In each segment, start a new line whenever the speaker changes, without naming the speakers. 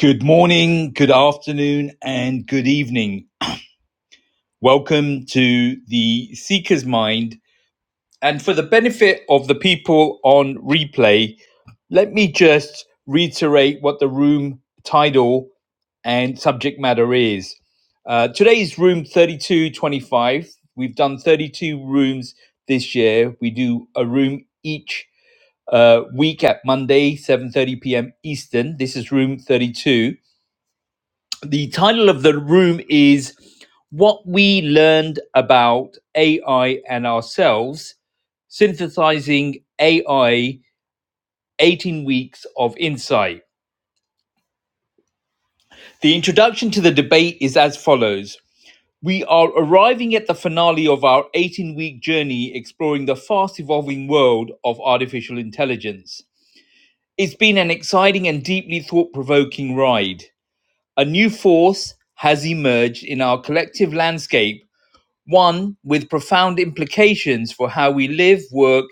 Good morning, good afternoon, and good evening. Welcome to the Seeker's Mind. And for the benefit of the people on replay, let me just reiterate what the room title and subject matter is. Uh, today's room 3225. We've done 32 rooms this year. We do a room each uh, week at Monday, 7.30 p.m. Eastern. This is room 32. The title of the room is What We Learned About AI and Ourselves Synthesizing AI 18 Weeks of Insight. The introduction to the debate is as follows. We are arriving at the finale of our 18 week journey exploring the fast evolving world of artificial intelligence. It's been an exciting and deeply thought provoking ride. A new force has emerged in our collective landscape one with profound implications for how we live, work,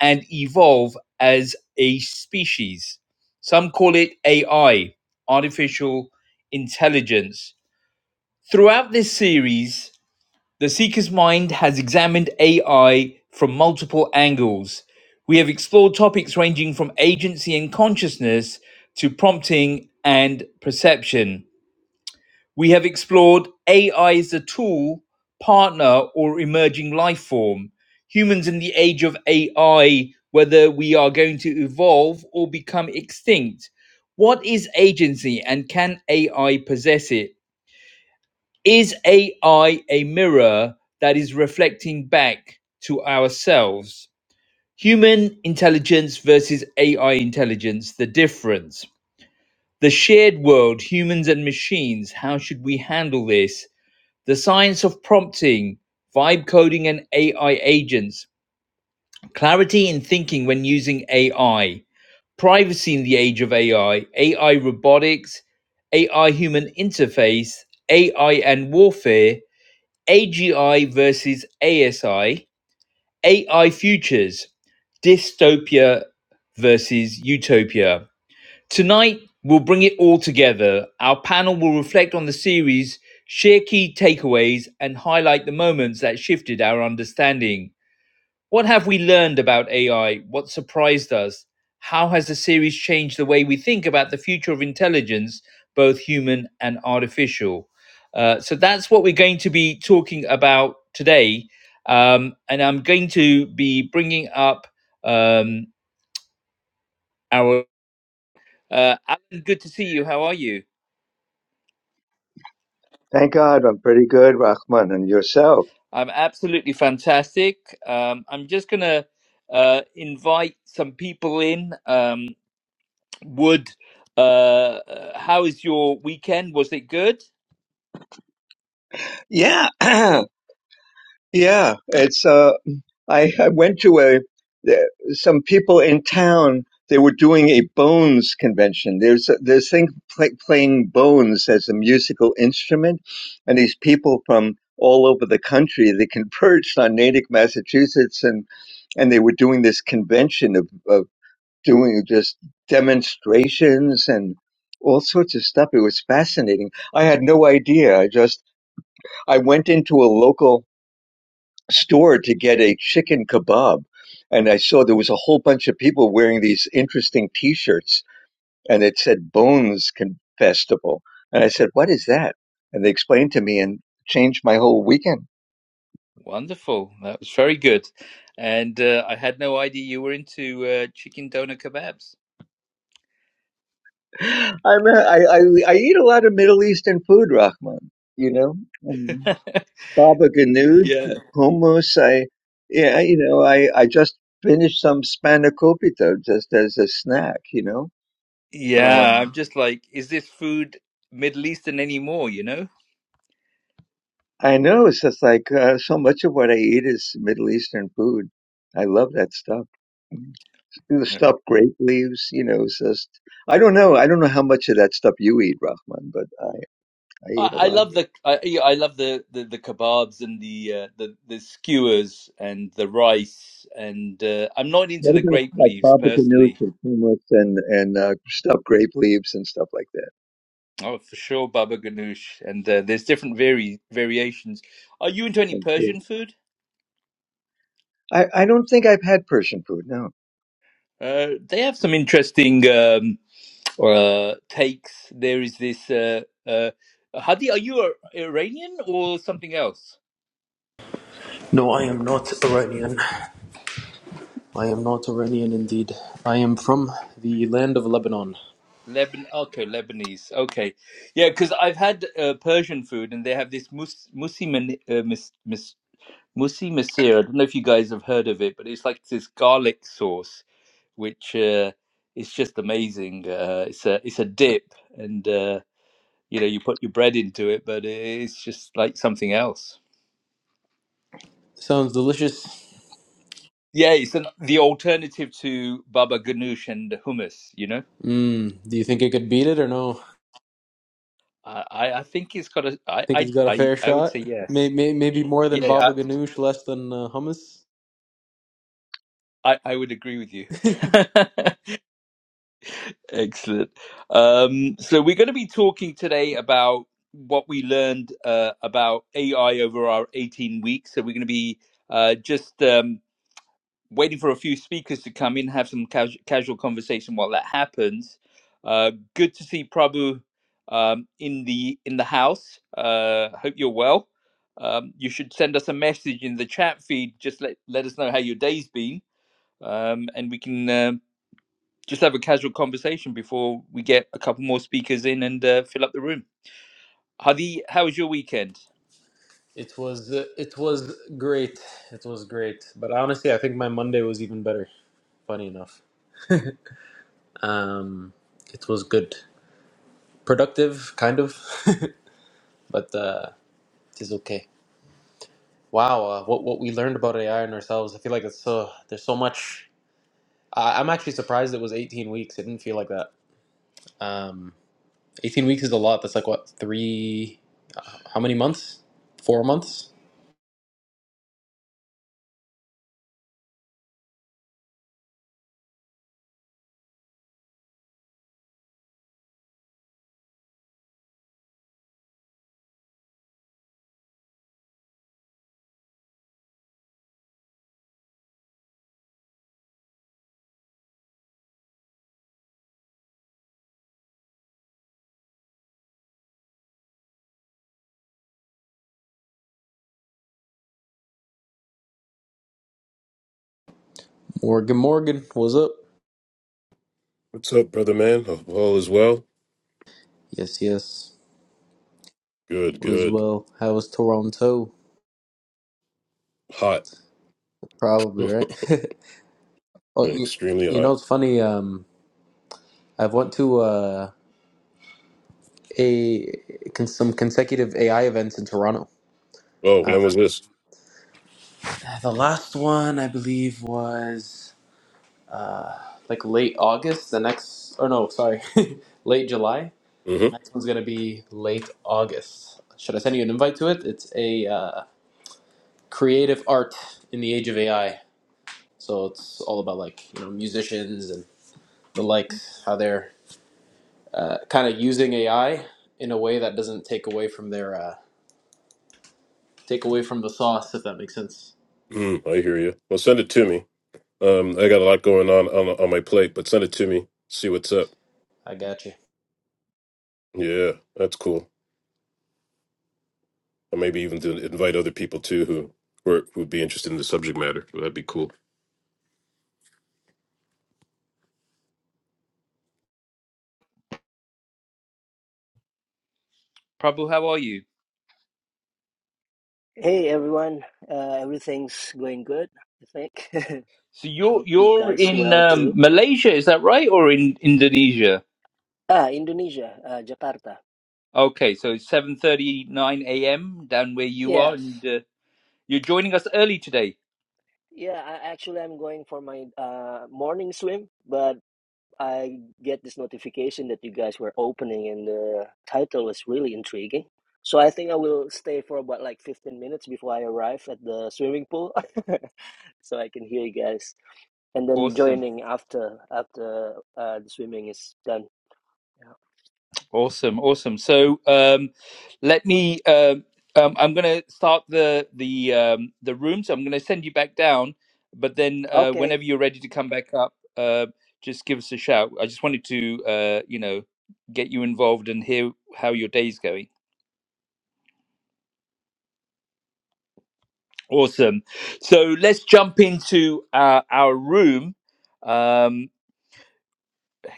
and evolve as a species. Some call it AI, artificial intelligence. Throughout this series, The Seeker's Mind has examined AI from multiple angles. We have explored topics ranging from agency and consciousness to prompting and perception. We have explored AI as a tool, partner, or emerging life form. Humans in the age of AI, whether we are going to evolve or become extinct. What is agency and can AI possess it? Is AI a mirror that is reflecting back to ourselves? Human intelligence versus AI intelligence, the difference. The shared world, humans and machines, how should we handle this? The Science of Prompting, Vibe Coding and AI Agents, Clarity in Thinking When Using AI, Privacy in the Age of AI, AI Robotics, AI Human Interface, AI and Warfare, AGI versus ASI, AI Futures, Dystopia versus Utopia. Tonight, we'll bring it all together. Our panel will reflect on the series, share key takeaways, and highlight the moments that shifted our understanding. What have we learned about AI? What surprised us? How has the series changed the way we think about the future of intelligence, both human and artificial? Uh, so that's what we're going to be talking about today. Um, and I'm going to be bringing up um, our uh, Alan. Good to see you. How are you?
Thank God I'm pretty good, Rahman, and yourself.
I'm absolutely fantastic. Um, I'm just going to uh, invite some people in. Um, Wood, uh, uh, how is your weekend? Was it good?
Yeah, yeah. It's uh, I, I went to a there- some people in town. They were doing a bones convention. There's a, this thing play, playing bones as a musical instrument, and these people from all over the country they converged on Natick, Massachusetts, and and they were doing this convention of, of doing just demonstrations and all sorts of stuff. It was fascinating. I had no idea. I just I went into a local store to get a chicken kebab and I saw there was a whole bunch of people wearing these interesting t-shirts and it said Bones Festival. And I said, "What is that?" And they explained to me and changed my whole weekend.
Wonderful. That was very good. And uh, I had no idea you were into uh, chicken doner kebabs.
I'm a, I, I I eat a lot of Middle Eastern food, Rahman, you know. Baba Ganud,
Yeah.
hummus. I, yeah, you know, I, I just finished some spanakopita just as a snack, you know.
Yeah,
Um,
I'm just like, is this food Middle Eastern anymore, you know?
I know it's just like uh, so much of what I eat is Middle Eastern food. I love that stuff. The stuffed grape leaves, you know, it's just, I don't know. I don't know how much of that stuff you eat, Rahman, but I, I
I
eat a
I
lot of
love
it.
the I, yeah, I love the, the, the kebabs and the, uh, the the skewers and the rice and uh, I'm not
What
into the
about
grape
like
leaves
Baba Ganoush
personally.
and hummus and, and uh, stuffed grape leaves and stuff like that?
Oh, for sure, baba ganoush and uh, there's different vari- variations. Are you into any
Like, yeah.
Persian food?
I, I don't think I've had Persian food. No.
Uh, they have some interesting um, uh, takes. There is this uh, uh, Hadi. Are you a- Iranian or something else?
No, I am not Iranian. I am not Iranian indeed. I am from the land of Lebanon.
Leban okay, Lebanese. Okay, yeah, because I've had uh, Persian food, and they have this mus musi man- uh, mis mis musi masir. I don't know if you guys have heard of it, but it's like this garlic sauce, which uh, is just amazing. Uh, it's a it's a dip, and uh, you know you put your bread into it, but it's just like something else.
Sounds delicious.
Yeah, it's an, the alternative to baba ganoush and hummus. You know,
Mmm, do you think it could beat it or no?
I I, I think it's got a I
Think it's
I
got a
I
fair
I would
shot?
say
May,
yes.
may, maybe more than
Yeah,
baba ganoush, less than uh, hummus?
I, I would agree with you. Excellent. Um, so we're going to be talking today about what we learned uh, about AI over our 18 weeks. So we're going to be uh, just um, waiting for a few speakers to come in, have some casu- casual conversation while that happens. Uh, good to see Prabhu um, in the in the house. Uh, hope you're well. Um, you should send us a message in the chat feed. Just let let us know how your day's been, um, and we can. Um, just have a casual conversation before we get a couple more speakers in and uh, fill up the room. Hadi, how was your weekend?
It was uh, it was great. It was great. But honestly, I think my Monday was even better. Funny enough, um, it was good, productive, kind of, but uh, it is okay. Wow, uh, what what we learned about AI and ourselves, I feel like it's so there's so much. I, I'm actually surprised it was 18 weeks. It didn't feel like that. Um, 18 weeks is a lot. That's like what three? How many months? Four months. Morgan, Morgan, what's up?
What's up, brother man? Hope all is well.
Yes, yes,
Good,
all is
good.
well. How was Toronto?
Hot.
Probably right. oh, you,
Extremely
you
hot.
know it's funny. Um, I've went to uh, a con- some consecutive AI events in Toronto.
Oh,
Uh,
when was this?
the last one I believe was. like late August. The next, oh no, sorry, late July.
hmm
Next one's gonna be late August. Should I send you an invite to it? It's a uh, creative art in the age of AI. So it's all about like you know musicians and the likes, how they're uh, kind of using AI in a way that doesn't take away from their uh, take away from the sauce, if that makes sense.
Mm, I hear you. Well, send it to me. Um, I got a lot going on, on on my plate, but send it to me. See what's up.
I got you.
Yeah, that's cool. Or maybe even to invite other people too who who are- who'd be interested in the subject matter. That'd be cool.
Prabhu, how are you?
Hey everyone, uh, everything's going good, I think.
So you're
Hope you
you're
guys
in
well
um,
too.
Malaysia, is that right, or in Indonesia?
Ah, Indonesia, uh, Jakarta.
Okay, so it's seven thirty nine a.m. down where you are,
Yes,
and uh, you're joining us early today.
yeah. I, actually, I'm going for my uh, morning swim, but I get this notification that you guys were opening, and the title is really intriguing. So I think I will stay for about like 15 minutes before I arrive at the swimming pool, so I can hear you guys, and then
Awesome.
joining after after uh, the swimming is done. Yeah.
Awesome, awesome. So um, let me. um um, I'm going to start the the um, the room. So I'm going to send you back down, but then uh,
Okay,
whenever you're ready to come back up, uh, just give us a shout. I just wanted to, uh, you know, get you involved and hear how your day's going. Awesome. So let's jump into uh, our room. Um,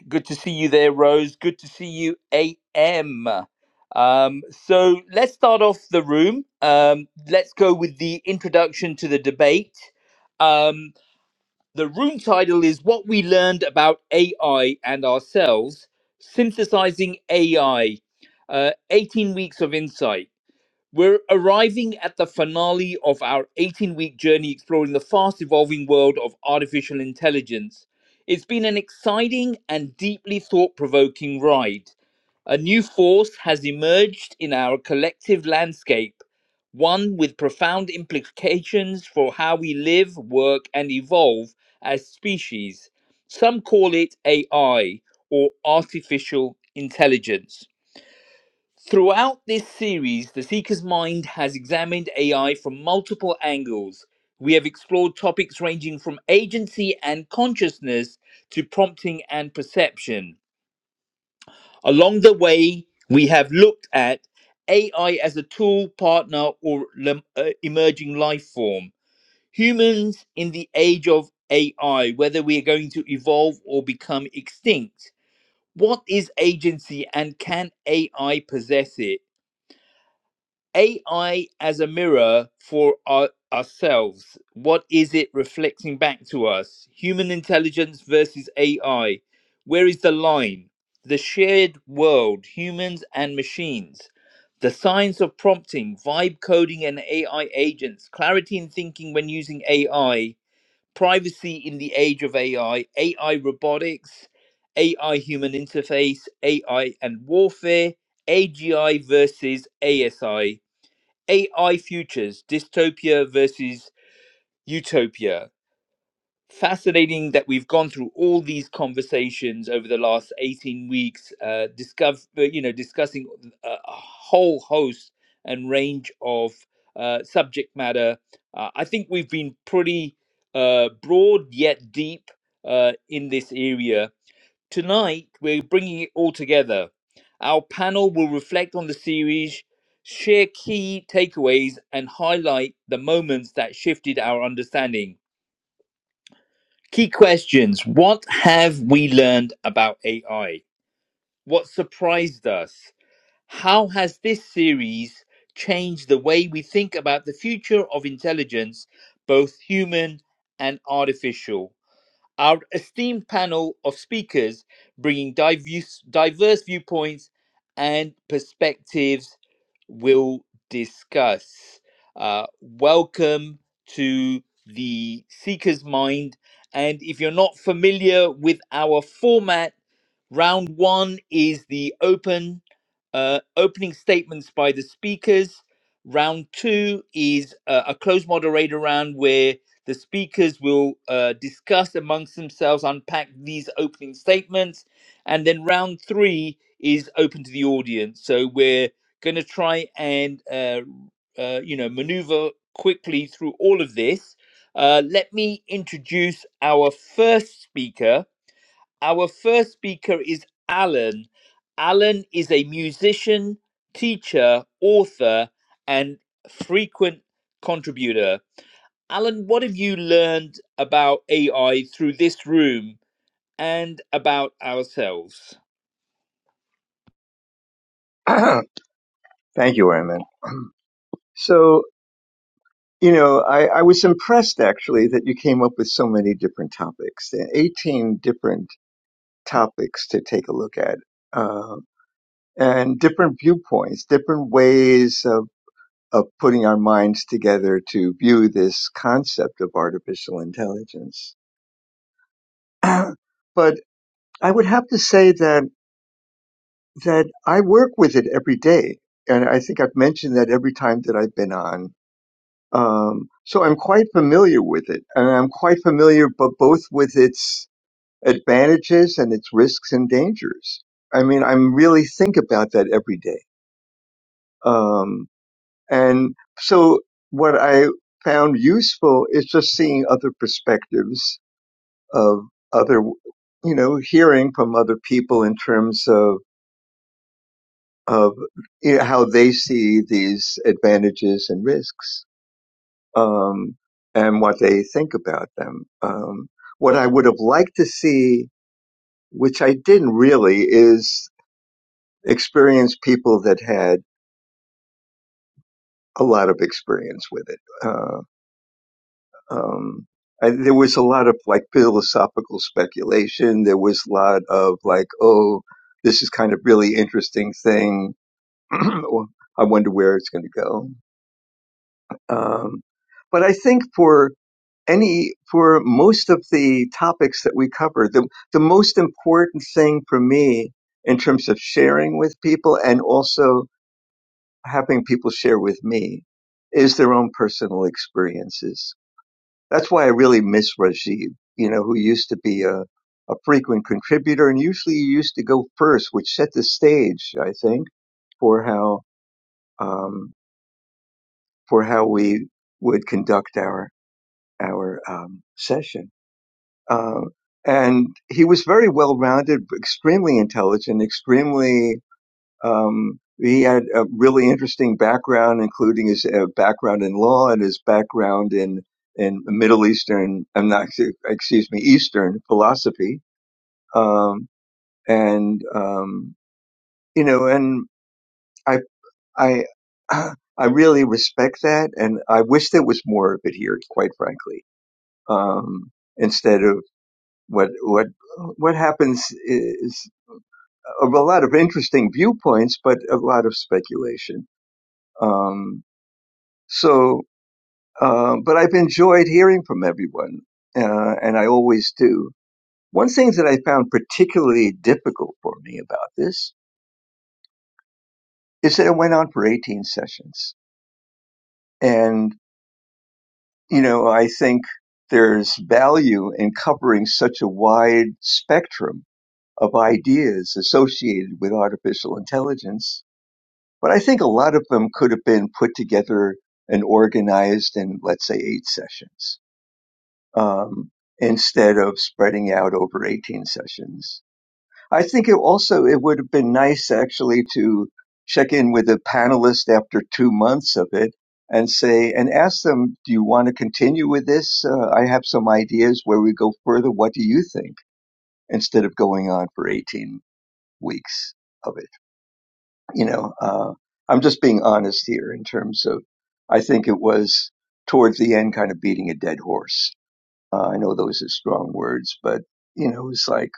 Good to see you there, Rose. Good to see you, AM. Um, so let's start off the room. Um, let's go with the introduction to the debate. Um, the room title is What We Learned About AI and Ourselves Synthesizing AI, uh, 18 Weeks of Insight. We're arriving at the finale of our 18 week journey exploring the fast evolving world of artificial intelligence. It's been an exciting and deeply thought provoking ride. A new force has emerged in our collective landscape, one with profound implications for how we live, work, and evolve as species. Some call it AI or artificial intelligence. Throughout this series, The Seeker's Mind has examined AI from multiple angles. We have explored topics ranging from agency and consciousness to prompting and perception. Along the way, we have looked at AI as a tool, partner, or lem- uh, emerging life form. Humans in the age of AI, whether we are going to evolve or become extinct. What is agency and can AI possess it? AI as a mirror for our, ourselves. What is it reflecting back to us? Human intelligence versus AI. Where is the line? The shared world, humans and machines. The science of prompting, vibe coding, and AI agents. Clarity in thinking when using AI. Privacy in the age of AI. AI robotics. AI human interface. AI and warfare. AGI versus ASI AI futures, dystopia versus utopia. Fascinating that we've gone through all these conversations over the last 18 weeks, uh, discover, you know, discussing a a whole host and range of uh, subject matter. Uh, I think we've been pretty uh, broad yet deep uh, in this area Tonight, we're bringing it all together. Our panel will reflect on the series, share key takeaways, and highlight the moments that shifted our understanding. Key questions What have we learned about AI? What surprised us? How has this series changed the way we think about the future of intelligence, both human and artificial? Our esteemed panel of speakers bringing diverse, diverse viewpoints and perspectives will discuss. Uh, welcome to the Seeker's Mind. And if you're not familiar with our format, Round one is the open uh, opening statements by the speakers. Round two is uh, a closed moderator round where the speakers will uh, discuss amongst themselves, unpack these opening statements, and then round three is open to the audience. So we're going to try and uh, uh, you know maneuver quickly through all of this. Uh, let me introduce our first speaker, our first speaker is Alan. Alan is a musician, teacher, author, and frequent contributor. Alan, what have you learned about AI through this room and about ourselves?
Thank you, Armin. So, you know, I, I was impressed actually that you came up with so many different topics, eh, 18 different topics to take a look at, uh, and different viewpoints, different ways of, of putting our minds together to view this concept of artificial intelligence. but I would have to say that, that I work with it every day. And I think I've mentioned that every time that I've been on Um, so I'm quite familiar with it, and I'm quite familiar, but both with its advantages and its risks and dangers. I mean, I'm really think about that every day. Um, and so what I found useful is just seeing other perspectives of other, you know, hearing from other people in terms of of you know, how they see these advantages and risks. um, and what they think about them. Um, what I would have liked to see, which I didn't really, is experience people that had a lot of experience with it. Uh, um, I, there was a lot of like philosophical speculation. There was a lot of like, oh, this is kind of really interesting thing. I wonder where it's going to go. Um, but I think for any for most of the topics that we covered the, the most important thing for me in terms of sharing with people and also having people share with me is their own personal experiences that's why i really miss rajib you know who used to be a, a frequent contributor and usually he used to go first which set the stage i think for how um, for how we would conduct our our um, session Uh, and he was very well rounded, extremely intelligent, extremely. Um, he had a really interesting background, including his uh, background in law and his background in in Middle Eastern, I'm not excuse me, Eastern philosophy. Um, and um, you know, and I I I really respect that, and I wish there was more of it here, quite frankly. Um, instead of, what what what happens is a lot of interesting viewpoints, but a lot of speculation. Um, so, uh, but I've enjoyed hearing from everyone, uh, and I always do. One thing that I found particularly difficult for me about this is that it went on for 18 sessions, and you know I think there's value in covering such a wide spectrum of ideas associated with artificial intelligence But I think a lot of them could have been put together and organized in, let's say, eight sessions um, instead of spreading out over 18 sessions. I think it also it would have been nice actually to check in with a panelist after two months of it and say and ask them, do you want to continue with this? Uh, I have some ideas where we go further. What do you think? Instead of going on for 18 weeks of it you know, uh, I'm just being honest here in terms of, I think it was towards the end kind of beating a dead horse. Uh, I know those are strong words, but you know, it was like,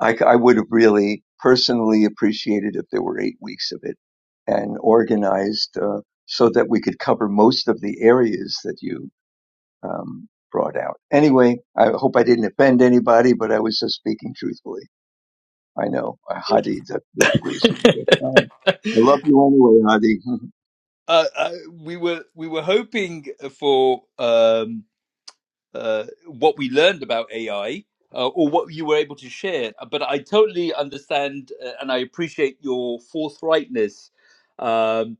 I, I would have really personally appreciated if there were eight weeks of it and organized, uh, so that we could cover most of the areas that you, um, brought out. Anyway, I hope I didn't offend anybody, but I was just speaking truthfully. I know. Uh, Hadi d- disagrees with me. But, um, I love you anyway, Hadi.
uh, uh, we were we were hoping for um, uh, what we learned about AI uh, or what you were able to share. But I totally understand uh, and I appreciate your forthrightness. Um,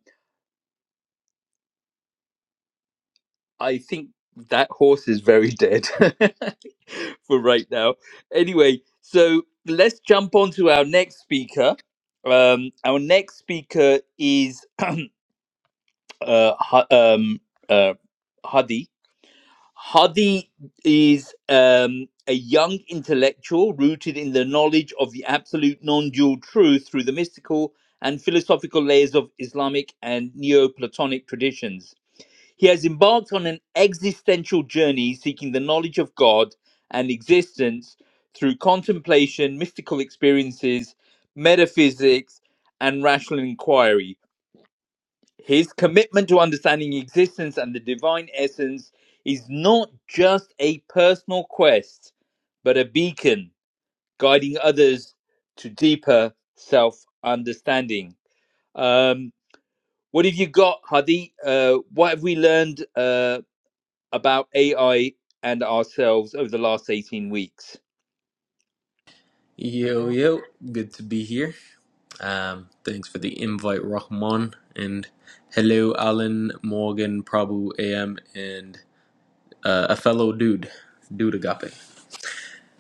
I think that horse is very dead for right now. Anyway, so let's jump on to our next speaker. Um, our next speaker is uh, Ha- um, uh, Hadi. Hadi is um, a young intellectual rooted in the knowledge of the absolute non dual truth through the mystical and philosophical layers of Islamic and Neoplatonic traditions. He has embarked on an existential journey seeking the knowledge of God and existence through contemplation, mystical experiences, metaphysics, and rational inquiry his commitment to understanding existence and the divine essence is not just a personal quest, but a beacon guiding others to deeper self understanding. Um, what have you got, Hadi? Uh, what have we learned uh, about AI and ourselves over the last 18 weeks?
Yo yo, good to be here. Um, thanks for the invite, Rahman. And hello, Alan, Morgan, Prabhu, AM, and uh, a fellow dude, Dude Agape.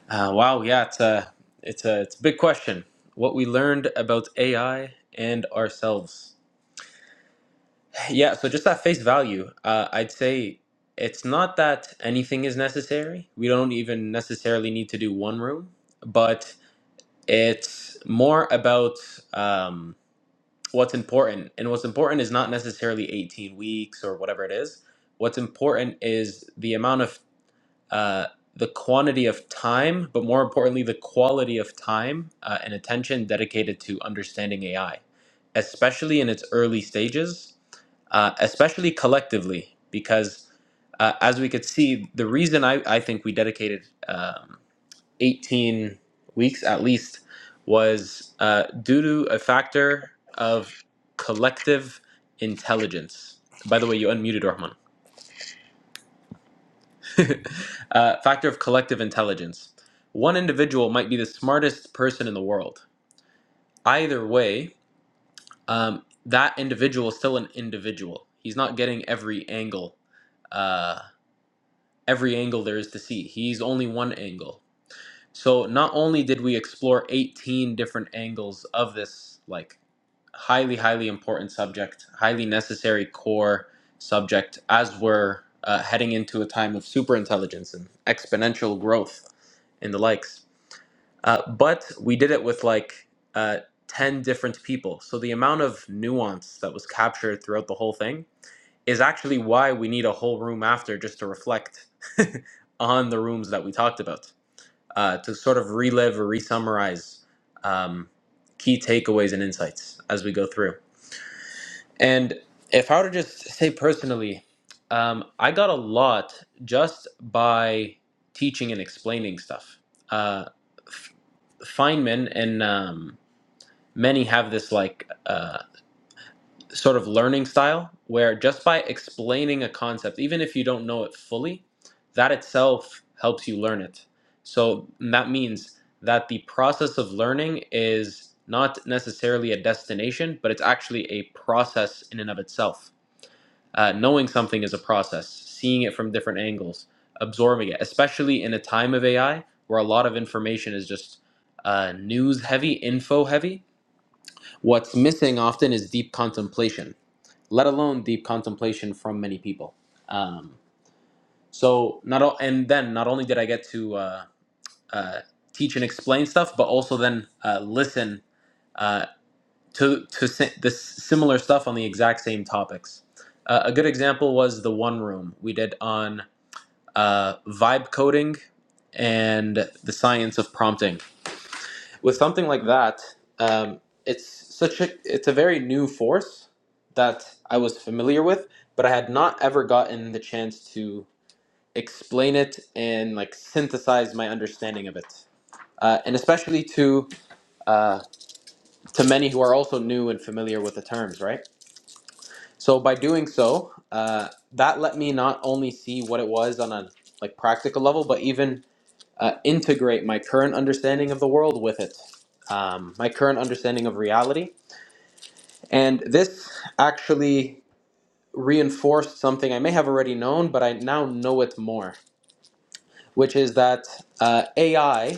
Uh, wow, yeah, it's a, it's, a, it's a big question. What we learned about AI and ourselves. Yeah, so just at face value, uh, I'd say it's not that anything is necessary. We don't even necessarily need to do one room, but it's more about. Um, what's important. And what's important is not necessarily 18 weeks or whatever it is. What's important is the amount of, uh, the quantity of time, but more importantly, the quality of time uh, and attention dedicated to understanding AI, especially in its early stages, uh, especially collectively, because uh, as we could see, the reason I, I think we dedicated. Um, 18 weeks at least was uh, due to a factor of collective intelligence. By the way, you unmuted Rahman. uh, factor of collective intelligence. One individual might be the smartest person in the world. Either way, um, that individual is still an individual. He's not getting every angle, uh, every angle there is to see. He's only one angle So not only did we explore 18 different angles of this like highly highly important subject, highly necessary core subject as we're uh, heading into a time of superintelligence and exponential growth and the likes. Uh, but we did it with like uh, 10 different people. So the amount of nuance that was captured throughout the whole thing is actually why we need a whole room after just to reflect on the rooms that we talked about uh, to sort of relive or re-summarize um, key takeaways and insights as we go through. And if I were to just say personally, um, I got a lot just by teaching and explaining stuff. Uh, F- Feynman and um, many have this like. uh, sort of learning style where just by explaining a concept, even if you don't know it fully, that itself helps you learn it. So that means that the process of learning is not necessarily a destination, but it's actually a process in and of itself. Uh, knowing something is a process, seeing it from different angles, absorbing it, especially in a time of AI where a lot of information is just uh, news heavy, info heavy. What's missing often is deep contemplation let alone deep contemplation from many people. Um, so not o- and then not only did I get to uh, uh, teach and explain stuff, but also then uh, listen uh, to to si- this similar stuff on the exact same topics. Uh, a good example was the one room we did on uh, vibe coding and the science of prompting with something like that, um, it's such a it's a very new force that I was familiar with, but I had not ever gotten the chance to explain it and like synthesize my understanding of it, uh, and especially to uh, to many who are also new and familiar with the terms, right? So by doing so, uh, that let me not only see what it was on a like practical level, but even uh, integrate my current understanding of the world with it, um, my current understanding of reality, And this actually reinforced something I may have already known, but I now know it more, which is that uh, AI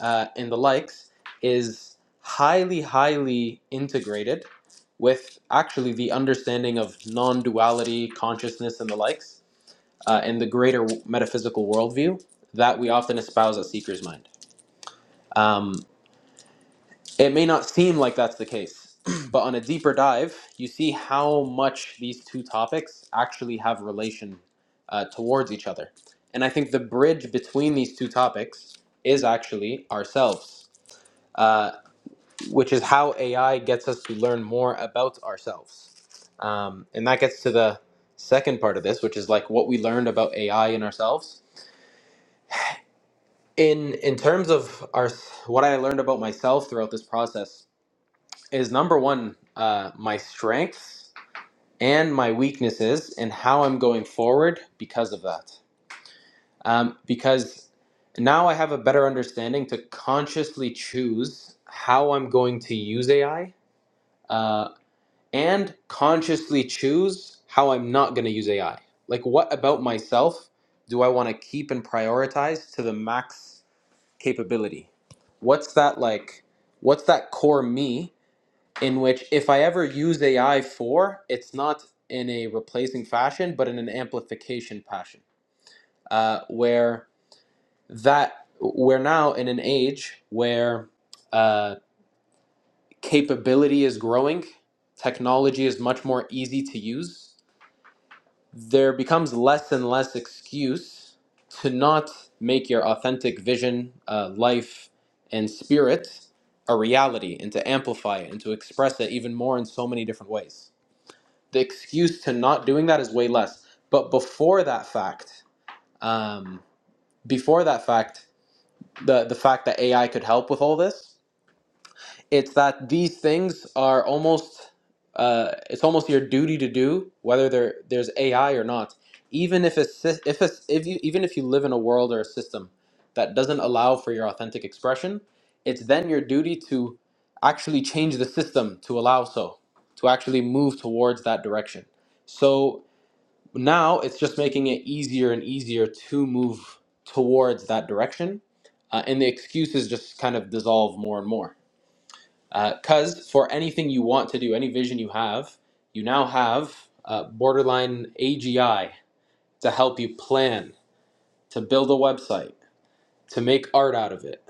uh, and the likes is highly, highly integrated with actually the understanding of non duality, consciousness, and the likes, uh, and the greater metaphysical worldview that we often espouse at Seeker's Mind. Um, It may not seem like that's the case, but on a deeper dive, you see how much these two topics actually have relation uh, towards each other. And I think the bridge between these two topics is actually ourselves, uh, which is how AI gets us to learn more about ourselves. Um, and that gets to the second part of this, which is like what we learned about AI and ourselves. In in terms of our what I learned about myself throughout this process, is number one uh, my strengths and my weaknesses and how I'm going forward because of that. Um, because now I have a better understanding to consciously choose how I'm going to use AI uh, and consciously choose how I'm not going to use AI. Like, what about myself do I want to keep and prioritize to the max capability? What's that like? What's that core me in which if I ever use AI for, it's not in a replacing fashion, but in an amplification fashion, uh, where that we're now in an age where uh, capability is growing, technology is much more easy to use. There becomes less and less excuse to not make your authentic vision, uh, life, and spirit a reality, and to amplify it, and to express it even more in so many different ways the excuse to not doing that is way less. But before that fact, um, before that fact, the the fact that AI could help with all this, it's that these things are almost uh, it's almost your duty to do whether there there's AI or not, even if it's if it's if you even if you live in a world or a system that doesn't allow for your authentic expression, it's then your duty to actually change the system to allow so to actually move towards that direction. So now it's just making it easier and easier to move towards that direction uh, and the excuses just kind of dissolve more and more because for anything you want to do any vision you have you now have uh, borderline agi to help you plan to build a website to make art out of it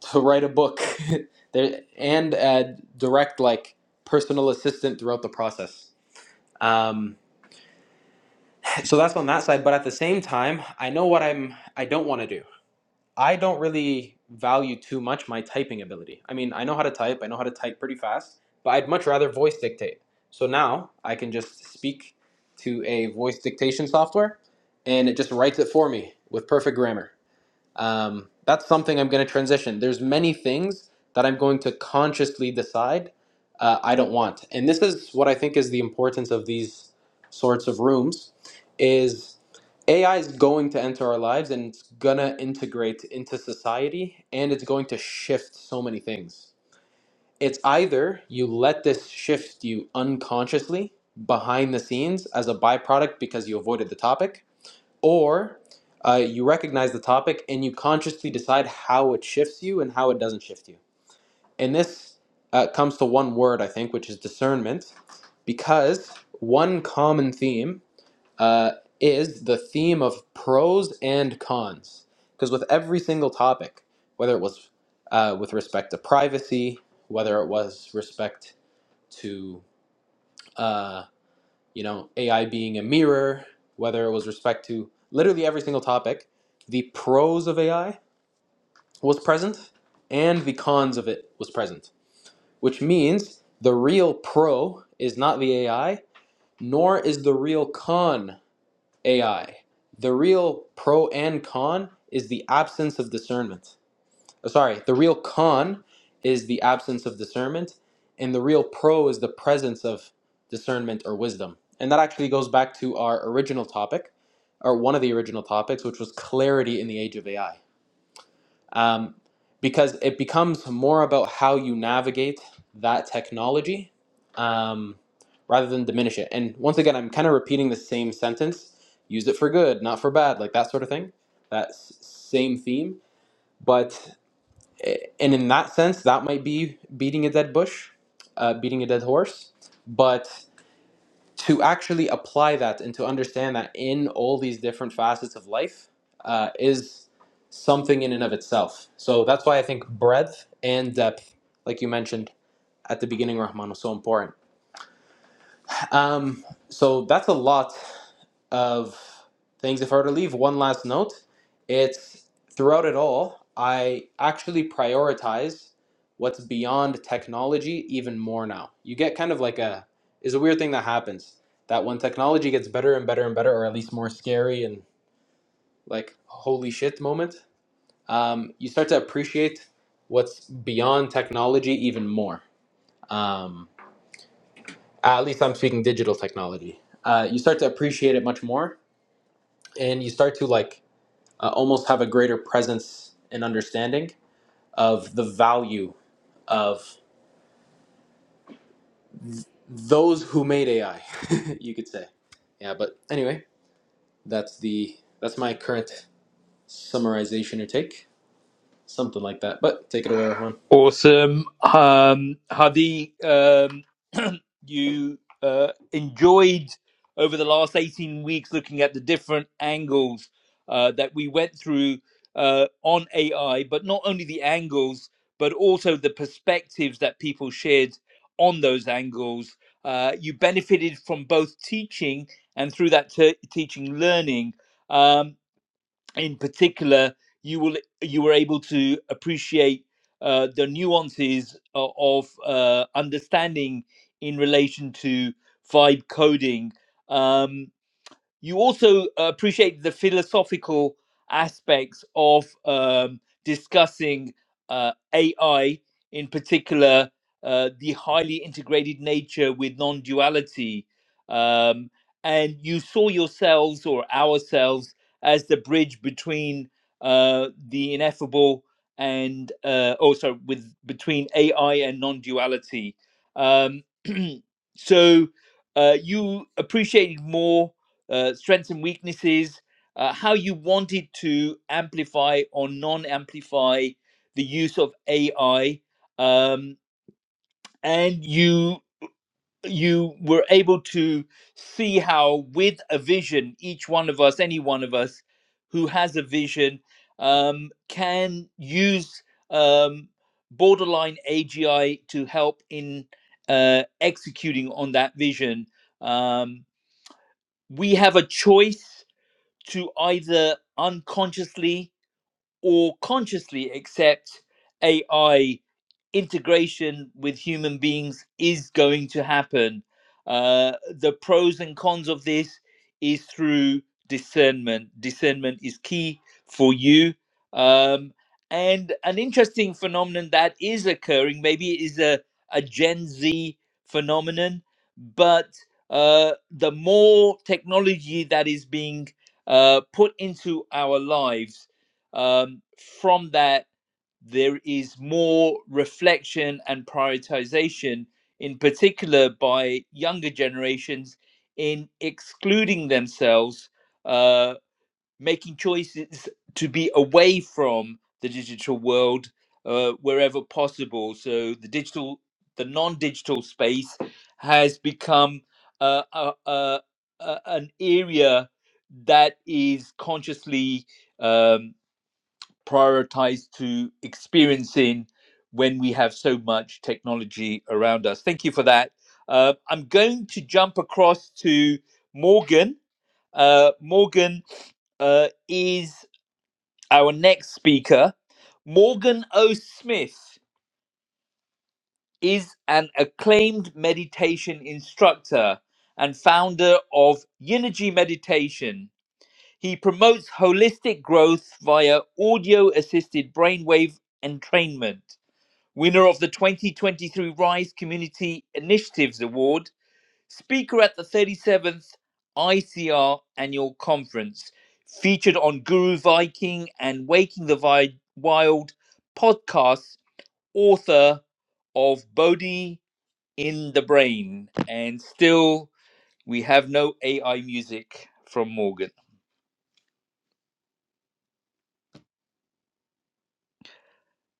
to write a book there, and uh, direct like personal assistant throughout the process Um, so that's on that side but at the same time i know what i'm i don't want to do i don't really value too much my typing ability i mean i know how to type i know how to type pretty fast but i'd much rather voice dictate so now i can just speak to a voice dictation software and it just writes it for me with perfect grammar um, that's something i'm going to transition there's many things that i'm going to consciously decide uh, i don't want and this is what i think is the importance of these sorts of rooms is ai is going to enter our lives and it's going to integrate into society and it's going to shift so many things it's either you let this shift you unconsciously behind the scenes as a byproduct because you avoided the topic or uh, you recognize the topic and you consciously decide how it shifts you and how it doesn't shift you. And this uh, comes to one word, I think, which is discernment, because one common theme uh, is the theme of pros and cons. Because with every single topic, whether it was uh, with respect to privacy, whether it was respect to uh, you know, AI being a mirror, whether it was respect to literally every single topic, the pros of AI was present and the cons of it was present, which means the real pro is not the AI, nor is the real con AI. The real pro and con is the absence of discernment sorry, the real con is the absence of discernment, and the real pro is the presence of discernment or wisdom. And that actually goes back to our original topic, or one of the original topics, which was clarity in the age of AI. Um, because it becomes more about how you navigate that technology um, rather than diminish it. And once again, I'm kind of repeating the same sentence use it for good, not for bad, like that sort of thing, that s- same theme. But and in that sense, that might be beating a dead bush, uh, beating a dead horse. But to actually apply that and to understand that in all these different facets of life uh, is something in and of itself. So that's why I think breadth and depth, like you mentioned at the beginning, Rahman, was so important. Um, so that's a lot of things. If I were to leave one last note, it's throughout it all, I actually prioritize what's beyond technology even more now. You get kind of like a is a weird thing that happens that when technology gets better and better and better, or at least more scary and like holy shit moment, um, you start to appreciate what's beyond technology even more. Um, at least I'm speaking digital technology. Uh, you start to appreciate it much more, and you start to like uh, almost have a greater presence and understanding of the value of those who made AI, you could say. Yeah, but anyway, that's the that's my current summarization or take, something like that. But take it away, Rahman.
Awesome. Um, Hadi, um, you uh, enjoyed over the last 18 weeks looking at the different angles uh, that we went through uh, on AI, but not only the angles, but also the perspectives that people shared on those angles. Uh, you benefited from both teaching and through that te- teaching learning. Um, in particular, you will you were able to appreciate uh, the nuances o- of uh, understanding in relation to vibe coding. Um, you also uh, appreciate the philosophical aspects of um, discussing uh, AI, in particular, uh, the highly integrated nature with non duality. Um, and you saw yourselves or ourselves as the bridge between uh, the ineffable and uh, also with between AI and non duality. Um, so uh, you appreciated more uh, strengths and weaknesses, uh, how you wanted to amplify or non amplify the use of AI. Um, and you you were able to see how with a vision each one of us any one of us who has a vision um, can use um, borderline agi to help in uh, executing on that vision um, we have a choice to either unconsciously or consciously accept AI integration with human beings is going to happen. Uh, the pros and cons of this is through discernment. Discernment is key for you. Um, and an interesting phenomenon that is occurring, maybe it is a, a Gen Z phenomenon, but uh, the more technology that is being uh, put into our lives, um, from that there is more reflection and prioritization, in particular by younger generations, in excluding themselves, uh, making choices to be away from the digital world uh, wherever possible. So the digital, the non-digital space has become uh, a, a, a, an area that is consciously um, prioritized to experiencing when we have so much technology around us. Thank you for that. Uh, I'm going to jump across to Morgan. Uh, Morgan uh, is our next speaker. Morgan O. Smith is an acclaimed meditation instructor and founder of Eunergy Meditation. He promotes holistic growth via audio assisted brainwave entrainment. winner of the 2023 Rise Community Initiatives Award, speaker at the 37th ICR Annual Conference, featured on Guru Viking and Waking the Vi- Wild podcasts, author of Bodhi in the Brain. And still, we have no AI music from Morgan.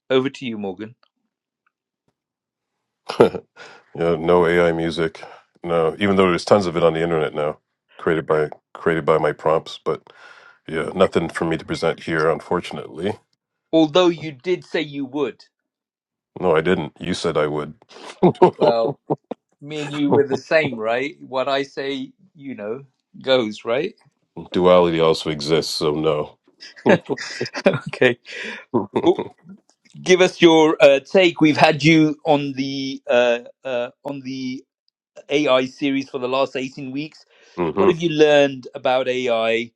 Over to you, Morgan.
yeah, no AI music. No, even though there's tons of it on the internet now, created by created by my prompts. But yeah, nothing for me to present here, unfortunately.
Although you did say you would.
No, I didn't. You said I would.
Well, me and you were the same, right? What I say, you know, goes, right?
Duality also exists, so no.
okay. Well, give us your uh, take. We've had you on the uh, uh, on the AI series for the last eighteen weeks. What
hmm
have you learned about AI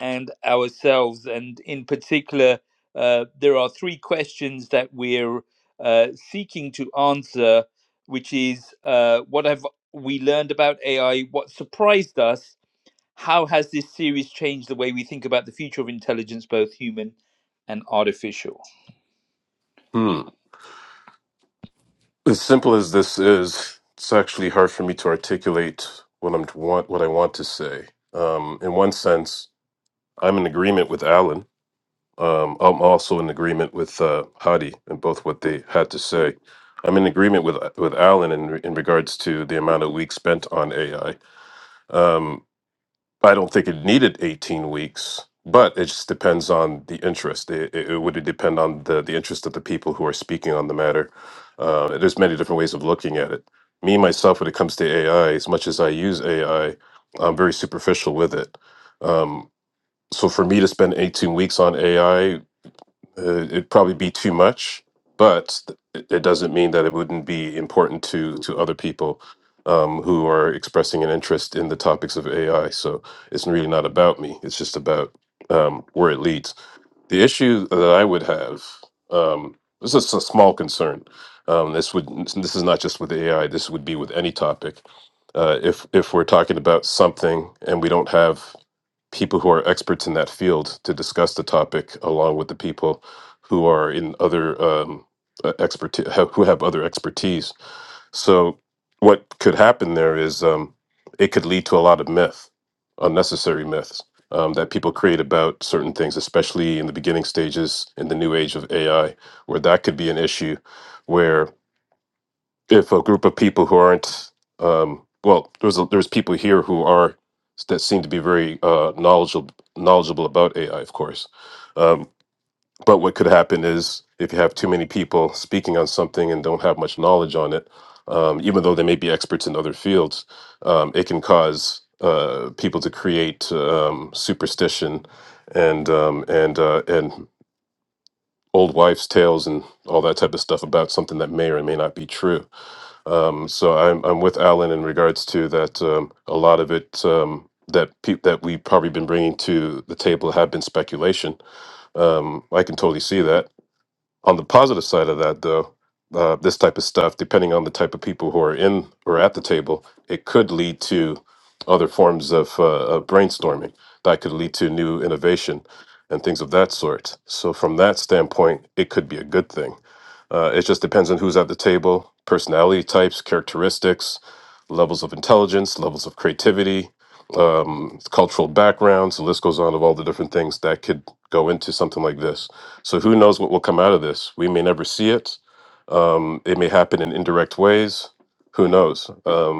and ourselves? And in particular, uh, there are three questions that we're uh, seeking to answer, which is uh, what have we learned about AI? What surprised us? How has this series changed the way we think about the future of intelligence, both human and artificial?
Hmm. As simple as this is, it's actually hard for me to articulate what I'm want what I want to say. Um, in one sense, I'm in agreement with Alan. Um, I'm also in agreement with uh, Hadi and both what they had to say. I'm in agreement with with Alan in in regards to the amount of weeks spent on AI. Um, I don't think it needed 18 weeks, but it just depends on the interest. It, it, it would depend on the, the interest of the people who are speaking on the matter. Uh, there's many different ways of looking at it. Me, myself, when it comes to AI, as much as I use AI, I'm very superficial with it. Um, so for me to spend 18 weeks on AI uh, it'd probably be too much, but th- it it doesn't mean that it wouldn't be important to to other people um, who are expressing an interest in the topics of AI. So it's really not about me. It's just about um, where it leads. The issue that I would have um, this is a small concern. Um, this would this is not just with AI. This would be with any topic. Uh, if if we're talking about something and we don't have people who are experts in that field to discuss the topic along with the people who are in other um, uh, expertise who have other expertise so what could happen there is um, it could lead to a lot of myth unnecessary myths um, that people create about certain things especially in the beginning stages in the new age of ai where that could be an issue Where if a group of people who aren't um, well there's a, there's people here who are that seem to be very uh, knowledgeable knowledgeable about AI of course um, but what could happen is if you have too many people speaking on something and don't have much knowledge on it um, even though they may be experts in other fields um, it can cause uh, people to create um, superstition and um, and uh, and old wives tales and all that type of stuff about something that may or may not be true um, so I'm I'm with Alan in regards to that. Um, a lot of it um, that peop that we've probably been bringing to the table have been speculation. Um, I can totally see that. On the positive side of that, though, uh, this type of stuff, depending on the type of people who are in or at the table, it could lead to other forms of, uh, of brainstorming that could lead to new innovation and things of that sort. So from that standpoint, it could be a good thing uh, it just depends on who's at the table, personality types, characteristics, levels of intelligence, levels of creativity, um, cultural backgrounds. The list goes on of all the different things that could go into something like this. So who knows what will come out of this? We may never see it. Mm, It may happen in indirect ways. Who knows? Um,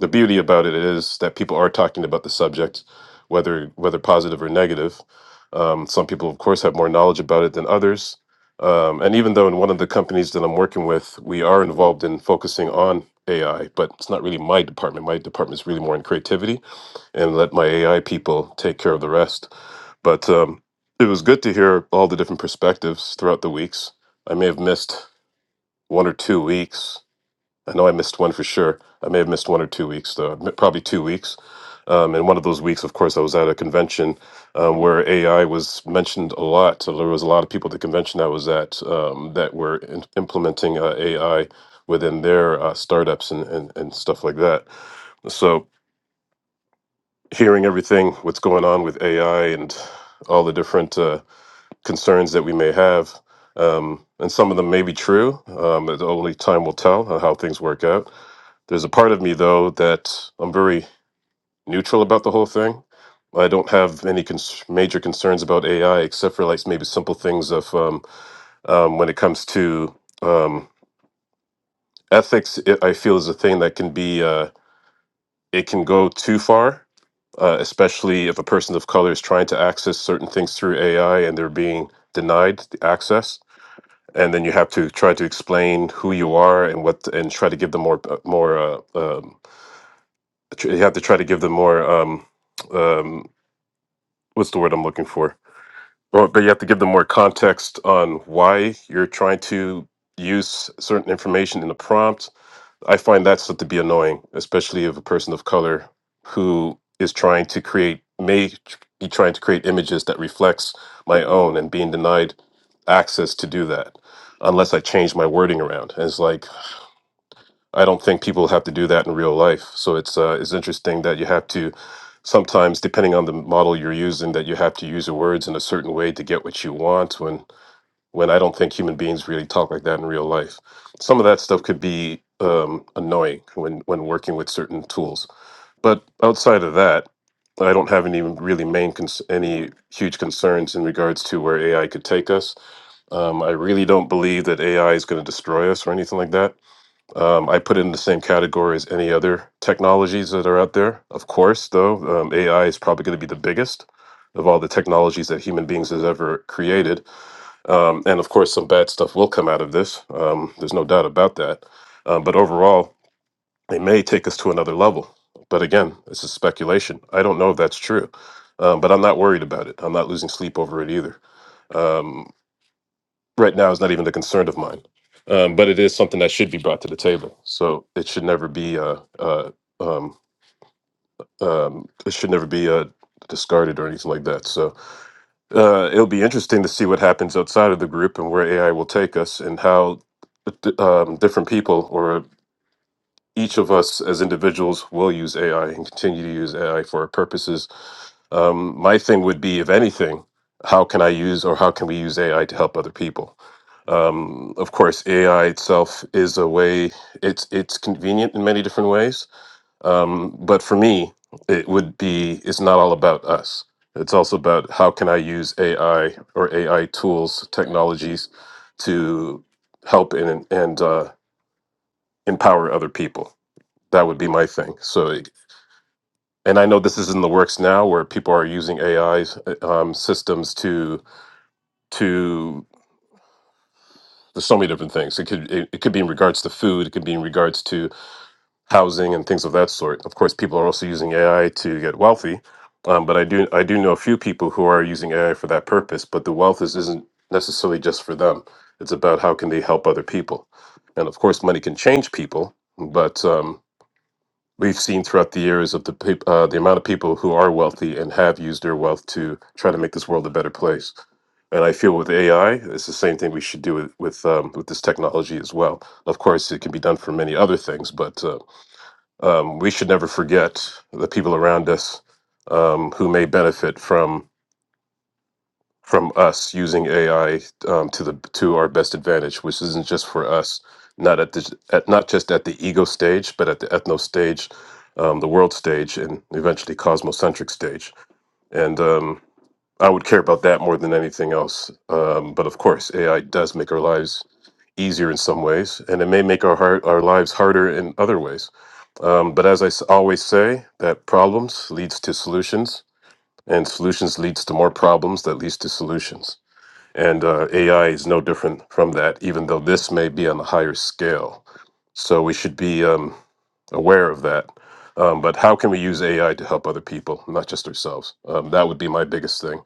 the beauty about it is that people are talking about the subject, whether whether positive or negative. Um, some people, of course, have more knowledge about it than others. Um, and even though in one of the companies that I'm working with, we are involved in focusing on AI, but it's not really my department. My department is really more in creativity, and let my AI people take care of the rest. But um, it was good to hear all the different perspectives throughout the weeks. I may have missed one or two weeks I know I missed one for sure. I may have missed one or two weeks, though. m- Probably two weeks. Um, and one of those weeks, of course, I was at a convention um, where AI was mentioned a lot. So there was a lot of people at the convention I was at um, that were in- implementing uh, AI within their uh, startups and, and, and stuff like that. So hearing everything, what's going on with AI and all the different uh, concerns that we may have, um, and some of them may be true. Um, but only time will tell uh, how things work out there's a part of me though that I'm very neutral about the whole thing. I don't have any cons- major concerns about AI except for like maybe simple things of um, um, when it comes to um, ethics. It, I feel is a thing that can be uh, it can go too far, uh, especially if a person of color is trying to access certain things through AI and they're being denied the access. And then you have to try to explain who you are and what, and try to give them more uh, more uh, um tr- you have to try to give them more um um what's the word i'm looking for or, but you have to give them more context on why you're trying to use certain information in the prompt i find that stuff to be annoying especially of a person of color who is trying to create may tr- be trying to create images that reflects my own and being denied access to do that unless i change my wording around and it's like I don't think people have to do that in real life. So it's uh, it's interesting that you have to sometimes, depending on the model you're using, that you have to use your words in a certain way to get what you want. When when I don't think human beings really talk like that in real life. Some of that stuff could be um, annoying when when working with certain tools. But outside of that, I don't have any really main cons- any huge concerns in regards to where AI could take us. Um, I really don't believe that AI is going to destroy us or anything like that. Um, I put it in the same category as any other technologies that are out there. Of course, though, um, AI is probably going to be the biggest of all the technologies that human beings has ever created. Um, and of course, some bad stuff will come out of this. Um, there's no doubt about that. Um, but overall, it may take us to another level. But again, this is speculation. I don't know if that's true. Um, but I'm not worried about it. I'm not losing sleep over it either. Um, right now is not even a concern of mine, um, but it is something that should be brought to the table. So it should never be uh, uh, um, um, it should never be uh, discarded or anything like that. So uh, it'll be interesting to see what happens outside of the group and where AI will take us and how uh, d- um, different people or each of us as individuals will use AI and continue to use AI for our purposes. Um, my thing would be, if anything, how can I use or how can we use AI to help other people? Um, of course, AI itself is a way; it's it's convenient in many different ways. Um, but for me, it would be it's not all about us. It's also about how can I use AI or AI tools, technologies, to help and and uh, empower other people that would be my thing. So, and I know this is in the works now, where people are using AI um, systems to to there's so many different things. It could it, it could be in regards to food. It could be in regards to housing and things of that sort. Of course, people are also using AI to get wealthy, um, but I do I do know a few people who are using AI for that purpose. But the wealth is isn't necessarily just for them. It's about how can they help other people, and of course, money can change people, but um, we've seen throughout the years of the peop uh, the amount of people who are wealthy and have used their wealth to try to make this world a better place. And I feel with AI, it's the same thing we should do with with, um, with this technology as well. Of course, it can be done for many other things, but uh, um, we should never forget the people around us um, who may benefit from from us using AI um, to the to our best advantage, which isn't just for us, not at the at, not just at the ego stage, but at the ethno stage, um, the world stage, and eventually cosmocentric stage. And um, I would care about that more than anything else. Um, but of course, AI does make our lives easier in some ways, and it may make our heart, our lives harder in other ways. Um, but as I s- always say, that problems leads to solutions, and solutions leads to more problems that leads to solutions. And uh, AI is no different from that, even though this may be on a higher scale. So we should be um, aware of that. Um, but how can we use AI to help other people, not just ourselves? Um, that would be my biggest thing.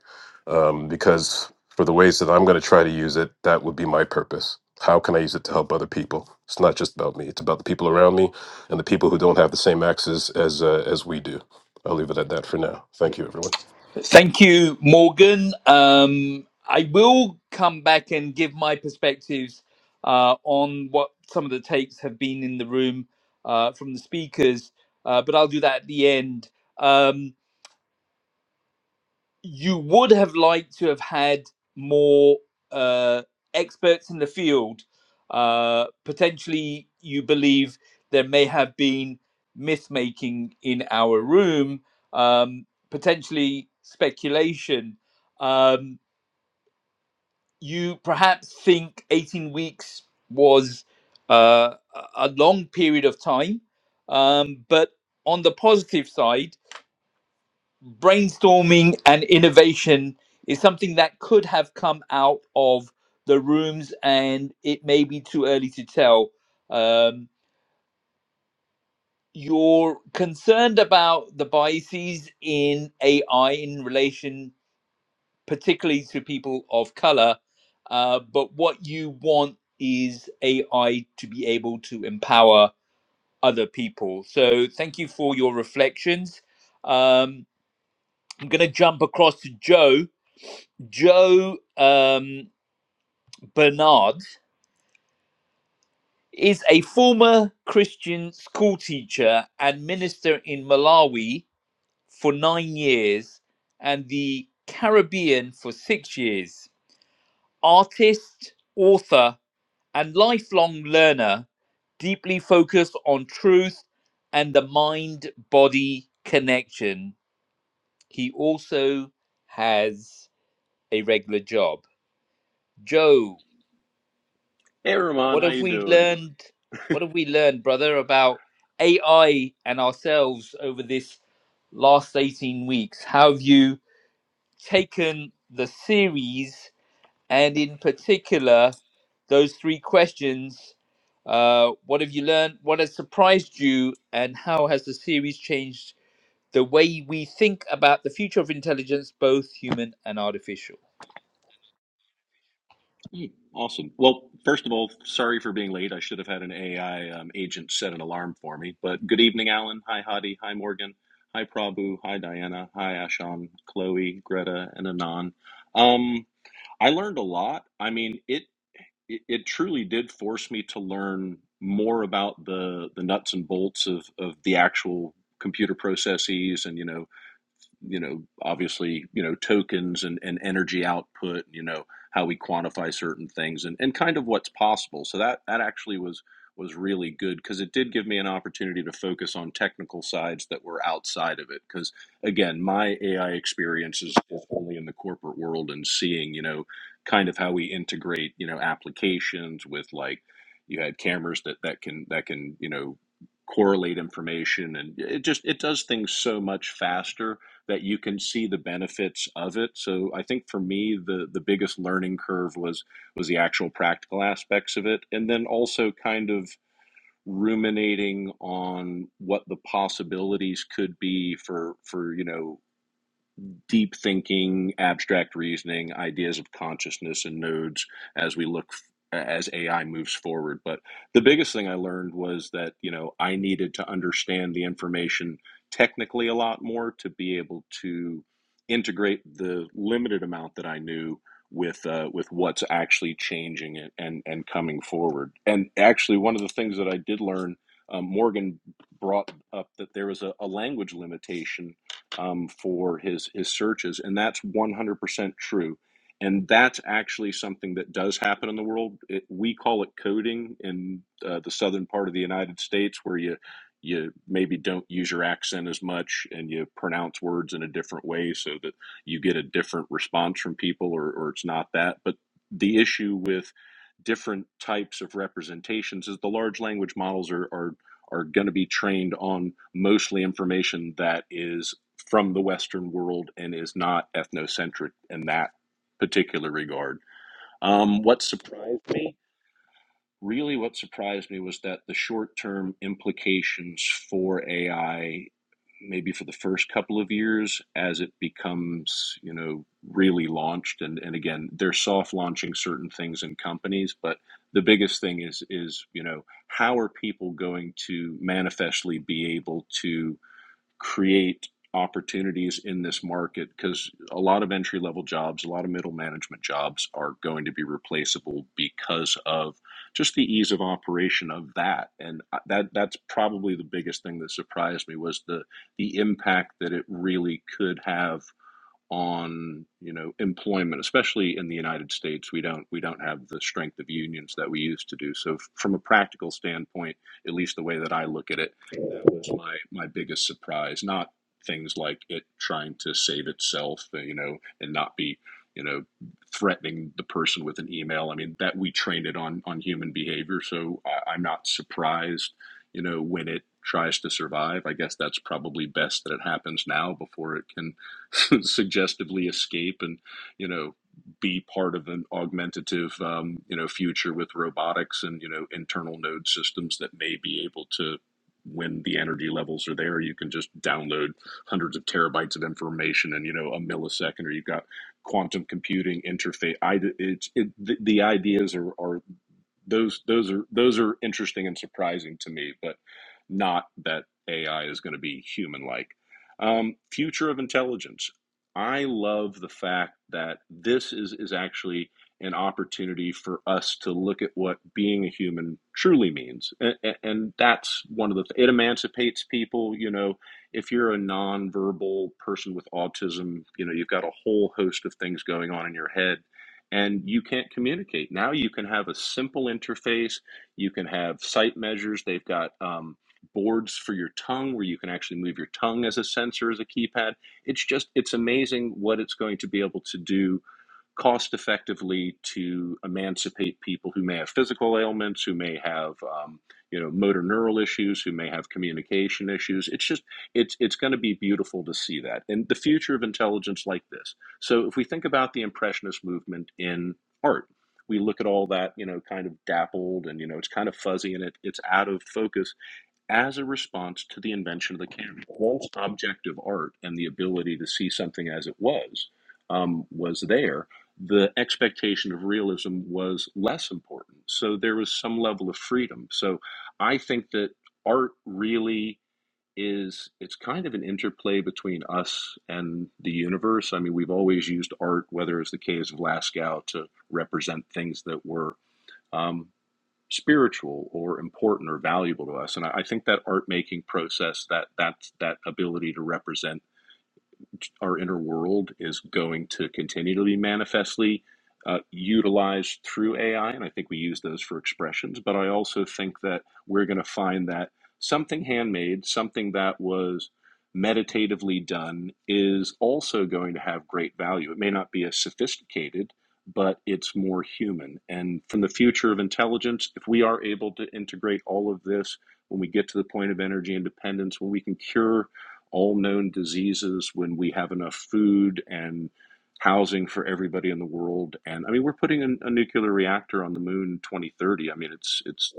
Um, because for the ways that I'm going to try to use it, that would be my purpose. How can I use it to help other people? It's not just about me, it's about the people around me and the people who don't have the same access as, uh, as we do. I'll leave it at that for now. Thank you, everyone.
Thank you, Morgan. Um, I will come back and give my perspectives uh, on what some of the takes have been in the room uh, from the speakers, uh, but I'll do that at the end. Um, you would have liked to have had more uh, experts in the field. Uh, potentially, you believe there may have been myth making in our room, um, potentially speculation. Um, you perhaps think 18 weeks was uh, a long period of time, um, but on the positive side, brainstorming and innovation is something that could have come out of the rooms, and it may be too early to tell. Um, you're concerned about the biases in AI in relation, particularly to people of color, uh, but what you want is AI to be able to empower other people. So, thank you for your reflections. Um, I'm going to jump across to Joe. Joe um, Bernard is a former Christian school teacher and minister in Malawi for nine years and the Caribbean for six years. Artist, author, and lifelong learner, deeply focused on truth and the mind body connection. He also has a regular job. Joe,
Hey Ramon,
What
how
have
you
we
doing?
learned? What have we learned, brother, about AI and ourselves over this last 18 weeks? How have you taken the series and, in particular, those three questions? Uh, what have you learned? What has surprised you? And how has the series changed the way we think about the future of intelligence, both human and artificial?
Hmm, awesome. Well, first of all, sorry for being late. I should have had an AI um, agent set an alarm for me. But good evening, Alan. Hi, Hadi. Hi, Morgan. Hi, Prabhu. Hi, Diana. Hi, Ashan, Chloe, Greta, and Anon. Um, I learned a lot. I mean, it, it it truly did force me to learn more about the the nuts and bolts of of the actual computer processes and you know you know, obviously, you know, tokens and, and energy output, you know, how we quantify certain things and, and kind of what's possible. So that, that actually was, was really good because it did give me an opportunity to focus on technical sides that were outside of it. Because again, my AI experience is, only in the corporate world and seeing, you know, kind of how we integrate, you know, applications with like, you had cameras that, that can, that can, you know, correlate information and it just, it does things so much faster that you can see the benefits of it. So I think for me the the biggest learning curve was was the actual practical aspects of it and then also kind of ruminating on what the possibilities could be for for you know deep thinking, abstract reasoning, ideas of consciousness and nodes as we look as AI moves forward. But the biggest thing I learned was that, you know, I needed to understand the information technically a lot more to be able to integrate the limited amount that I knew with uh, with what's actually changing and, and and coming forward. And actually one of the things that I did learn um, Morgan brought up that there was a, a language limitation um, for his his searches, and that's 100% true. And that's actually something that does happen in the world. It, we call it coding in uh, the southern part of the United States, where you you maybe don't use your accent as much and you pronounce words in a different way so that you get a different response from people, or, or it's not that. But the issue with different types of representations is the large language models are are, are going to be trained on mostly information that is from the Western world and is not ethnocentric in that particular regard. Um, what surprised me, really, what surprised me was that the short term implications for AI, maybe for the first couple of years as it becomes, you know, really launched. And, and again, they're soft launching certain things in companies, but the biggest thing is, is, you know, how are people going to manifestly be able to create opportunities in this market because a lot of entry level jobs, a lot of middle management jobs are going to be replaceable because of just the ease of operation of that. And that that's probably the biggest thing that surprised me was the the impact that it really could have on you know employment especially in the united states we don't we don't have the strength of unions that we used to do so from a practical standpoint at least the way that i look at it that was my my biggest surprise not things like it trying to save itself uh, you know and not be you know threatening the person with an email i mean that we trained it on on human behavior so I, i'm not surprised you know when it tries to survive i guess that's probably best that it happens now before it can suggestively escape and you know be part of an augmentative um, you know future with robotics and you know internal node systems that may be able to when the energy levels are there you can just download hundreds of terabytes of information in you know a millisecond or you've got quantum computing interface I, it's it, the, the ideas are, are those those are those are interesting and surprising to me, but not that AI is going to be human like. Um, future of intelligence. I love the fact that this is is actually an opportunity for us to look at what being a human truly means, and, and that's one of the. It emancipates people. You know, if you're a nonverbal person with autism, you know you've got a whole host of things going on in your head and you can't communicate. Now you can have a simple interface. You can have sight measures. They've got um, boards for your tongue where you can actually move your tongue as a sensor, as a keypad. It's just, it's amazing what it's going to be able to do cost effectively to emancipate people who may have physical ailments, who may have um, you know motor neural issues, who may have communication issues. It's just it's it's going to be beautiful to see that and the future of intelligence like this. So if we think about the impressionist movement in art, we look at all that you know kind of dappled and you know it's kind of fuzzy and it, it's out of focus as a response to the invention of the camera. Once objective art and the ability to see something as it was um, was there, the expectation of realism was less important. So there was some level of freedom. So I think that art really is it's kind of an interplay between us and the universe. I mean, we've always used art, whether it's the caves of Lascaux, to represent things that were. um, spiritual or important or valuable to us. And I, I think that art making process, that that that ability to represent our inner world is going to continue to be manifestly uh, utilized through AI, and I think we use those for expressions. But I also think that we're going to find that something handmade, something that was meditatively done, is also going to have great value. It may not be as sophisticated, but it's more human. And from the future of intelligence, if we are able to integrate all of this when we get to the point of energy independence, when we can cure all known diseases when we have enough food and housing for everybody in the world. And I mean, we're putting a, a nuclear reactor on the moon 2030. I mean, it's it's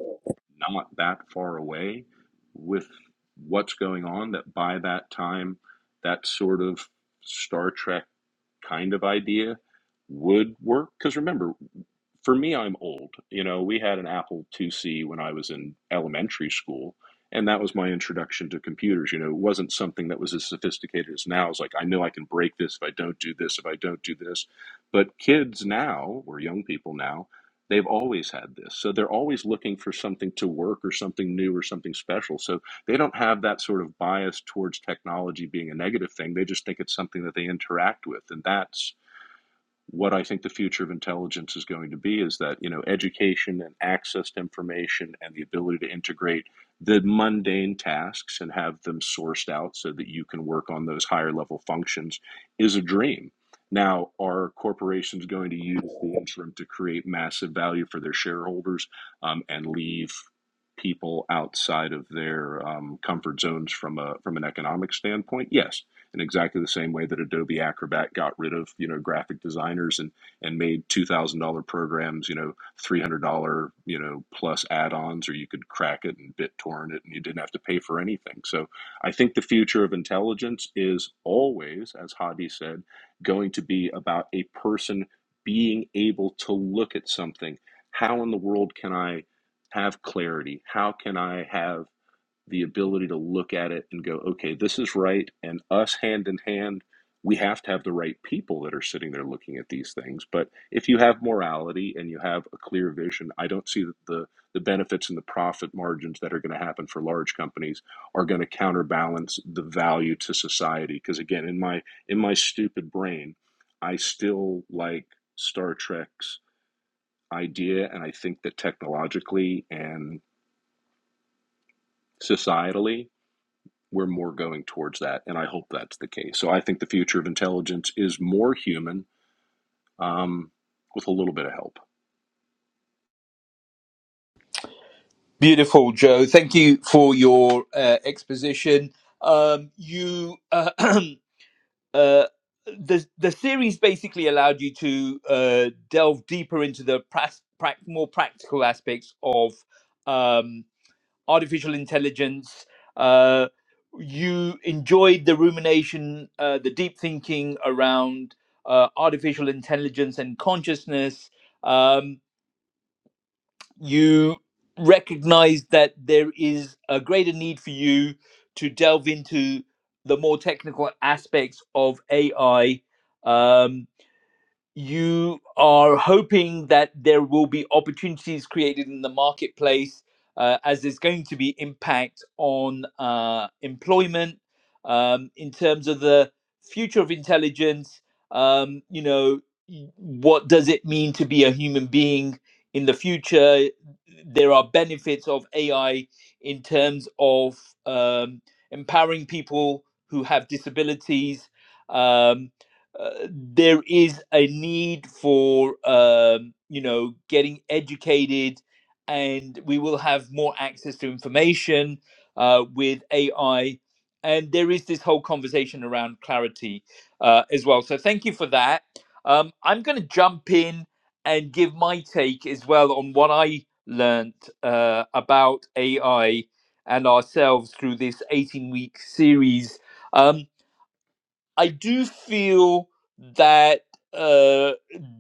not that far away with what's going on. That by that time, that sort of Star Trek kind of idea would work. Because remember, for me, I'm old. You know, we had an Apple IIc when I was in elementary school, and that was my introduction to computers. You know, it wasn't something that was as sophisticated as now. It's like, I know I can break this if I don't do this, if I don't do this. But kids now, or young people now, they've always had this. So they're always looking for something to work or something new or something special. So they don't have that sort of bias towards technology being a negative thing. They just think it's something that they interact with. And that's what I think the future of intelligence is going to be is that you know education and access to information and the ability to integrate the mundane tasks and have them sourced out so that you can work on those higher level functions is a dream. Now, are corporations going to use the interim to create massive value for their shareholders um, and leave people outside of their um, comfort zones from a from an economic standpoint? Yes, in exactly the same way that Adobe Acrobat got rid of you know graphic designers and and made two thousand dollar programs you know three hundred dollar you know plus add-ons or you could crack it and BitTorrent it and you didn't have to pay for anything. So I think the future of intelligence is always, as Hadi said, going to be about a person being able to look at something. How in the world can I have clarity? How can I have the ability to look at it and go, okay, this is right. And us hand in hand, we have to have the right people that are sitting there looking at these things. But if you have morality and you have a clear vision, I don't see that the, the benefits and the profit margins that are going to happen for large companies are going to counterbalance the value to society. Because again, in my in my stupid brain, I still like Star Trek's idea and I think that technologically and societally we're more going towards that, and I hope that's the case. So I think the future of intelligence is more human um, with a little bit of help.
Beautiful, Joe. Thank you for your uh, exposition. Um, you uh, uh, the the series basically allowed you to uh, delve deeper into the pras- prac- more practical aspects of um, artificial intelligence. Uh, you enjoyed the rumination, uh, the deep thinking around uh, artificial intelligence and consciousness. Um, you recognize that there is a greater need for you to delve into the more technical aspects of AI. Um, you are hoping that there will be opportunities created in the marketplace uh, as there's going to be impact on uh, employment um, in terms of the future of intelligence um, you know y- what does it mean to be a human being in the future there are benefits of ai in terms of um, empowering people who have disabilities um, uh, there is a need for um, you know getting educated and we will have more access to information uh, with ai and there is this whole conversation around clarity uh, as well so thank you for that um, i'm going to jump in and give my take as well on what i learnt uh, about ai and ourselves through this 18 week series Um, I do feel that uh,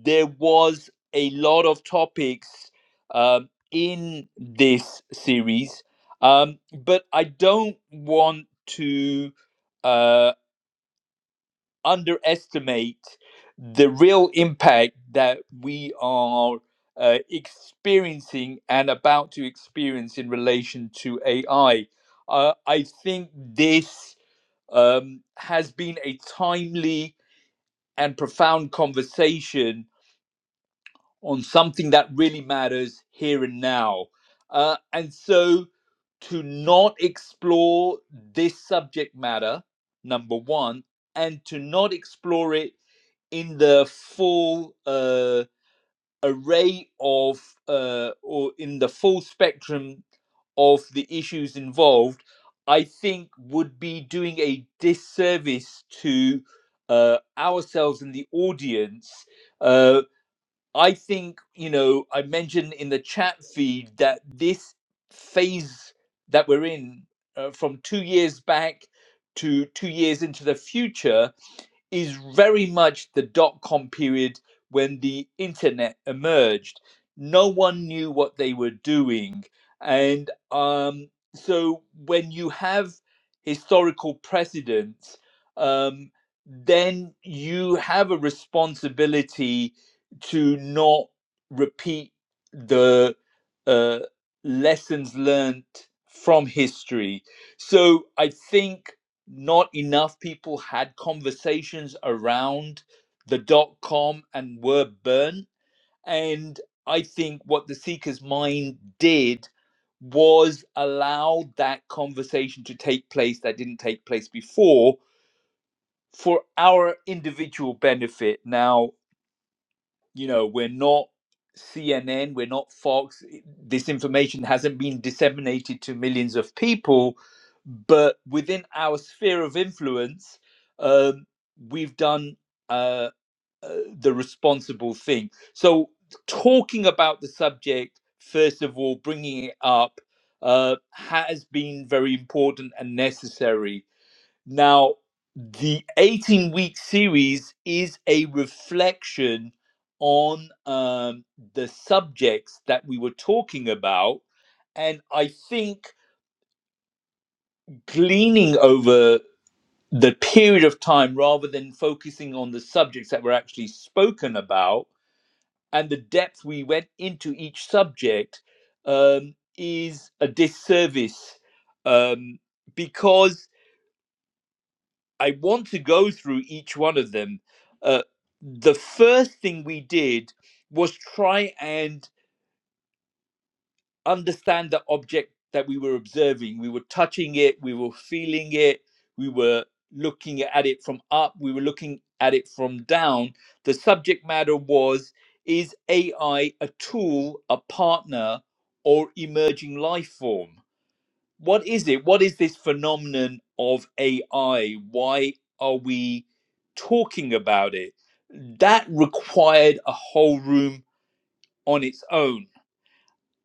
there was a lot of topics um, in this series, um, but I don't want to uh, underestimate the real impact that we are uh, experiencing and about to experience in relation to AI. Uh, I think this um, has been a timely and profound conversation on something that really matters here and now. Uh, and so to not explore this subject matter, number one, and to not explore it in the full uh, array of uh, or in the full spectrum of the issues involved, I think would be doing a disservice to uh, ourselves and the audience. Uh, I think, you know, I mentioned in the chat feed that this phase that we're in uh, from two years back to two years into the future is very much the dot com period when the internet emerged. No one knew what they were doing. And um, so when you have historical precedents, um, then you have a responsibility to not repeat the uh, lessons learned from history. So I think not enough people had conversations around the dot com and were burnt. And I think what the Seeker's Mind did was allow that conversation to take place that didn't take place before for our individual benefit. Now, you know we're not cnn we're not fox eh, this information hasn't been disseminated to millions of people but within our sphere of influence um, we've done uh, uh, the responsible thing so talking about the subject first of all bringing it up uh, has been very important and necessary now, the 18 week series is a reflection on um, the subjects that we were talking about. And I think gleaning over the period of time rather than focusing on the subjects that were actually spoken about and the depth we went into each subject um, is a disservice um, because I want to go through each one of them. Uh, the first thing we did was try and understand the object that we were observing. We were touching it, we were feeling it, we were looking at it from up, we were looking at it from down. The subject matter was Is AI a tool, a partner, or emerging life form? what is it? What is this phenomenon of AI? Why are we talking about it? That required a whole room on its own.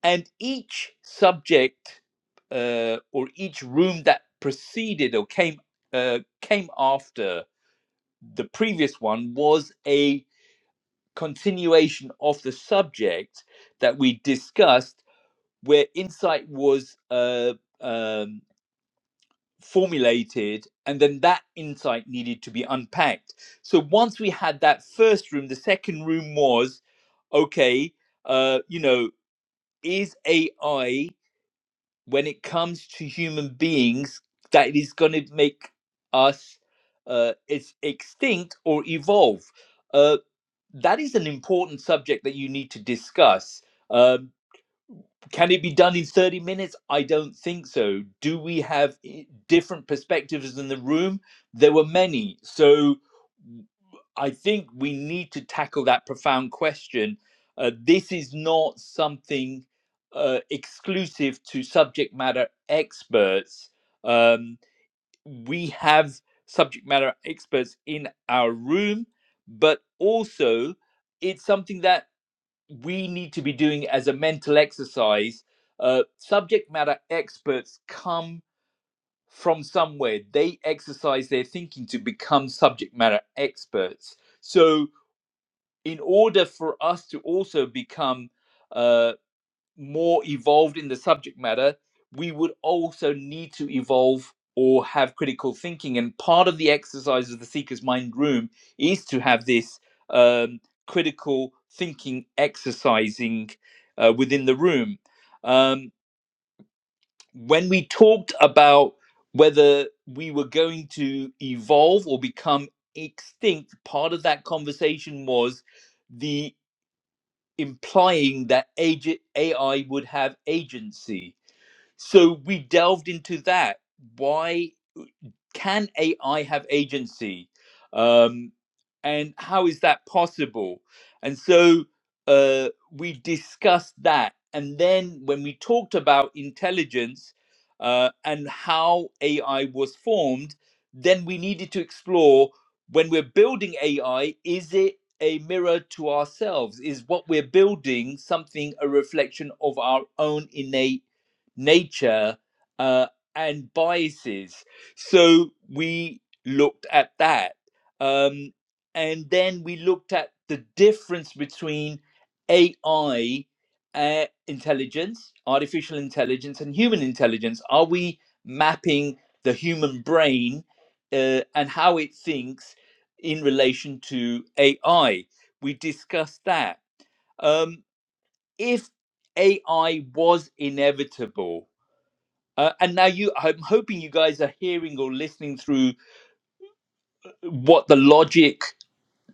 And each subject uh, or each room that preceded or came uh, came after the previous one was a continuation of the subject that we discussed, where insight was uh, um, formulated and then that insight needed to be unpacked so once we had that first room the second room was okay uh you know is ai when it comes to human beings that it is going to make us uh it's extinct or evolve uh that is an important subject that you need to discuss Um, can it be done in 30 minutes? I don't think so. Do we have eh, different perspectives in the room? There were many. So I think we need to tackle that profound question. Uh, this is not something uh, exclusive to subject matter experts. Um, we have subject matter experts in our room, but also it's something that we need to be doing as a mental exercise. Uh, subject matter experts come from somewhere. They exercise their thinking to become subject matter experts. So, in order for us to also become uh, more evolved in the subject matter, we would also need to evolve or have critical thinking. And part of the exercise of the Seeker's Mind Room is to have this um, critical thinking exercising uh, within the room. Um, when we talked about whether we were going to evolve or become extinct, part of that conversation was the implying that AI would have agency so we delved into that why can ai have agency um and how is that possible and so uh we discussed that and then when we talked about intelligence uh and how ai was formed then we needed to explore when we're building ai is it a mirror to ourselves is what we're building something a reflection of our own innate nature uh, and biases. So we looked at that. Um, and then we looked at the difference between AI uh, intelligence, artificial intelligence, and human intelligence. Are we mapping the human brain uh, and how it thinks in relation to AI? We discussed that. Um, if AI was inevitable, uh, and now you, I'm hoping you guys are hearing or listening through what the logic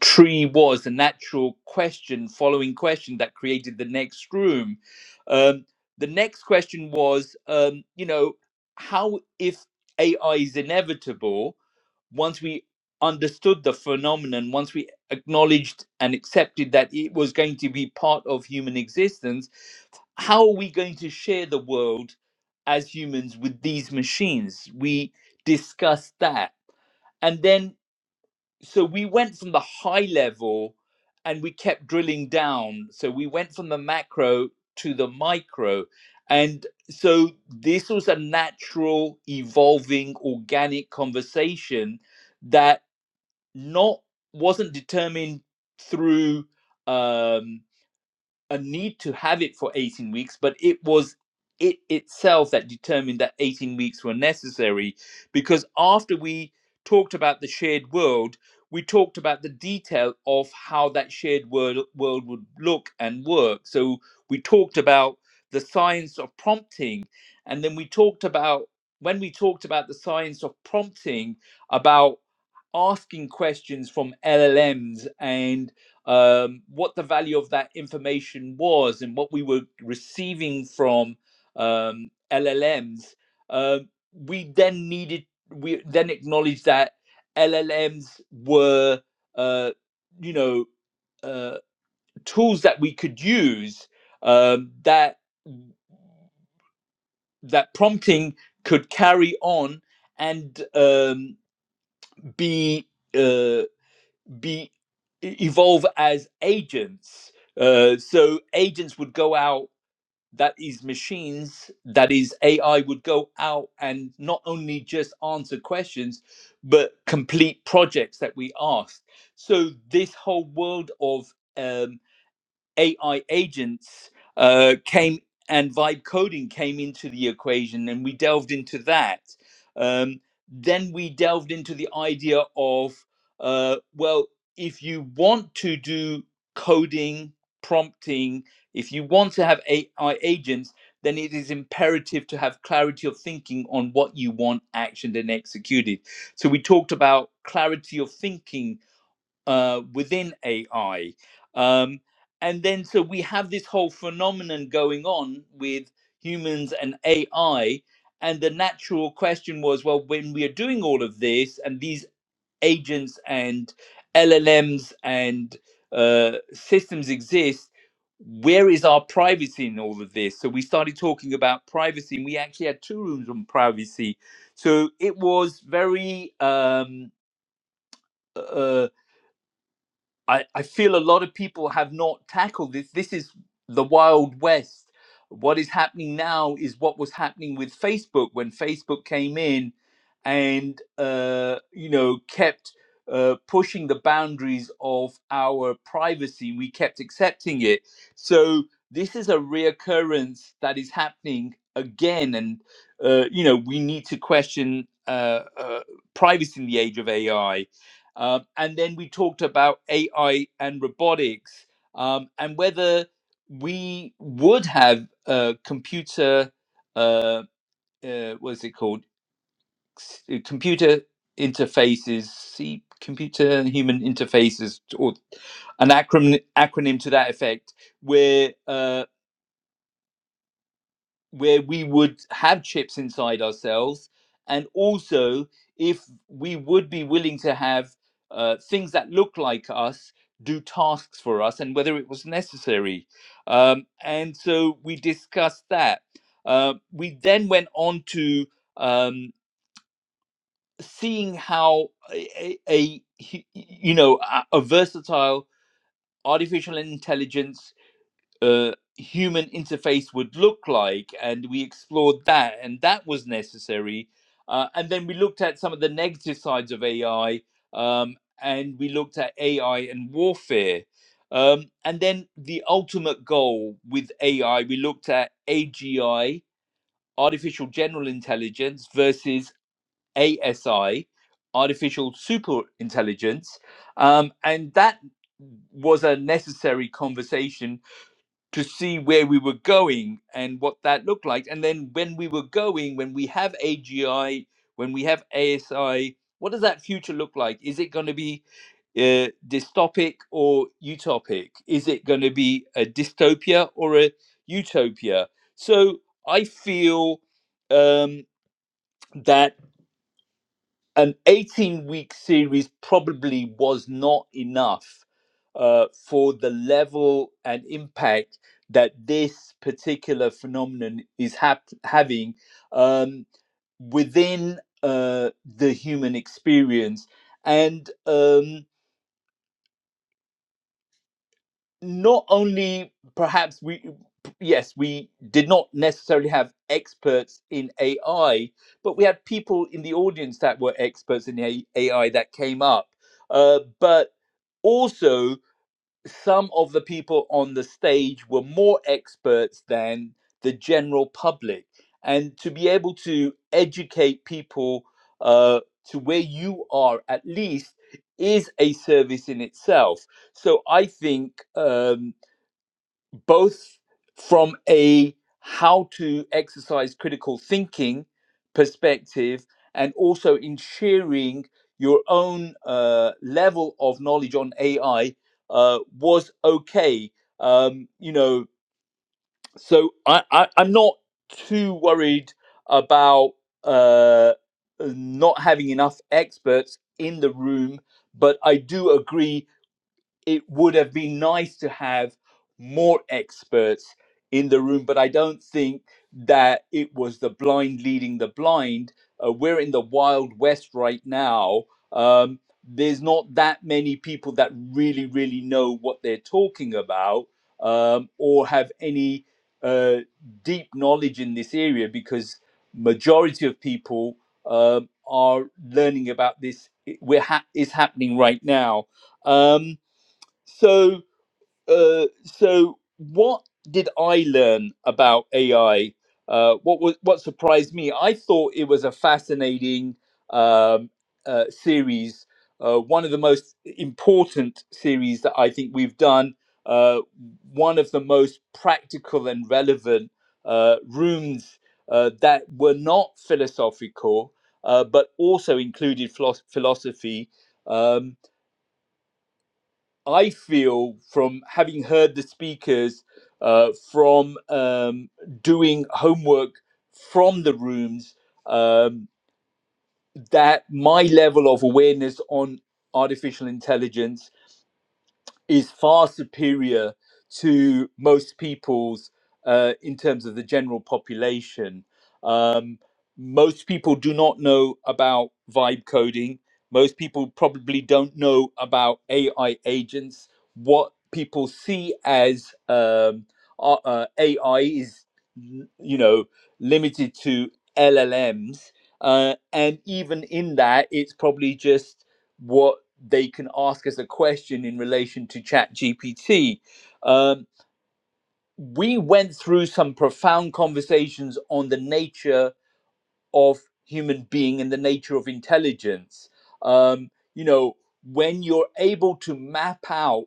tree was the natural question following question that created the next room um, the next question was um, you know how if ai is inevitable once we understood the phenomenon once we acknowledged and accepted that it was going to be part of human existence how are we going to share the world as humans with these machines we discussed that and then so we went from the high level and we kept drilling down so we went from the macro to the micro and so this was a natural evolving organic conversation that not wasn't determined through um a need to have it for 18 weeks, but it was it itself that determined that 18 weeks were necessary because after we talked about the shared world, we talked about the detail of how that shared world, world would look and work. So we talked about the science of prompting, and then we talked about when we talked about the science of prompting about asking questions from LLMs and um, what the value of that information was and what we were receiving from um, LLMs, um, we then needed, we then acknowledged that LLMs were, uh, you know, uh, tools that we could use um, that that prompting could carry on and um, be uh, be e, evolve as agents. Uh, so agents would go out. That is machines. That is AI would go out and not only just answer questions, but complete projects that we asked. So this whole world of um, AI agents uh, came and vibe coding came into the equation, and we delved into that. Um, then we delved into the idea of, uh, well, if you want to do coding, prompting, if you want to have AI agents, then it is imperative to have clarity of thinking on what you want actioned and executed. So we talked about clarity of thinking uh, within AI. Um, and then, so we have this whole phenomenon going on with humans and AI. And the natural question was well, when we are doing all of this and these agents and LLMs and uh, systems exist, where is our privacy in all of this? So we started talking about privacy, and we actually had two rooms on privacy. So it was very um, uh, I, I feel a lot of people have not tackled this. This is the Wild West. What is happening now is what was happening with Facebook when Facebook came in and, uh, you know, kept uh, pushing the boundaries of our privacy. We kept accepting it. So this is a reoccurrence that is happening again. And, uh, you know, we need to question uh, uh, privacy in the age of AI um, and then we talked about AI and robotics um, and whether we would have a computer, uh, uh, what is it called? S- uh, Computer interfaces, see, computer and human interfaces, or an acronym, acronym to that effect, where uh, where we would have chips inside ourselves, and also if we would be willing to have uh, things that look like us do tasks for us, and whether it was necessary. Um, and so we discussed that. Uh, we then went on to um, seeing how a, a- a hu- you know a, a versatile artificial intelligence uh, human interface would look like, and we explored that, and that was necessary. Uh, and then we looked at some of the negative sides of AI, um, and we looked at AI and warfare. Um, and then the ultimate goal with AI, we looked at AGI, artificial general intelligence, versus ASI, artificial super intelligence. Um, and that was a necessary conversation to see where we were going and what that looked like. And then when we were going, when we have AGI, when we have ASI, what does that future look like? Is it going to be uh, dystopic or utopic? Is it going to be a dystopia or a utopia? So I feel um, that an 18 week series probably was not enough uh, for the level and impact that this particular phenomenon is hap- having um, within uh, the human experience. And um, not only perhaps we yes we did not necessarily have experts in ai but we had people in the audience that were experts in ai that came up uh, but also some of the people on the stage were more experts than the general public and to be able to educate people uh, to where you are at least is a service in itself so I think um, both from a how to exercise critical thinking perspective and also in sharing your own uh, level of knowledge on AI uh, was okay. Um, you know, so I, I, I'm not too worried about uh, not having enough experts in the room, but I do agree it would have been nice to have more experts in the room, but I don't think that it was the blind leading the blind. Uh, we're in the wild west right now. Um, there's not that many people that really, really know what they're talking about um, or have any uh, deep knowledge in this area because majority of people um, are learning about this. It- We're ha- is happening right now. Um, so uh, so what did I learn about AI? Uh, what was what surprised me? I thought it was a fascinating um, uh, series, uh, one of the most important series that I think we've done. Uh, one of the most practical and relevant uh, rooms uh, that were not philosophical, uh, but also included philo- philosophy. Um, I feel from having heard the speakers, uh, from um, doing homework from the rooms, um, that my level of awareness on artificial intelligence is far superior to most people's uh, in terms of the general population. Um, most people do not know about vibe coding. Most people probably don't know about AI agents. What people see as um, uh, uh, AI is, n- you know, limited to LLMs. Uh, and even in that, it's probably just what they can ask as a question in relation to ChatGPT, um, we went through some profound conversations on the nature of human being and the nature of intelligence um, you know when you're able to map out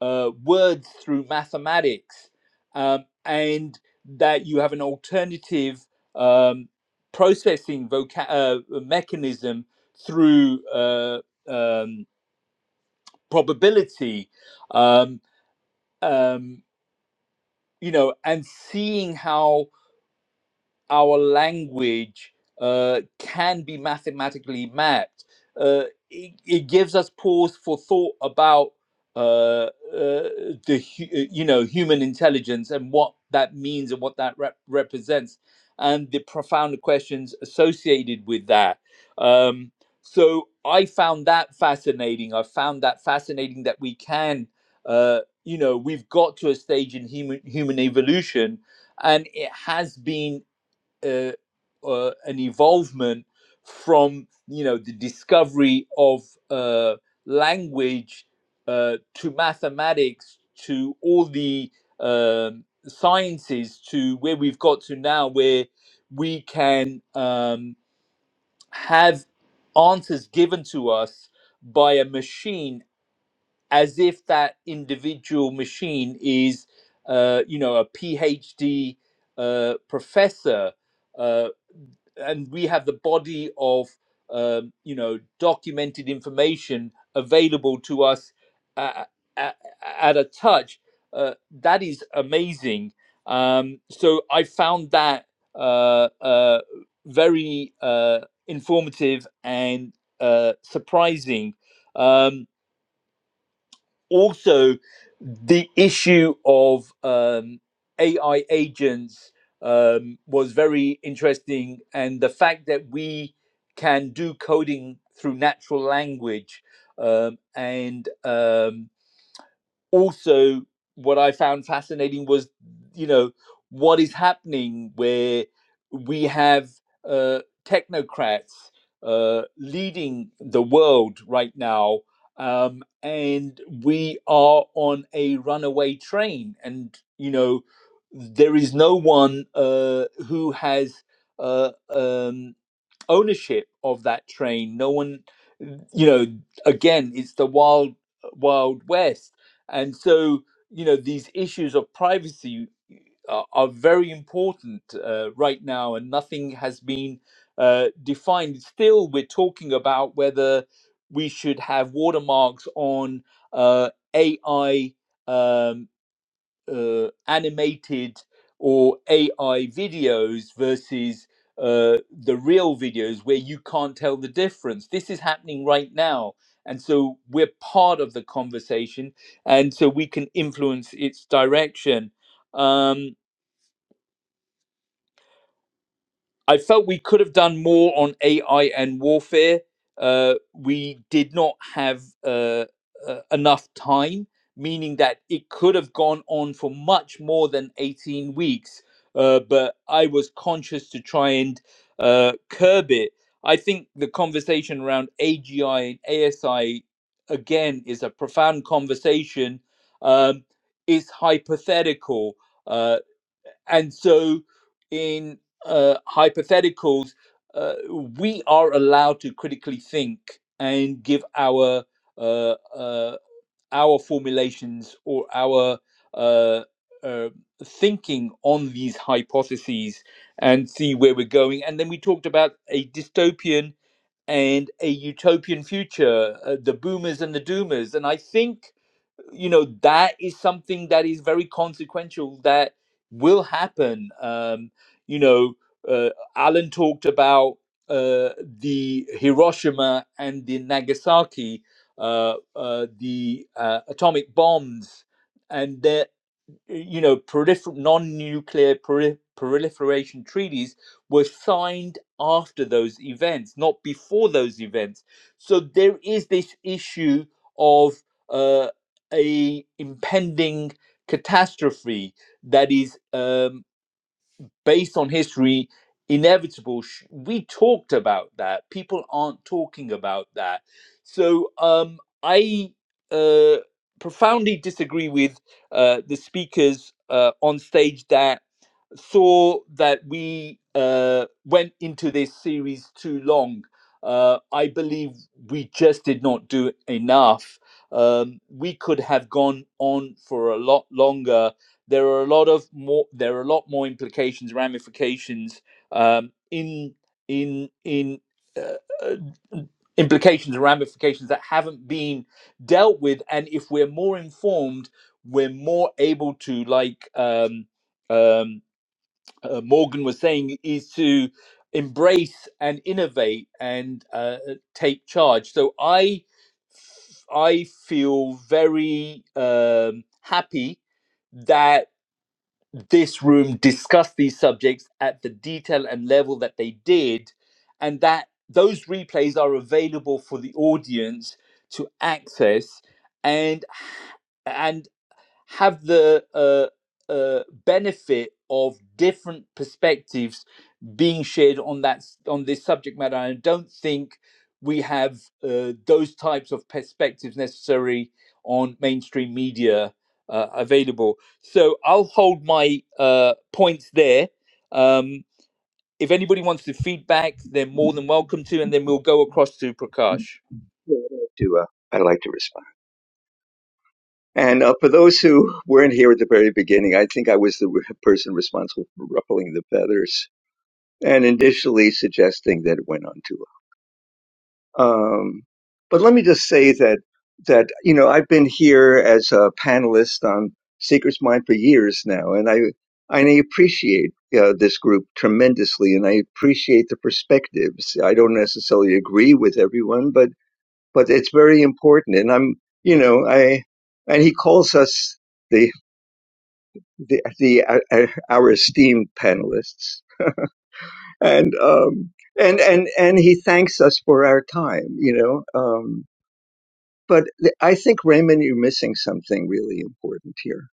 uh, words through mathematics um, and that you have an alternative um, processing voca- uh, mechanism through uh, um, probability um, um, you know and seeing how our language uh, can be mathematically mapped. Uh, it, it gives us pause for thought about uh, uh, the hu- uh, you know human intelligence and what that means and what that rep- represents, and the profound questions associated with that. Um, so I found that fascinating. I found that fascinating that we can. Uh, you know, we've got to a stage in human human evolution and it has been uh, uh, an evolvement from you know the discovery of uh, language uh, to mathematics to all the um, sciences to where we've got to now where we can um, have answers given to us by a machine as if that individual machine is, uh, you know, a PhD uh, professor, uh, and we have the body of, um, you know, documented information available to us at, at, at a touch. Uh, that is amazing. Um, so I found that uh, uh, very uh, informative and uh, surprising. Um, also the issue of um, AI agents um, was very interesting, and the fact that we can do coding through natural language um, and um, also what i found fascinating was you know what is happening where we have uh, technocrats uh, leading the world right now um, and we are on a runaway train and you know there is no one uh, who has uh, um, ownership of that train. No one, you know, again, it's the wild, wild west. And so, you know, these issues of privacy are, are very important uh, right now, and nothing has been uh, defined. Still, we're talking about whether we should have watermarks on uh, AI uh, animated or AI videos versus uh, the real videos where you can't tell the difference. This is happening right now. And so we're part of the conversation. And so we can influence its direction. Um, I felt we could have done more on AI and warfare. Uh, we did not have uh, uh, enough time, meaning that it could have gone on for much more than 18 weeks. Uh, but I was conscious to try and uh, curb it. I think the conversation around AGI and ASI, again, is a profound conversation. Um, it's hypothetical. Uh, and so in uh, hypotheticals uh, we are allowed to critically think and give our uh, uh, our formulations or our uh, uh, thinking on these hypotheses and see where we're going and then we talked about a dystopian and a utopian future uh, the boomers and the doomers and i think you know that is something that is very consequential that will happen um you know uh, alan talked about uh the hiroshima and the nagasaki uh, uh the uh, atomic bombs and there you know, prolifer- non-nuclear proli- proliferation treaties were signed after those events, not before those events. So there is this issue of uh, a impending catastrophe that is um, based on history, inevitable. We talked about that. People aren't talking about that. So um, I uh, profoundly disagree with uh, the speakers uh, on stage that saw that we uh, went into this series too long. Uh, I believe we just did not do enough. Um, we could have gone on for a lot longer. There are a lot of more. There are a lot more implications, ramifications um, in in in uh, uh, implications and ramifications that haven't been dealt with. And if we're more informed, we're more able to like um, um, uh, Morgan was saying is to embrace and innovate and uh, uh, take charge. So I I feel very um, happy that this room discussed these subjects at the detail and level that they did, and that those replays are available for the audience to access and and have the uh, uh, benefit of different perspectives being shared on that on this subject matter. I don't think we have uh, those types of perspectives necessary on mainstream media uh, available. So I'll hold my uh, points there. Um, if anybody wants to feedback, they're more than welcome to, and then we'll go across to Prakash.
Yeah, I'd like to, uh, I'd like to respond. And uh, for those who weren't here at the very beginning, I think I was the re- person responsible for ruffling the feathers and initially suggesting that it went on too Um, but let me just say that that you know I've been here as a panelist on Seeker's Mind for years now, and I and I appreciate uh, this group tremendously, and I appreciate the perspectives. I don't necessarily agree with everyone, but but it's very important, and I'm you know I and he calls us the the, the uh, uh, our esteemed panelists, and um and and and he thanks us for our time, you know. Um, but I think Raymond, you're missing something really important here.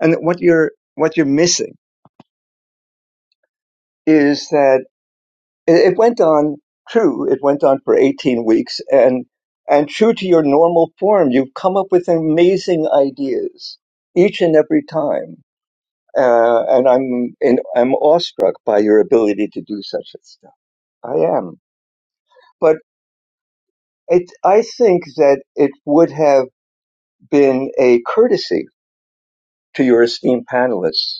And what you're what you're missing is that it, went on true. It went on for 18 weeks, and and true to your normal form, you've come up with amazing ideas each and every time. Uh, and I'm in, I'm awestruck by your ability to do such stuff. I am, but it I think that it would have been a courtesy to your esteemed panelists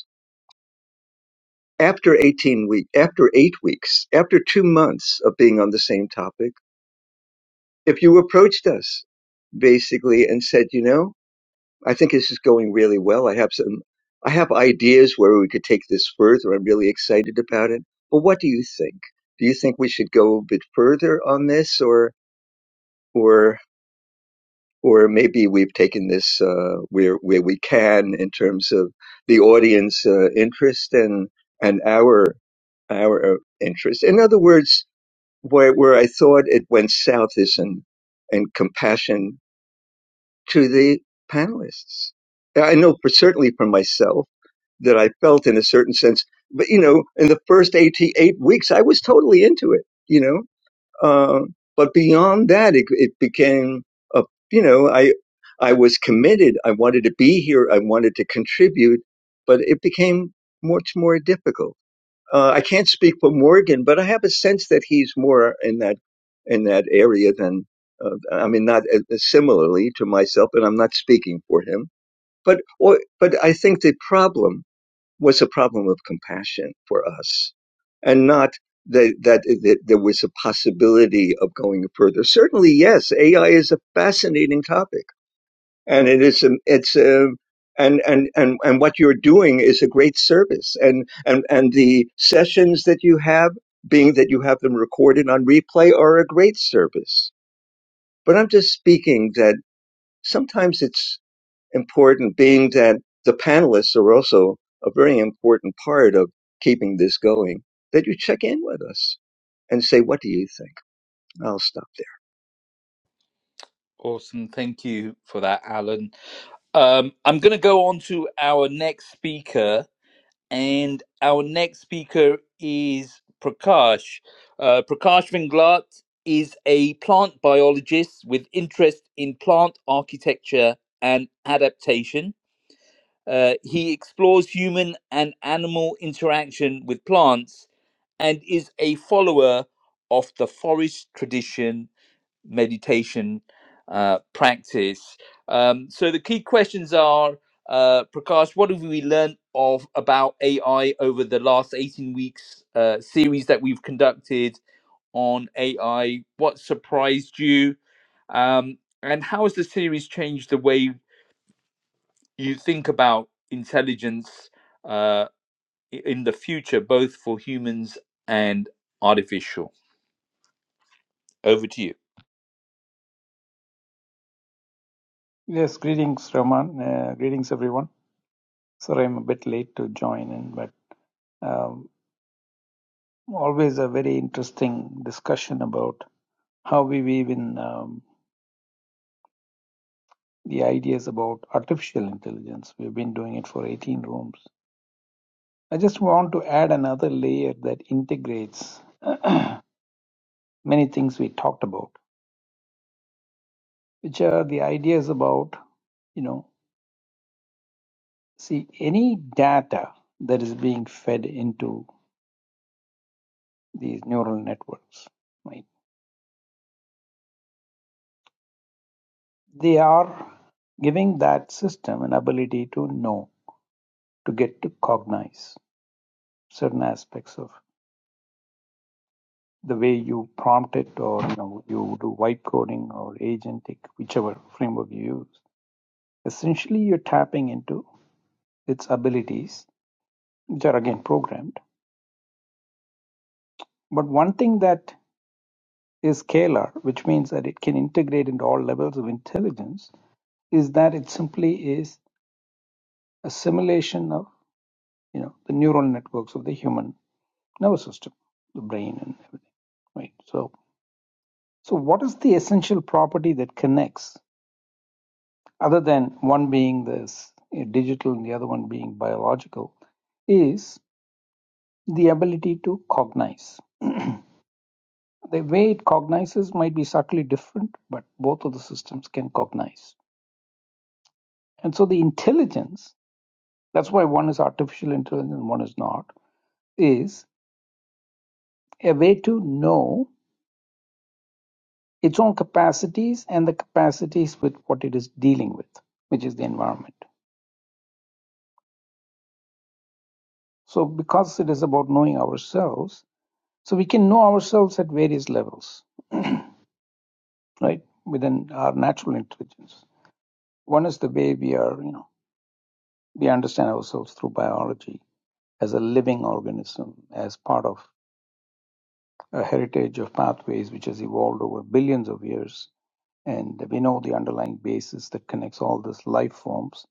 after 18 weeks, after 8 weeks after 2 months of being on the same topic if you approached us basically and said you know i think this is going really well i have some i have ideas where we could take this further i'm really excited about it but what do you think do you think we should go a bit further on this or or or maybe we've taken this uh, where where we can in terms of the audience uh, interest and and our our uh, interest in other words where where I thought it went south is in and compassion to the panelists. I know for certainly for myself that I felt in a certain sense, but you know, in the first eight eight weeks, I was totally into it. You know, uh, but beyond that, it, it became a you know I I was committed. I wanted to be here. I wanted to contribute, but it became much more difficult. Uh, I can't speak for Morgan, but I have a sense that he's more in that in that area than uh, I mean, not uh, similarly to myself, and I'm not speaking for him. But or, but I think the problem was a problem of compassion for us, and not that, that uh, that there was a possibility of going further. Certainly, yes, AI is a fascinating topic and it is um, it's um, and and and and what you're doing is a great service and and and the sessions that you have being that you have them recorded on replay are a great service but i'm just speaking that sometimes it's important being that the panelists are also a very important part of keeping this going that you check in with us and say what do you think i'll stop
Awesome, thank you for that, Alan. Um, I'm going to go on to our next speaker, and our next speaker is Prakash. Uh, Prakash Vinglat is a plant biologist with interest in plant architecture and adaptation. Uh, he explores human and animal interaction with plants and is a follower of the forest tradition meditation uh, practice. Um, so the key questions are, uh, Prakash, what have we learned of about AI over the last 18 weeks uh, series that we've conducted on AI? What surprised you? Um, and how has the series changed the way you think about intelligence uh, i- in the future, both for humans and artificial? Over to you.
Yes, greetings, Rahman. Uh, greetings, everyone. Sorry, I'm a bit late to join in, but um, always a very interesting discussion about how we weave in um, the ideas about artificial intelligence. We've been doing it for 18 rooms. I just want to add another layer that integrates many things we talked about, which are the ideas about, you know, see, any data that is being fed into these neural networks, right? They are giving that system an ability to know, to get to cognize certain aspects of the way you prompt it or you know you do vibe coding or agentic, whichever framework you use. Essentially you're tapping into its abilities, which are again programmed. But one thing that is scalar, which means that it can integrate into all levels of intelligence, is that it simply is a simulation of you know the neural networks of the human nervous system, the brain and everything, right? So, so what is the essential property that connects, other than one being this uh, digital and the other one being biological, is the ability to cognize. The way it cognizes might be subtly different, but both of the systems can cognize. And so the intelligence, that's why one is artificial intelligence and one is not, is a way to know its own capacities and the capacities with what it is dealing with, which is the environment. So, because it is about knowing ourselves, so we can know ourselves at various levels, right? Within our natural intelligence. One is the way we are, you know, we understand ourselves through biology as a living organism, as part of a heritage of pathways which has evolved over billions of years. And we know the underlying basis that connects all these life forms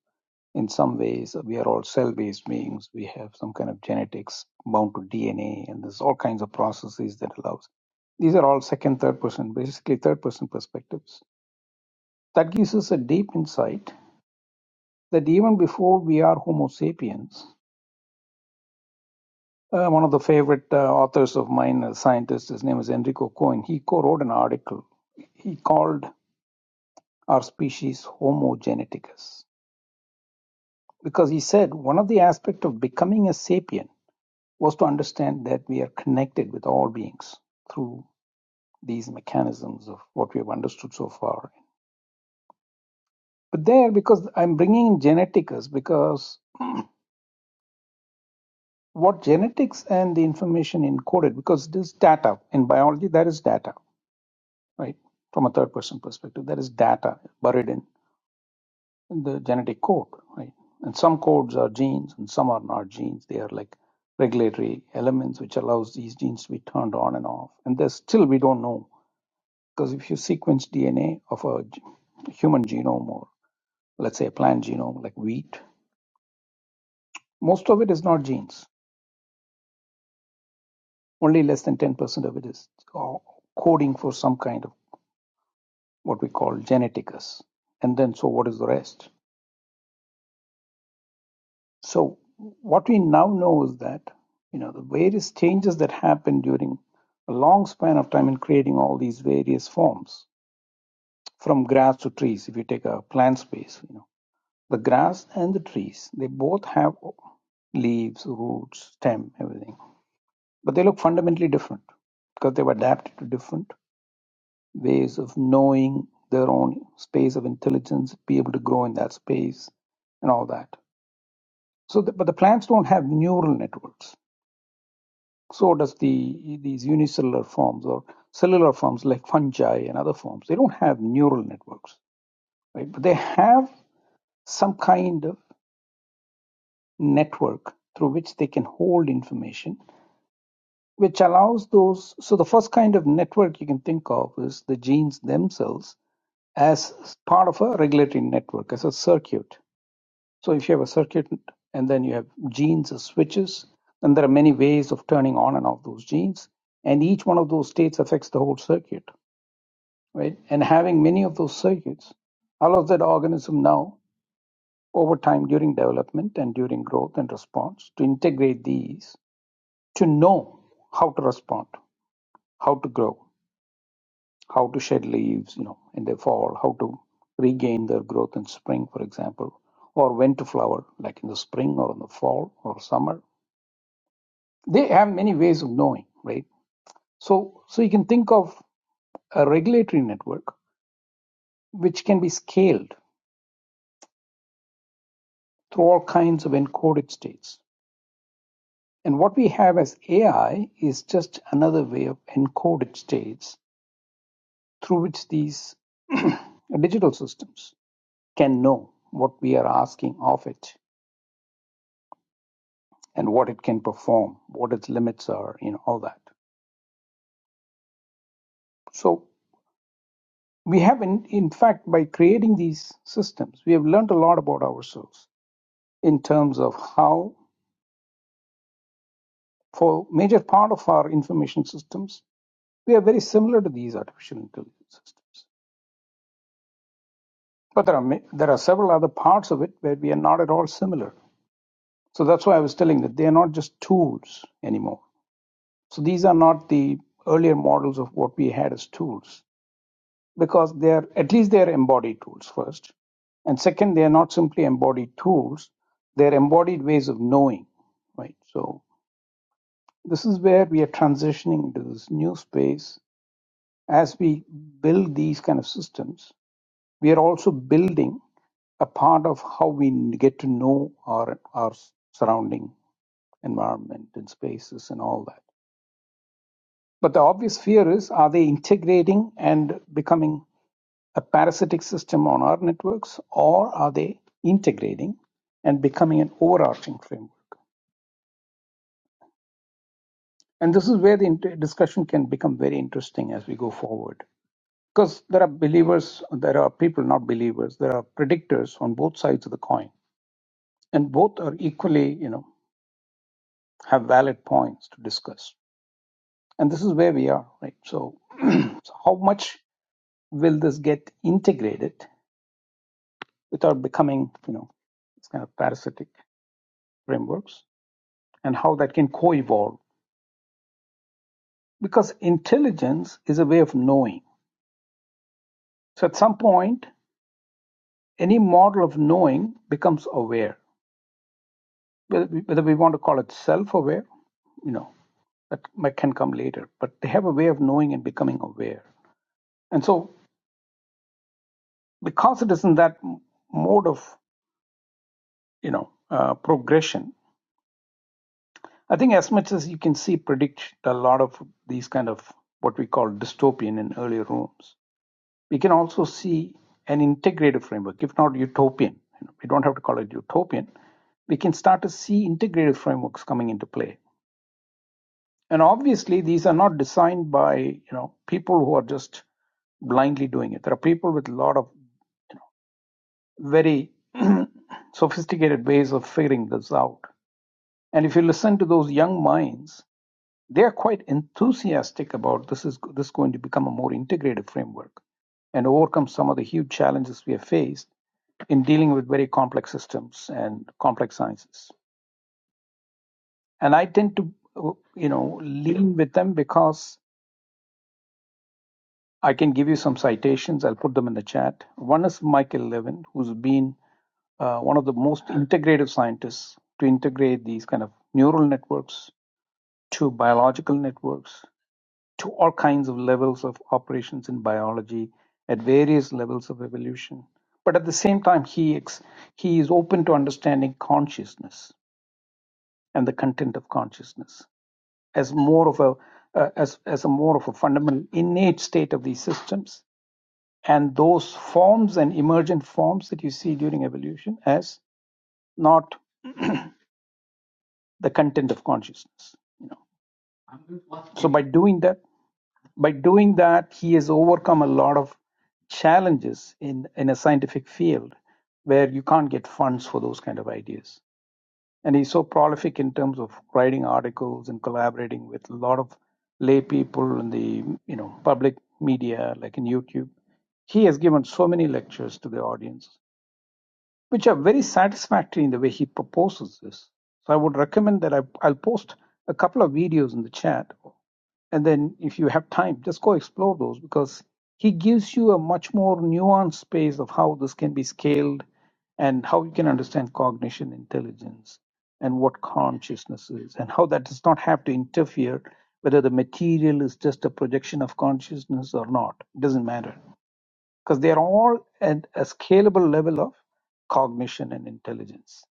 in some ways we are all cell-based beings we have some kind of genetics bound to dna and there's all kinds of processes that allows these are all second third person basically third person perspectives that gives us a deep insight that even before we are homo sapiens uh, one of the favorite uh, authors of mine a scientist his name is enrico cohen he co-wrote an article he called our species homo geneticus because he said one of the aspects of becoming a sapien was to understand that we are connected with all beings through these mechanisms of what we have understood so far. But there, because I'm bringing in genetics, because what genetics and the information encoded, because this data in biology, that is data, right? From a third person perspective, that is data buried in the genetic code, right? And some codes are genes and some are not genes. They are like regulatory elements which allows these genes to be turned on and off. And there's still we don't know Because if you sequence DNA of a g- human genome or let's say a plant genome like wheat, most of it is not genes. Only less than 10% of it is co- coding for some kind of what we call geneticus. And then, so what is the rest? So, what we now know is that, you know, the various changes that happen during a long span of time in creating all these various forms, from grass to trees, if you take a plant space, you know The grass and the trees, they both have leaves, roots, stem, everything. But they look fundamentally different because they've adapted to different ways of knowing their own space of intelligence, be able to grow in that space, and all that. So, the, but the plants don't have neural networks. So does the these unicellular forms or cellular forms like fungi and other forms. They don't have neural networks, right? But they have some kind of network through which they can hold information, which allows those. So, the first kind of network you can think of is the genes themselves as part of a regulatory network, as a circuit. So, if you have a circuit and then you have genes as switches, then there are many ways of turning on and off those genes. And each one of those states affects the whole circuit, right? And having many of those circuits allows that organism now, over time during development and during growth and response, to integrate these to know how to respond, how to grow, how to shed leaves, you know, in the fall, how to regain their growth in spring, for example, or when to flower, like in the spring or in the fall or summer. They have many ways of knowing, right? So, so you can think of a regulatory network which can be scaled through all kinds of encoded states. And what we have as AI is just another way of encoded states through which these digital systems can know what we are asking of it and what it can perform, what its limits are, you know, all that. So we have, in, in fact, by creating these systems, we have learned a lot about ourselves in terms of how, for major part of our information systems, we are very similar to these artificial intelligence systems. But there are there are several other parts of it where we are not at all similar. So that's why I was telling that they are not just tools anymore. So these are not the earlier models of what we had as tools because they are at least they are embodied tools first and second they are not simply embodied tools they are embodied ways of knowing right so this is where we are transitioning into this new space as we build these kind of systems we are also building a part of how we get to know our our surrounding environment and spaces and all that but the obvious fear is are they integrating and becoming a parasitic system on our networks, or are they integrating and becoming an overarching framework? And this is where the inter- discussion can become very interesting as we go forward. Because there are believers, there are people not believers, there are predictors on both sides of the coin. And both are equally, you know, have valid points to discuss. And this is where we are, right? So, so how much will this get integrated without becoming, you know, this kind of parasitic frameworks? and how that can co evolve. Because intelligence is a way of knowing. So at some point, any model of knowing becomes aware. Whether we want to call it self aware, you know, that might- can come later, but they have a way of knowing and becoming aware. And so, because it is in that mode of, you know, uh, progression, I think as much as you can see predict a lot of these kind of what we call dystopian in earlier rooms we can also see an integrated framework, if not utopian. we don't have to call it utopian. We can start to see integrated frameworks coming into play. And obviously, these are not designed by you know people who are just blindly doing it. There are people with a lot of very sophisticated ways of figuring this out. And if you listen to those young minds, they are quite enthusiastic about this is this is going to become a more integrated framework and overcome some of the huge challenges we have faced in dealing with very complex systems and complex sciences. And I tend to uh, you know lean with them because I can give you some citations. I'll put them in the chat. One is Michael Levin, who's been uh, one of the most integrative scientists to integrate these kind of neural networks to biological networks to all kinds of levels of operations in biology at various levels of evolution. But at the same time, he, ex- he is open to understanding consciousness and the content of consciousness as more of a uh, as, as a more of a fundamental innate state of these systems and those forms and emergent forms that you see during evolution as not the content of consciousness. So by doing that, By doing that, he has overcome a lot of challenges in, in a scientific field where you can't get funds for those kind of ideas. And he's so prolific in terms of writing articles and collaborating with a lot of lay people in the you know public media, like in YouTube. He has given so many lectures to the audience which are very satisfactory in the way he proposes this. So I would recommend that I, I'll post a couple of videos in the chat. And then if you have time, just go explore those because he gives you a much more nuanced space of how this can be scaled and how you can understand cognition intelligence and what consciousness is and how that does not have to interfere whether the material is just a projection of consciousness or not. It doesn't matter because they are all at a scalable level of cognition and intelligence.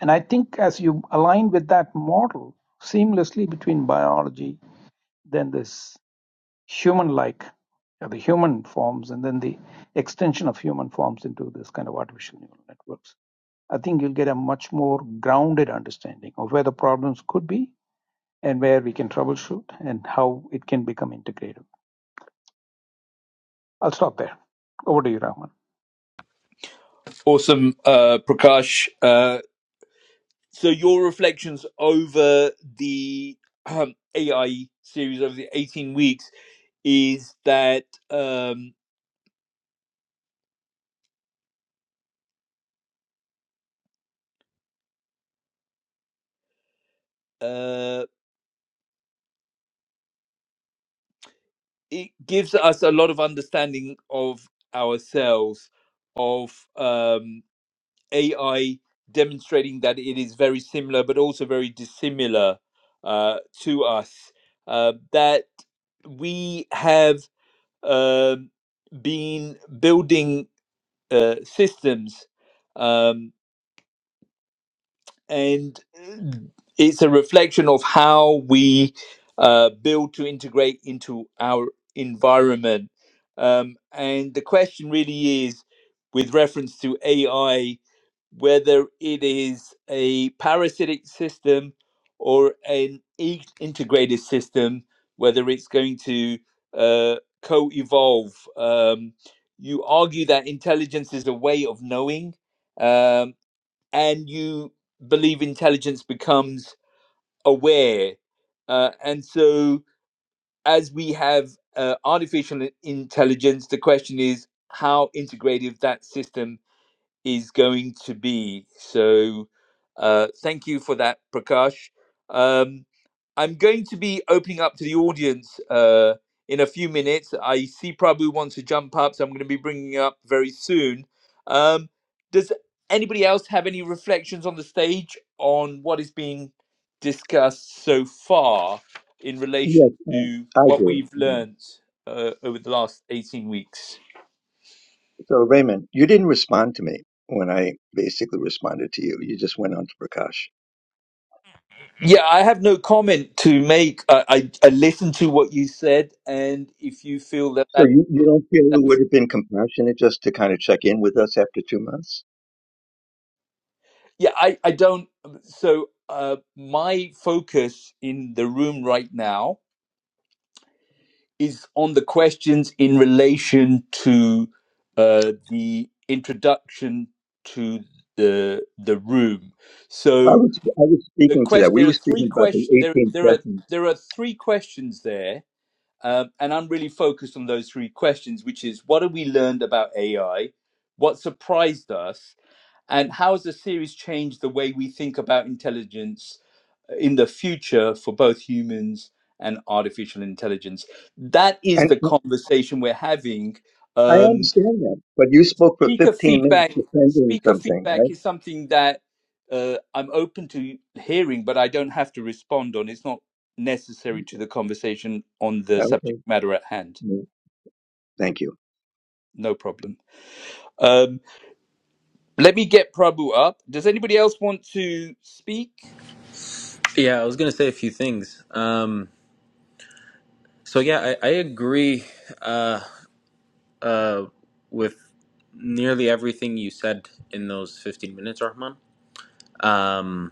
And I think as you align with that model seamlessly between biology, then this human like, the human forms, and then the extension of human forms into this kind of artificial neural networks, I think you'll get a much more grounded understanding of where the problems could be and where we can troubleshoot and how it can become integrated. I'll stop there. Over to you, Rahman.
Awesome, uh, Prakash. Uh, so your reflections over the um, AI series over the 18 weeks is that um, uh, it gives us a lot of understanding of ourselves, of um, AI demonstrating that it is very similar but also very dissimilar uh, to us. Uh, that we have um been building uh, systems, um, and it's a reflection of how we uh, build to integrate into our environment. Um, and the question really is with reference to AI whether it is a parasitic system or an e- integrated system, whether it's going to uh, co evolve. Um, you argue that intelligence is a way of knowing, um, and you believe intelligence becomes aware. Uh, and so, as we have uh, artificial intelligence, the question is how integrative that system is going to be. So, uh, thank you for that, Prakash. Um, I'm going to be opening up to the audience uh, in a few minutes. I see Prabhu wants to jump up, so I'm going to be bringing up very soon. Um, does anybody else have any reflections on the stage on what is being discussed so far in
there yes
relation to
i I
what we've
do
learned uh, over the last 18 weeks?
So Raymond, you didn't respond to me when I basically responded to you. You just went on to Prakash.
Yeah, I have no comment to make. I, I, I listened to what you said, and if you feel that
So
that,
you, you don't feel
that
it would have been compassionate just to kind of check in with us after two months?
yeah, I, I don't. So uh, my focus in the room right now is on the questions in relation to uh, the introduction to the the room.
I
So
was I was
the
speaking to that.
question
We
there
were
are three
speaking about the
questions. There
18
there are
sessions,
there are three questions there Um, and I'm really focused on those three questions, which is what have we learned about AI? What surprised us? And how has the series changed the way we think about intelligence uh, in the future for both humans and artificial intelligence? That is
and
the conversation we're having.
I
Um,
understand that. But you spoke for
speaker
15 minutes
feedback.
defending
Speaker
something,
feedback is
right?
something that uh, I'm open to hearing, but I don't have to respond on. It's not necessary to the conversation on the
Okay.
subject matter at hand.
Yeah. Thank you.
No problem. Um, let me get Prabhu up. Does anybody else want to speak?
Yeah, I was gonna say a few things. Um, so yeah, I, I agree uh, uh, with nearly everything you said in those fifteen minutes, Rahman. Um,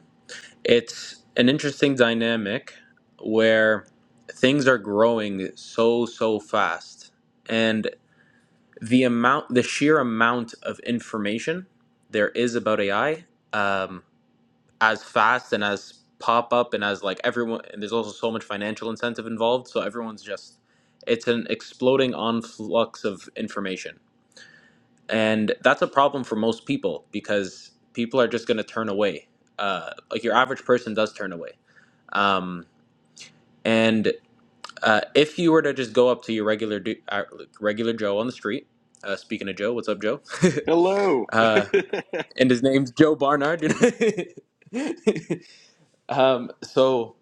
It's an interesting dynamic where things are growing so, so fast. And the amount, the sheer amount of information there is about AI, um, as fast and as pop up and as like everyone, and there's also so much financial incentive involved. So everyone's just, it's an exploding on flux of information. And that's a problem for most people because people are just going to turn away. Uh, like your average person does turn away. Um, And uh, if you were to just go up to your regular du- uh, regular Joe on the street, uh, speaking of Joe, what's up, Joe?
Hello. how
uh, and his name's Joe Barnard. um, so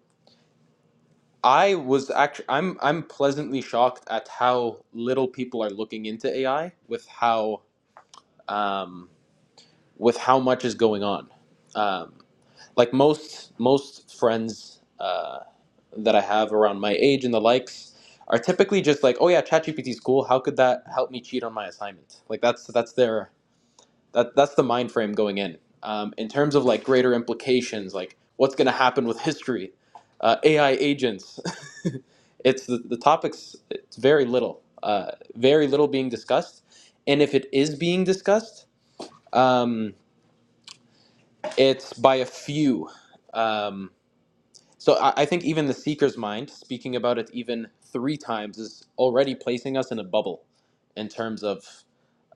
I was actually I'm I'm pleasantly shocked at how little people are looking into AI with how um, with how much is going on. Um, like most most friends uh, that I have around my age and the likes are typically just like, oh yeah, ChatGPT is cool. How could that help me cheat on my assignment? Like that's that's their that that's the mind frame going in. Um, in terms of like greater implications, like what's going to happen with history, uh, AI agents. it's the, the topics. It's very little, uh, very little being discussed, and if it is being discussed, um, it's by a few. Um, So I, I think even the seeker's mind, speaking about it even three times, is already placing us in a bubble in terms of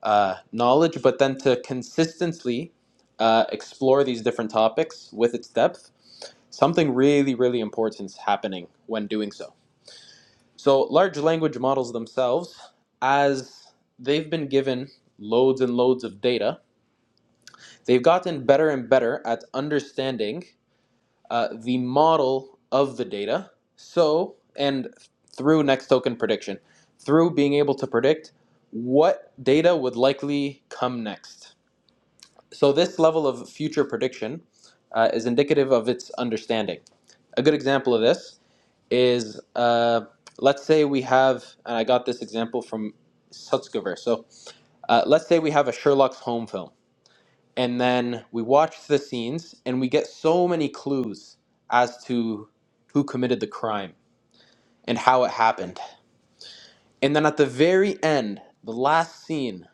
uh, knowledge. But then to consistently uh, explore these different topics with its depth, something really, really important is happening when doing so. So large language models themselves, as they've been given loads and loads of data, they've gotten better and better at understanding uh, the model of the data. So, and through next token prediction, through being able to predict what data would likely come next. So, this level of future prediction uh, is indicative of its understanding. A good example of this is uh, let's say we have, and I got this example from Sutskever. So, uh, let's say we have a Sherlock's Holmes film and then we watch the scenes and we get so many clues as to who committed the crime and how it happened. And then at the very end, the last scene,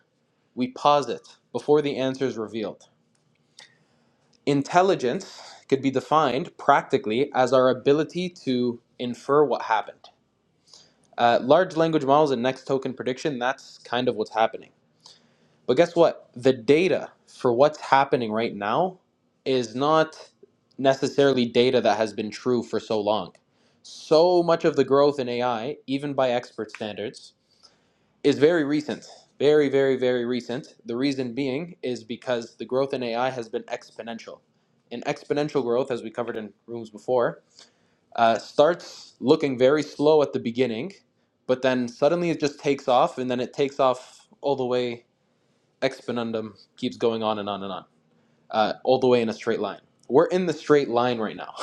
we pause it before the answer is revealed. Intelligence could be defined practically as our ability to infer what happened. Uh, large language models and next token prediction, that's kind of what's happening But guess what? The data for what's happening right now is not necessarily data that has been true for so long. So much of the growth in AI, even by expert standards, is very recent. Very, very, very recent. The reason being is because the growth in AI has been exponential. And exponential growth, as we covered in rooms before, uh, starts looking very slow at the beginning, but then suddenly it just takes off, and then it takes off all the way exponendum keeps going on and on and on, uh, all the way in a straight line. We're in the straight line right now,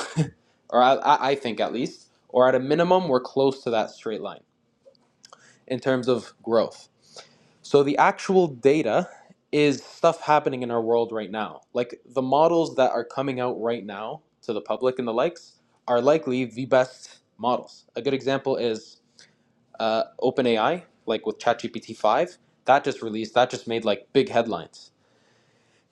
or I, I think at least, or at a minimum, we're close to that straight line in terms of growth. So the actual data is stuff happening in our world right now. Like the models that are coming out right now to the public and the likes are likely the best models. A good example is uh, OpenAI, like with ChatGPT 5, that just released, that just made like big headlines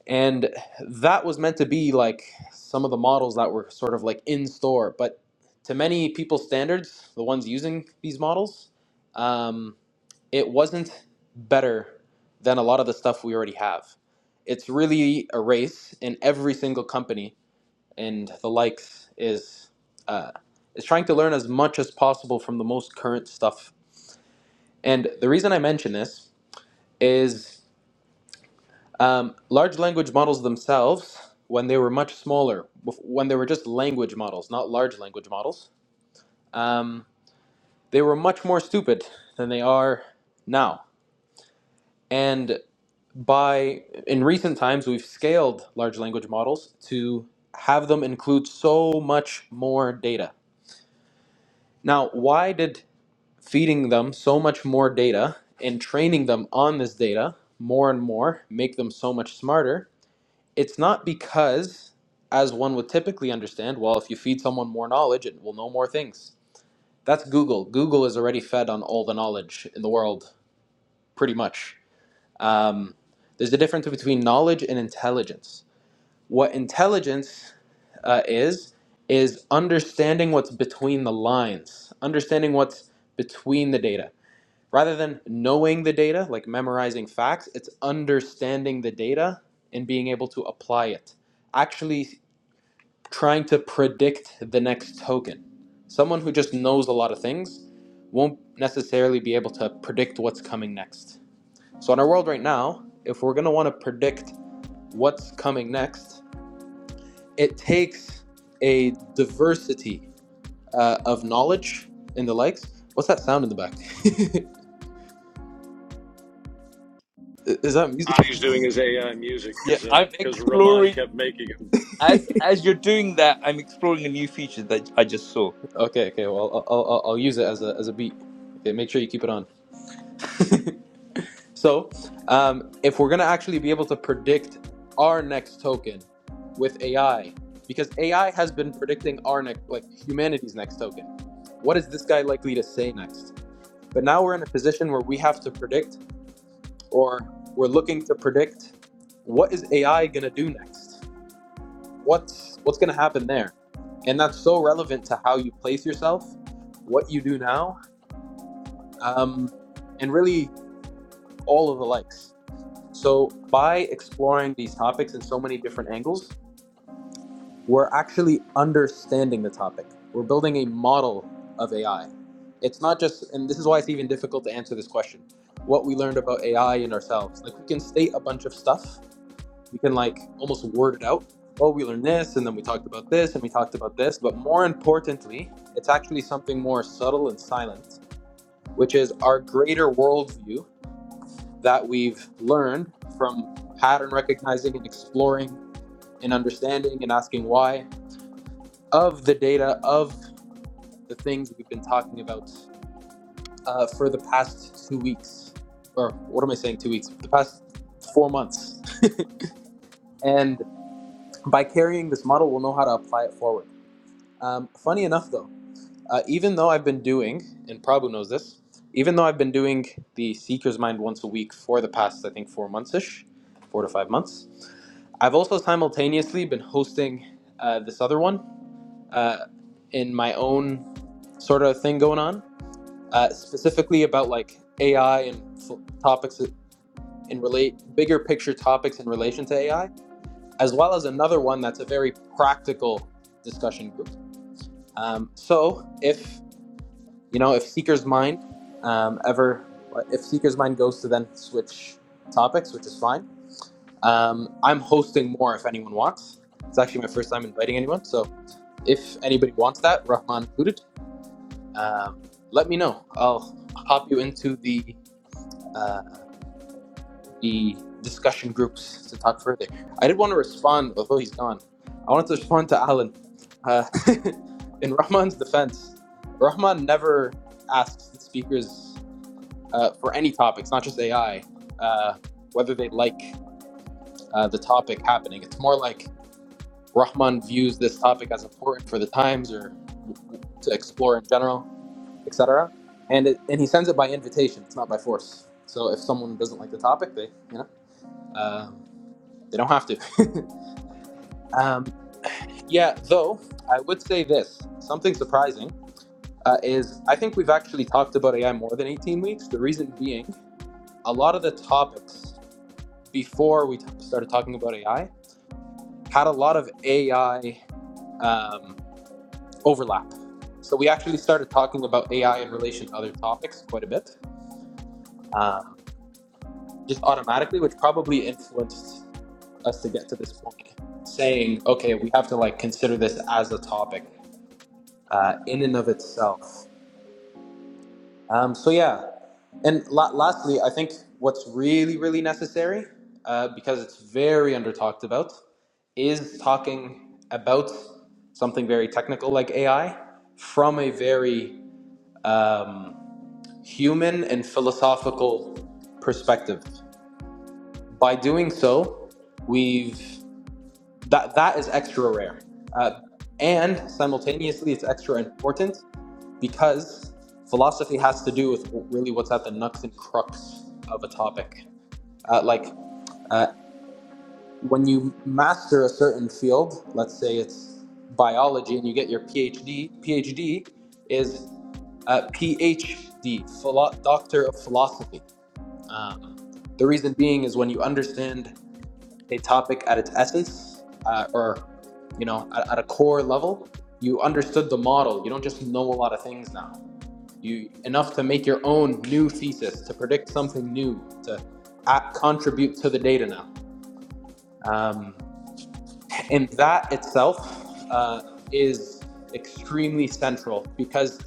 And that was meant to be like some of the models that were sort of like in store, but to many people's standards, the ones using these models, um, it wasn't better than a lot of the stuff we already have. It's really a race, and every single company and the likes is uh, is trying to learn as much as possible from the most current stuff. And the reason I mention this is Um, large language models themselves, when they were much smaller, bef- when they were just language models, not large language models, um, they were much more stupid than they are now. And by in recent times, we've scaled large language models to have them include so much more data. Now, why did feeding them so much more data and training them on this data more and more make them so much smarter? it's not because, as one would typically understand, well, if you feed someone more knowledge, it will know more things. That's Google. Google is already fed on all the knowledge in the world, pretty much. Um, there's a difference between knowledge and intelligence. What intelligence uh, is, is understanding what's between the lines, understanding what's between the data. Rather than knowing the data, like memorizing facts, it's understanding the data and being able to apply it actually trying to predict the next token. Someone who just knows a lot of things won't necessarily be able to predict what's coming next. So, in our world right now, if we're going to want to predict what's coming next, it takes a diversity uh, of knowledge and the likes. What's that sound in the back? Is that music?
He's doing his AI music.
Yeah,
Uh,
I'm exploring
can-
as as you're doing that. I'm exploring a new feature that I just saw.
Okay, okay. Well, I'll, I'll, I'll I'll use it as a, as a beat. Okay, make sure you keep it on. So, um, if we're going to actually be able to predict our next token with AI, because AI has been predicting our next, like humanity's next token, what is this guy likely to say next? But now we're in a position where we have to predict, or we're looking to predict, what is AI going to do next? What's what's going to happen there? And that's so relevant to how you place yourself, what you do now, um, and really all of the likes. So by exploring these topics in so many different angles, we're actually understanding the topic. We're building a model of AI. It's not just, and this is why it's even difficult to answer this question. What we learned about AI and ourselves, like we can state a bunch of stuff. We can like almost word it out. Well, we learned this, and then we talked about this, and we talked about this. But more importantly, it's actually something more subtle and silent, which is our greater worldview that we've learned from pattern recognizing and exploring and understanding and asking why of the data of the things we've been talking about uh, for the past two weeks or what am i saying two weeks the past four months and by carrying this model we'll know how to apply it forward um, funny enough though uh, even though i've been doing and prabhu knows this even though i've been doing the seeker's mind once a week for the past i think four months ish four to five months I've also simultaneously been hosting uh, this other one uh, in my own sort of thing going on, uh, specifically about like AI and f- topics in relate bigger picture topics in relation to AI, as well as another one that's a very practical discussion group. Um, so if you know if Seeker's Mind um, ever if Seeker's Mind goes to then switch topics, which is fine. Um, I'm hosting more if anyone wants. It's actually my first time inviting anyone, so If anybody wants that, Rahman included, um, let me know. I'll hop you into the uh, the discussion groups to talk further. I did want to respond, although he's gone. I wanted to respond to Alan. Uh, in Rahman's defense, Rahman never asks the speakers uh, for any topics, not just AI, uh, whether they like uh, the topic happening. It's more like Rahman views this topic as important for the times or w- w- to explore in general. etc. And it, and he sends it by invitation. It's not by force. So if someone doesn't like the topic, they you know um, they don't have to. um, yeah, though I would say this something surprising uh, is I think we've actually talked about AI more than eighteen weeks. The reason being, a lot of the topics before we t- started talking about AI had a lot of AI um, overlap. So we actually started talking about AI in relation to other topics quite a bit. Um, just automatically, which probably influenced us to get to this point, saying, okay, we have to like consider this as a topic uh, in and of itself. Um, so, yeah. And la- lastly, I think what's really, really necessary, uh, because it's very under talked about, is talking about something very technical like AI from a very um, human and philosophical perspective. By doing so, we've that that is extra rare uh, and simultaneously it's extra important because philosophy has to do with really what's at the nux and crux of a topic uh, like uh, when you master a certain field let's say it's biology and you get your phd phd is uh, phd philo- doctor of philosophy um, the reason being is when you understand a topic at its essence uh, or you know at, at a core level you understood the model you don't just know a lot of things now you enough to make your own new thesis to predict something new to uh contribute to the data now um, and that itself uh, is extremely central because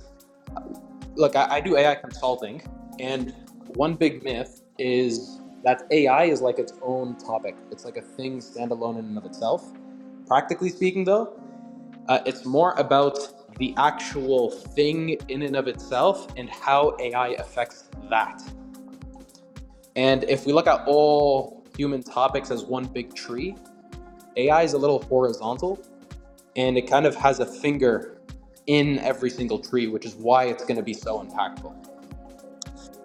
look, I, I do AI consulting, and one big myth is that AI is like its own topic. It's like a thing standalone in and of itself. Practically speaking, though, uh, it's more about the actual thing in and of itself and how AI affects that. And if we look at all human topics as one big tree, AI is a little horizontal and it kind of has a finger in every single tree, which is why it's going to be so impactful.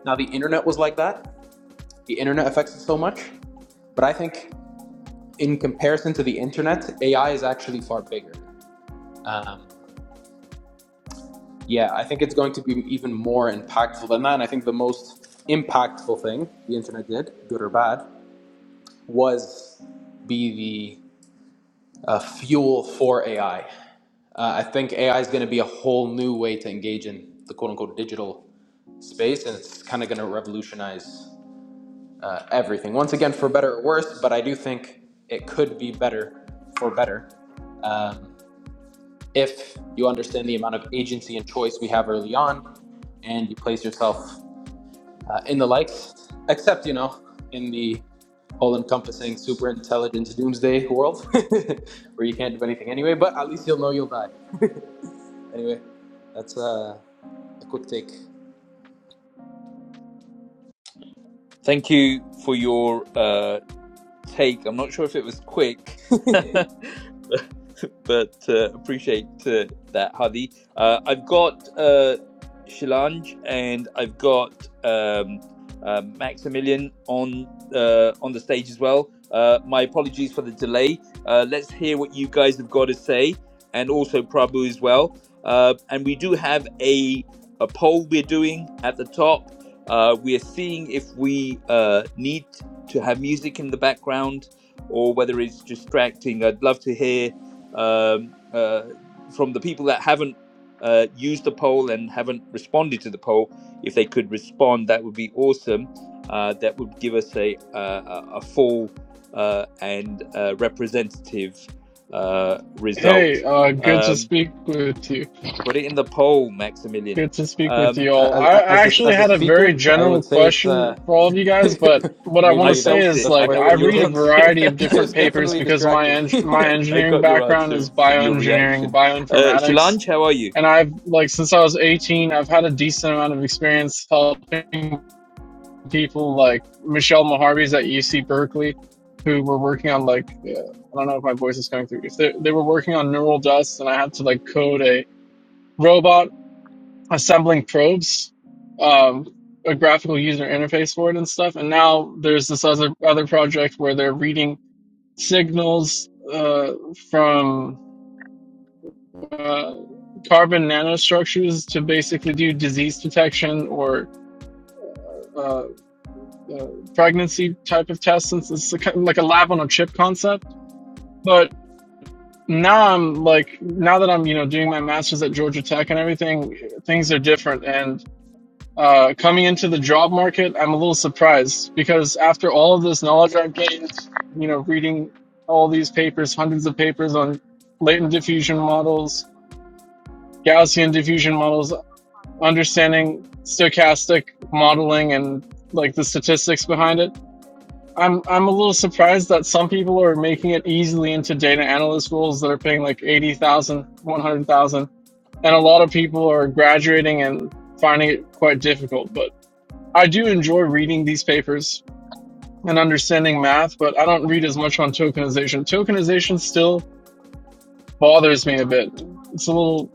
Now, the internet was like that. the internet affects it so much. But I think in comparison to the internet, AI is actually far bigger. Um, yeah, I think it's going to be even more impactful than that. And I think the most impactful thing the internet did, good or bad, was be the uh, fuel for AI. Uh, I think AI is going to be a whole new way to engage in the quote unquote digital space, and it's kind of going to revolutionize uh, everything. Once again, for better or worse, but I do think it could be better for better Um, if you understand the amount of agency and choice we have early on, and you place yourself uh, in the likes, except, you know, in the all encompassing super intelligent doomsday world where you can't do anything anyway, but at least you'll know you'll die. Anyway, that's uh, a quick take.
Thank you for your uh, take. I'm not sure if it was quick, but uh, appreciate uh, that, Hadi. Uh, I've got uh, Shilanj and I've got um, uh, Maximilian on uh, on the stage as well. Uh, my apologies for the delay. Uh, let's hear what you guys have got to say, and also Prabhu as well. Uh, and we do have a a poll we're doing at the top. Uh, we are seeing if we uh, need to have music in the background or whether it's distracting. I'd love to hear um, uh, from the people that haven't uh, used the poll and haven't responded to the poll. If they could respond, that would be awesome. Uh, that would give us a a, a full uh, and uh, representative uh,
Hey,
result.
uh, good to
Um,
speak with you.
put it in the poll, Maximilian.
Good to speak with
Um,
you all.
Uh,
I I
as, as, a,
actually
as a
had a very
speaker, I
general
would say it's uh,
question for all of you guys, but what I want to
I
maybe
say
felt
that's
is
it.
that's
I
like
know
worth
I
what
three
your
read a
answer.
takes.
variety of different
it's
papers
definitely
because my
distracting.
en my
I
engineering
got your
background is
answer from your
bioengineering,
reaction. Uh,
bioinformatics,
Shilanj, how are you?
and I've like since I was 18, I've had a decent amount of experience helping people like Michelle Moharvey's at UC Berkeley who were working on like uh, I don't know if my voice is coming through. If they they were working on neural dust and I had to like code a robot assembling probes, um, a graphical user interface for it and stuff. And now there's this other other project where they're reading signals uh, from uh, carbon nanostructures to basically do disease detection or uh, uh, pregnancy type of tests. Since it's a, like a lab on a chip concept, but now I'm like now that I'm you know doing my masters at Georgia Tech and everything, things are different and uh, coming into the job market, I'm a little surprised because after all of this knowledge I've gained, you know, reading all these papers, hundreds of papers on latent diffusion models, Gaussian diffusion models, understanding stochastic modeling and like the statistics behind it. I'm I'm a little surprised that some people are making it easily into data analyst roles that are paying like 80,000, 100,000, and a lot of people are graduating and finding it quite difficult. But I do enjoy reading these papers and understanding math, but I don't read as much on tokenization. Tokenization still bothers me a bit. It's a little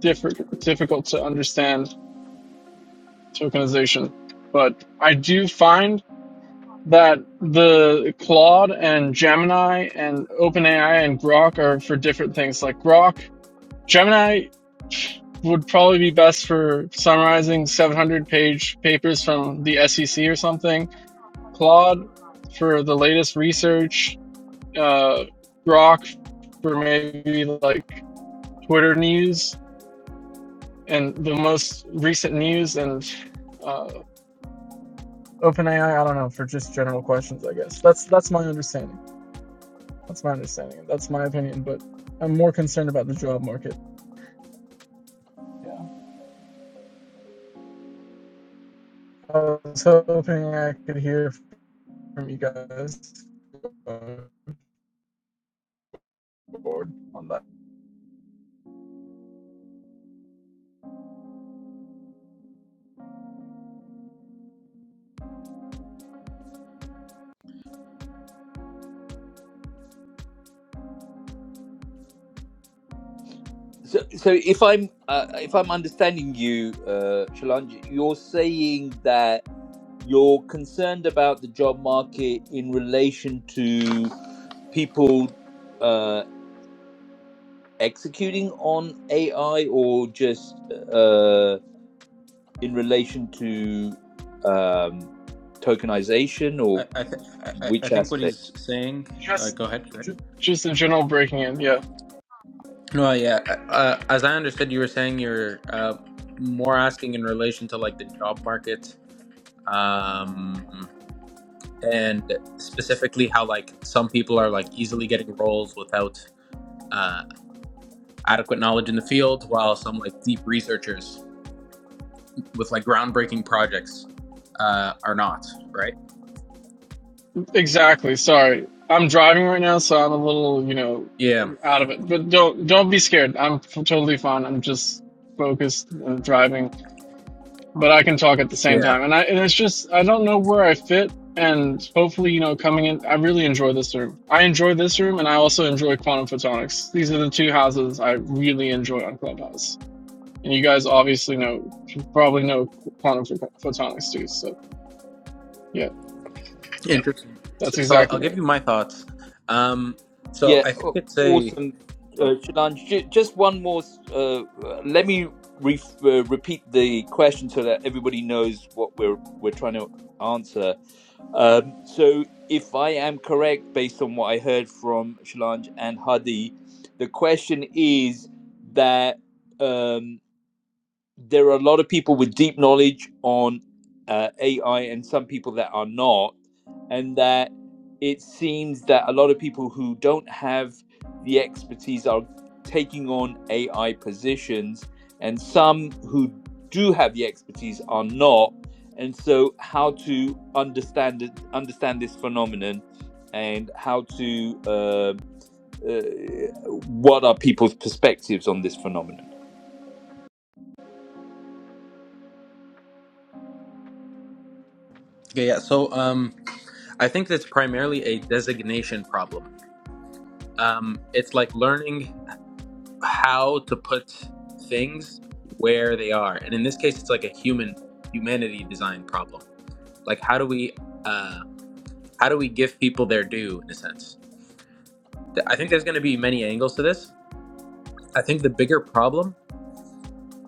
different, difficult to understand tokenization, but I do find that the Claude and Gemini and OpenAI and Grok are for different things. Like Grok, Gemini would probably be best for summarizing 700 page papers from the SEC or something Claude for the latest research, uh, Grok for maybe like Twitter news and the most recent news, and uh, OpenAI. I don't know for just general questions. I guess that's that's my understanding. That's my understanding. That's my opinion. But I'm more concerned about the job market. Yeah, I was hoping I could hear from you guys uh, on that.
So, so if I'm uh, if I'm understanding you, uh, Shalanj, you're saying that you're concerned about the job market in relation to people uh, executing on AI, or just uh, in relation to um, tokenization, or
I, I, th- I, I
which
think what
aspect?
he's saying. Uh,
Just,
go ahead. Go ahead.
just, just a general breaking in. Yeah.
No, yeah. Uh, uh, as I understood, you were saying you're uh, more asking in relation to like the job market, um, and specifically how like some people are like easily getting roles without uh, adequate knowledge in the field, while some like deep researchers with like groundbreaking projects uh, are not. Right?
Exactly. Sorry. I'm driving right now, so I'm a little, you know,
Yeah.
out of it. But don't don't be scared. I'm f- totally fine. I'm just focused and driving, but I can talk at the same
Yeah.
time. And I and it's just I don't know where I fit. And hopefully, you know, coming in, I really enjoy this room. I enjoy this room, and I also enjoy quantum photonics. These are the two houses I really enjoy on Clubhouse. And you guys obviously know, probably know quantum pho- photonics too. So yeah,
Interesting.
that's
So, so
exactly
I'll
right.
give you my thoughts. Um, so
Yeah,
I think
aw-
it's a
awesome, uh, Shalon. Ju- Just one more. s- Uh, let me re- uh, repeat the question so that everybody knows what we're we're trying to answer. Um, so, if I am correct, based on what I heard from Shalon and Hadi, the question is that. Um, there are a lot of people with deep knowledge on uh, AI and some people that are not, and that it seems that a lot of people who don't have the expertise are taking on AI positions, and some who do have the expertise are not. And so, how to understand it, understand this phenomenon, and how to uh, uh, what are people's perspectives on this phenomenon?
Okay, yeah. So um, I think that's primarily a designation problem. Um, it's like learning how to put things where they are, and in this case, it's like a human humanity design problem. Like, how do we uh, how do we give people their due in a sense? Th- I think there's going to be many angles to this. I think the bigger problem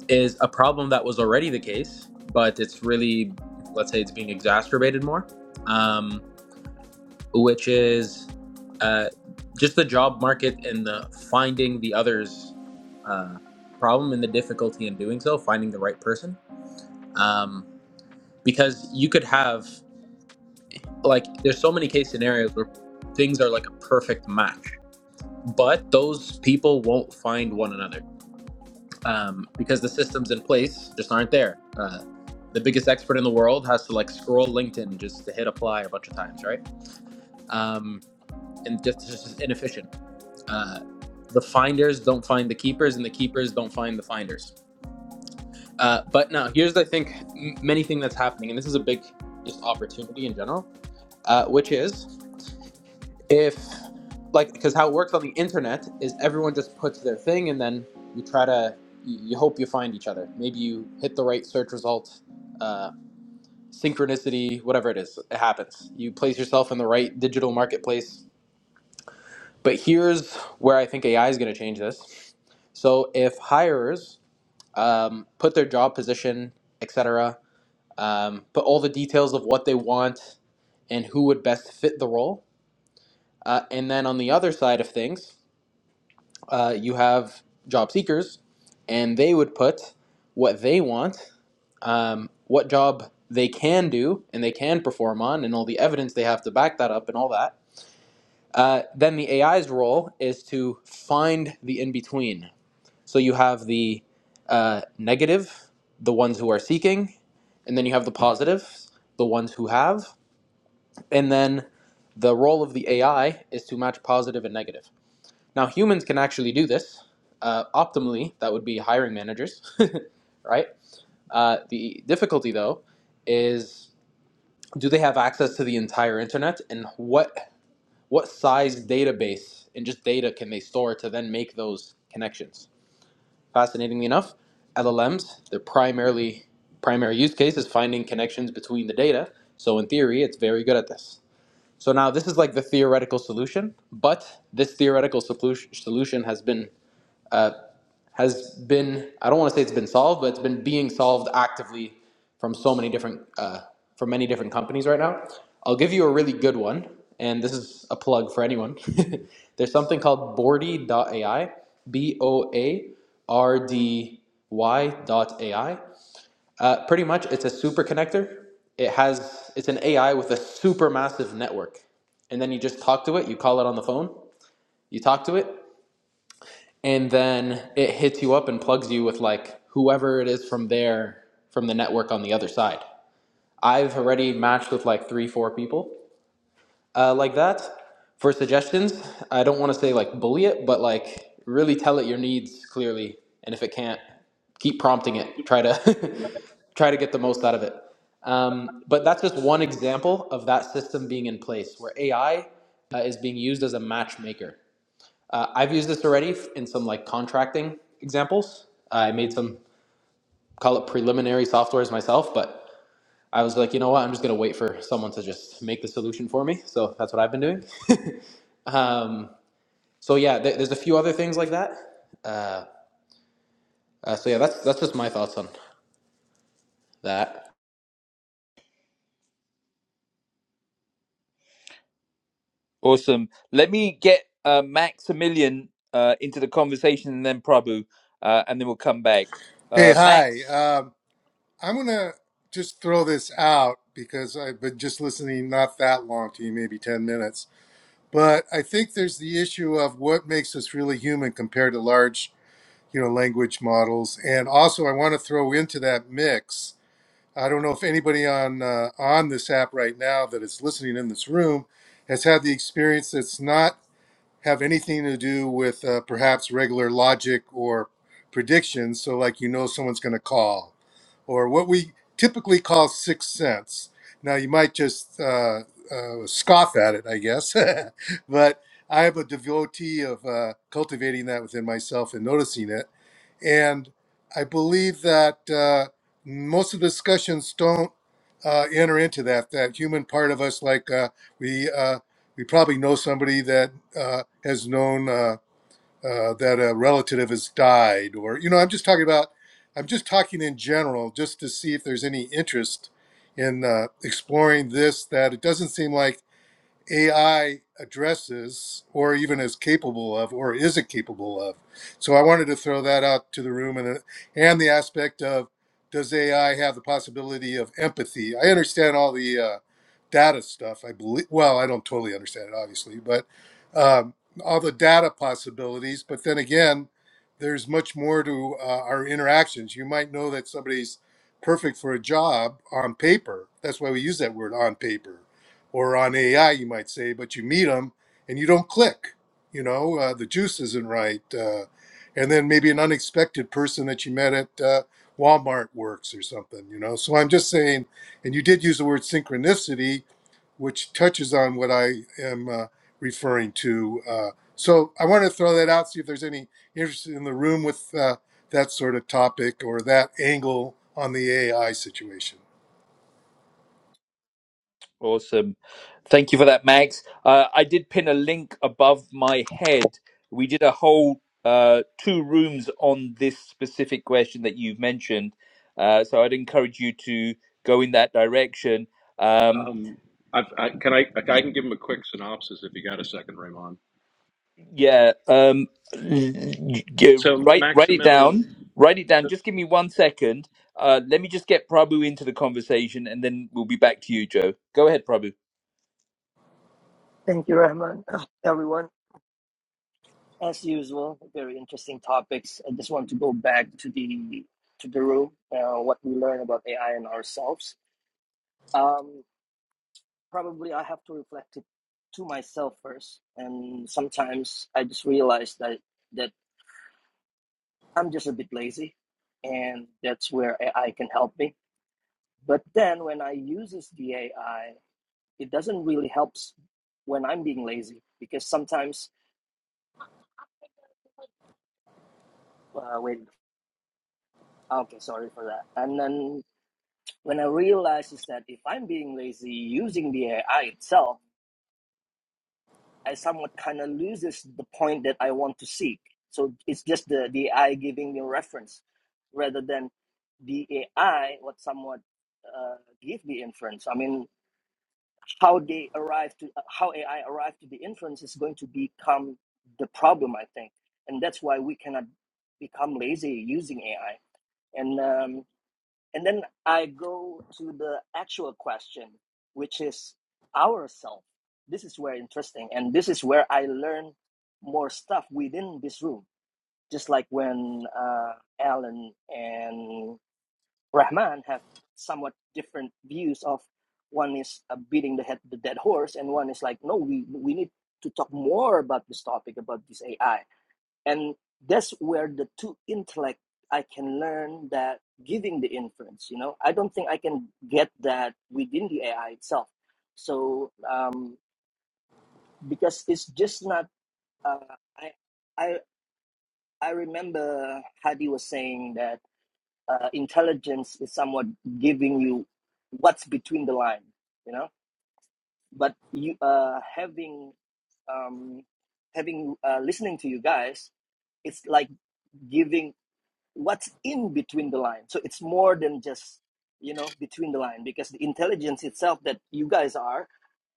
is a problem that was already the case, but it's really let's say it's being exacerbated more. Um, which is uh, just the job market and the finding the other's uh, problem and the difficulty in doing so, finding the right person. Um, because you could have, like, there's so many case scenarios where things are like a perfect match, but those people won't find one another um, because the systems in place just aren't there. Uh, the biggest expert in the world has to like scroll LinkedIn just to hit apply a bunch of times, right? Um, and just, it's just inefficient Uh, the finders don't find the keepers, and the keepers don't find the finders. Uh, but no, here's I think m- many thing that's happening, and this is a big just opportunity in general, uh, which is if like because how it works on the internet is everyone just puts their thing, and then you try to you you hope you find each other. Maybe you hit the right search result. Uh, synchronicity whatever it is it happens you place yourself in the right digital marketplace but here's where i think ai is going to change this so if hirers um, put their job position, etc., um, put all the details of what they want and who would best fit the role. Uh, and then on the other side of things, uh, you have job seekers, and they would put what they want, um, what job they can do and they can perform on, and all the evidence they have to back that up and all that. Uh, then the AI's role is to find the in between So you have the uh, negative, the ones who are seeking, and then you have the positives, the ones who have, and then the role of the AI is to match positive and negative. Now, humans can actually do this. Uh, optimally, that would be hiring managers, right? Uh, the difficulty, though, is do they have access to the entire internet, and what what size database and just data can they store to then make those connections? Fascinatingly enough, LLMs, their primarily primary use case is finding connections between the data. So in theory, it's very good at this. So now this is like the theoretical solution, but this theoretical solu- solution has been has been I don't want to say it's been solved, but it's been being solved actively from so many different uh, from many different companies right now. I'll give you a really good one, and this is a plug for anyone. There's something called Bordy.ai, B O A R D Y dot AI. Uh, pretty much, it's a super connector. It has it's an AI with a super massive network, and then you just talk to it. You call it on the phone. You talk to it and then it hits you up and plugs you with like whoever it is from there from the network on the other side i've already matched with like three four people uh, like that for suggestions i don't want to say like bully it but like really tell it your needs clearly and if it can't keep prompting it try to try to get the most out of it um, but that's just one example of that system being in place where ai uh, is being used as a matchmaker uh, I've used this already in some like contracting examples. I made some call it preliminary softwares myself, but I was like, you know what? I'm just gonna wait for someone to just make the solution for me. So that's what I've been doing. So yeah, th- there's a few other things like that. Uh, so yeah, that's that's just my thoughts on that.
Awesome. Let me get uh, Maximilian uh, into the conversation and then Prabhu, uh, and then we'll come back.
Hey,
Uh,
hi.
Max,
Um, I'm going to just throw this out because I've been just listening not that long to you, maybe 10 minutes. But I think there's the issue of what makes us really human compared to large, you know, language models. And also, I want to throw into that mix. I don't know if anybody on uh, on this app right now that is listening in this room has had the experience that's not have anything to do with uh, perhaps regular logic or predictions. So, like, you know, someone's going to call, or what we typically call sixth sense. Now, you might just uh, uh, scoff at it, I guess, but I am a devotee of uh, cultivating that within myself and noticing it. And I believe that uh, most of the discussions don't uh, enter into that, that human part of us, like uh, we. Uh, we probably know somebody that uh, has known uh, uh, that a relative has died, or you know, I'm just talking about. I'm just talking in general, just to see if there's any interest in uh, exploring this. That it doesn't seem like AI addresses or even is capable of or isn't capable of. So I wanted to throw that out to the room and and the aspect of does AI have the possibility of empathy? I understand all the uh, data stuff. I believe well, I don't totally understand it obviously, but um, all the data possibilities. But then again, there's much more to uh, our interactions. You might know that somebody's perfect for a job on paper. That's why we use that word on paper or on AI, you might say, but you meet them and you don't click. You know, uh, the juice isn't right. Uh, and then maybe an unexpected person that you met at uh, Walmart works or something, you know. So I'm just saying, and you did use the word synchronicity, which touches on what I am uh, referring to. Uh, so I want to throw that out, see if there's any interest in the room with uh, that sort of topic or that angle on the AI situation.
awesome. Thank you for that, Max. Uh, I did pin a link above my head. We did a whole uh, two rooms on this specific question that you've mentioned. Uh, so I'd encourage you to go in that direction. Um,
um, I've, I, can I? I can give him a quick synopsis if you got a second, Raymond.
Yeah. Um, y-
So
write write it
Maximilian,
down. Write it down.
so,
Just give me one second. Uh, let me just get Prabhu into the conversation, and then we'll be back to you, Joe. Go ahead, Prabhu.
Thank you, Rahman. Uh, Everyone, as usual, very interesting topics. I just want to go back to the to the room, uh, what we learn about AI and ourselves. Um, probably, I have to reflect it to myself first, and sometimes I just realize that that I'm just a bit lazy, and that's where AI can help me. But then, when I uses the AI, it doesn't really helps when I'm being lazy because sometimes. Uh, wait, okay, sorry for that. And then when I realized is that if I'm being lazy using the AI itself, I somewhat kind of loses the point that I want to seek. So it's just the, the AI giving me reference rather than the AI what somewhat uh, give the inference. I mean, how they arrive to uh, how AI arrive to the inference is going to become the problem, I think, and that's why we cannot become lazy using AI. And um, And then I go to the actual question, which is ourself. This is where interesting, and this is where I learn more stuff within this room. Just like when uh, Alan and Rahman have somewhat different views of one is uh, beating the head the dead horse, and one is like, no, we we need to talk more about this topic about this AI and that's where the two intellect i can learn that giving the inference you know i don't think i can get that within the ai itself so um because it's just not uh, i i i remember hadi was saying that uh, intelligence is somewhat giving you what's between the line you know but you uh having um having uh listening to you guys it's like giving what's in between the line. So it's more than just, you know, between the line because the intelligence itself that you guys are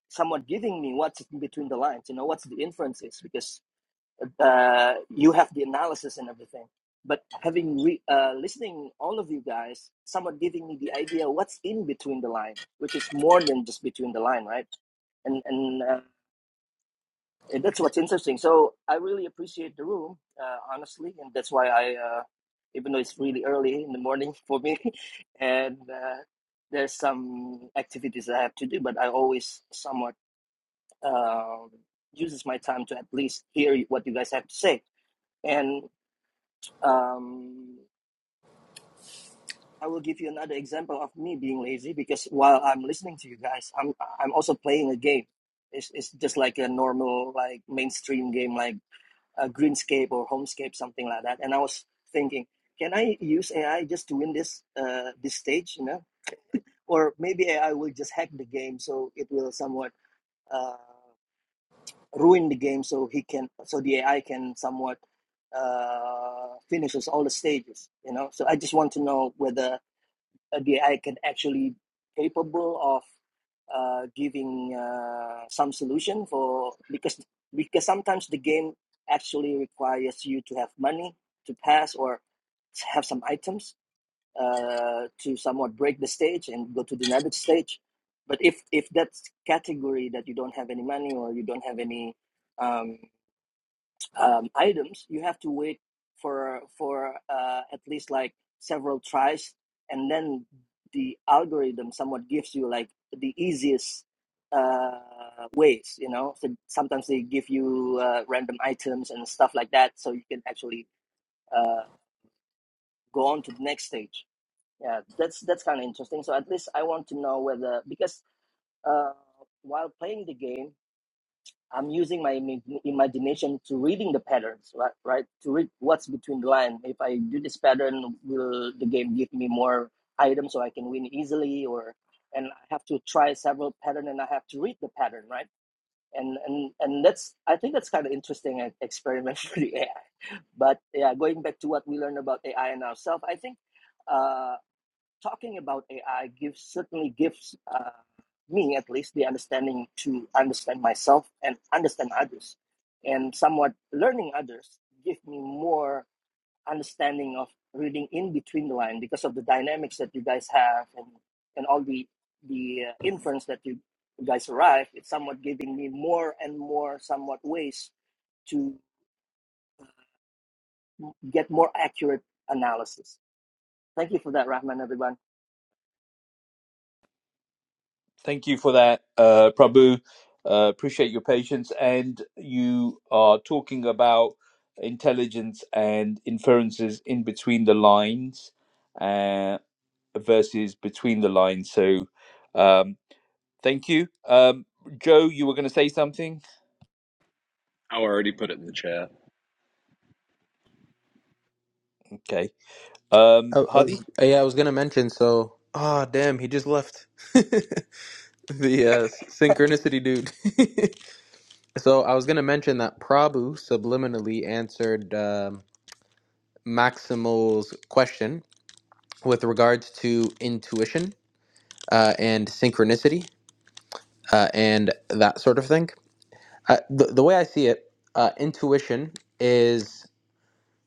somewhat giving me what's in between the lines, you know, what's the inferences because uh, you have the analysis and everything. But having re- uh, listening all of you guys, somewhat giving me the idea what's in between the line, which is more than just between the line, right? And and uh, and that's what's interesting. So I really appreciate the room, uh, honestly, and that's why I, uh, even though it's really early in the morning for me, and uh, there's some activities I have to do, but I always somewhat um, uses my time to at least hear what you guys have to say. And um, I will give you another example of me being lazy because while I'm listening to you guys, I'm I'm also playing a game. It's it's just like a normal like mainstream game like. a greenscape or homescape, something like that. And I was thinking, can I use AI just to win this uh, this stage, you know? Or maybe AI will just hack the game, so it will somewhat uh, ruin the game, so he can, so the AI can somewhat uh, finishes all the stages, you know. So I just want to know whether uh, they can actually capable of uh, giving uh, some solution for because because sometimes the game actually requires you to have money to pass or have some items uh, to somewhat break the stage and go to the another stage. But if if that category that you don't have any money or you don't have any um, um, items, you have to wait for for uh, at least like several tries, and then the algorithm somewhat gives you like the easiest uh, ways. You know, so sometimes they give you uh, random items and stuff like that, so you can actually uh, go on to the next stage. Yeah, that's that's kind of interesting. So at least I want to know whether because uh, while playing the game I'm using my imagination to reading the patterns, right? Right? To read what's between the line. If I do this pattern, will the game give me more items so I can win easily? Or and I have to try several pattern and I have to read the pattern, right? And and and that's I think that's kind of interesting e- experiment for the AI. But yeah, going back to what we learned about AI and ourselves, I think. uh, talking about AI gives certainly gives uh, me at least the understanding to understand myself and understand others, and somewhat learning others give me more understanding of reading in between the line because of the dynamics that you guys have and and all the the uh, inference that you guys arrive. It's somewhat giving me more and more somewhat ways to get more accurate analysis. Thank you for that, Rahman, everyone.
Thank you for that, uh, Prabhu. Uh, appreciate your patience. And you are talking about intelligence and inferences in between the lines uh, versus between the lines. So. Um, Thank you. Um, Joe, you were going to say something?
how are
Okay. Um,
I, I
Hadi?
was uh, yeah, I was gonna mention. So ah, damn, he just left the uh, synchronicity dude. So I was gonna mention that Prabhu subliminally answered um, Maximal's question with regards to intuition uh, and synchronicity uh, and that sort of thing. Uh, the, the way I see it, uh, intuition is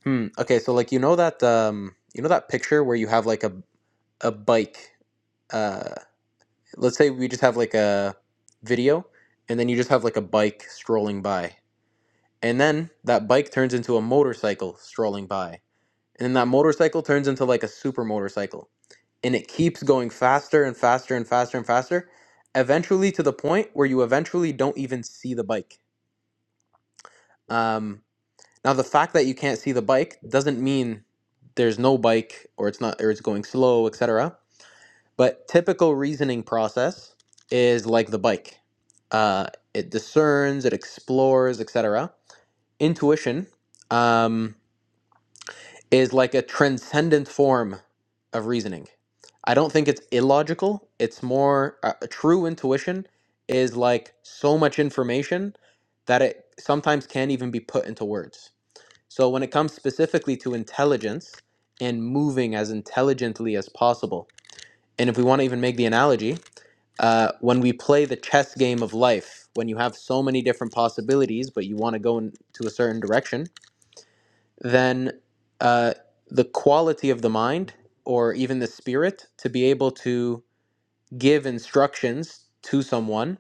hmm, okay. So like you know that um, you know that picture where you have like a a bike. Uh, let's say we just have like a video, and then you just have like a bike strolling by, and then that bike turns into a motorcycle strolling by and then that motorcycle turns into like a super motorcycle and it keeps going faster and faster and faster and faster eventually to the point where you eventually don't even see the bike um, now the fact that you can't see the bike doesn't mean there's no bike or it's not or it's going slow etc but typical reasoning process is like the bike uh, it discerns it explores etc intuition um, is like a transcendent form of reasoning. I don't think it's illogical. It's more uh, true intuition is like so much information that it sometimes can't even be put into words. So when it comes specifically to intelligence and moving as intelligently as possible, and if we want to even make the analogy, uh, when we play the chess game of life, when you have so many different possibilities, but you want to go into a certain direction, then uh, the quality of the mind or even the spirit to be able to give instructions to someone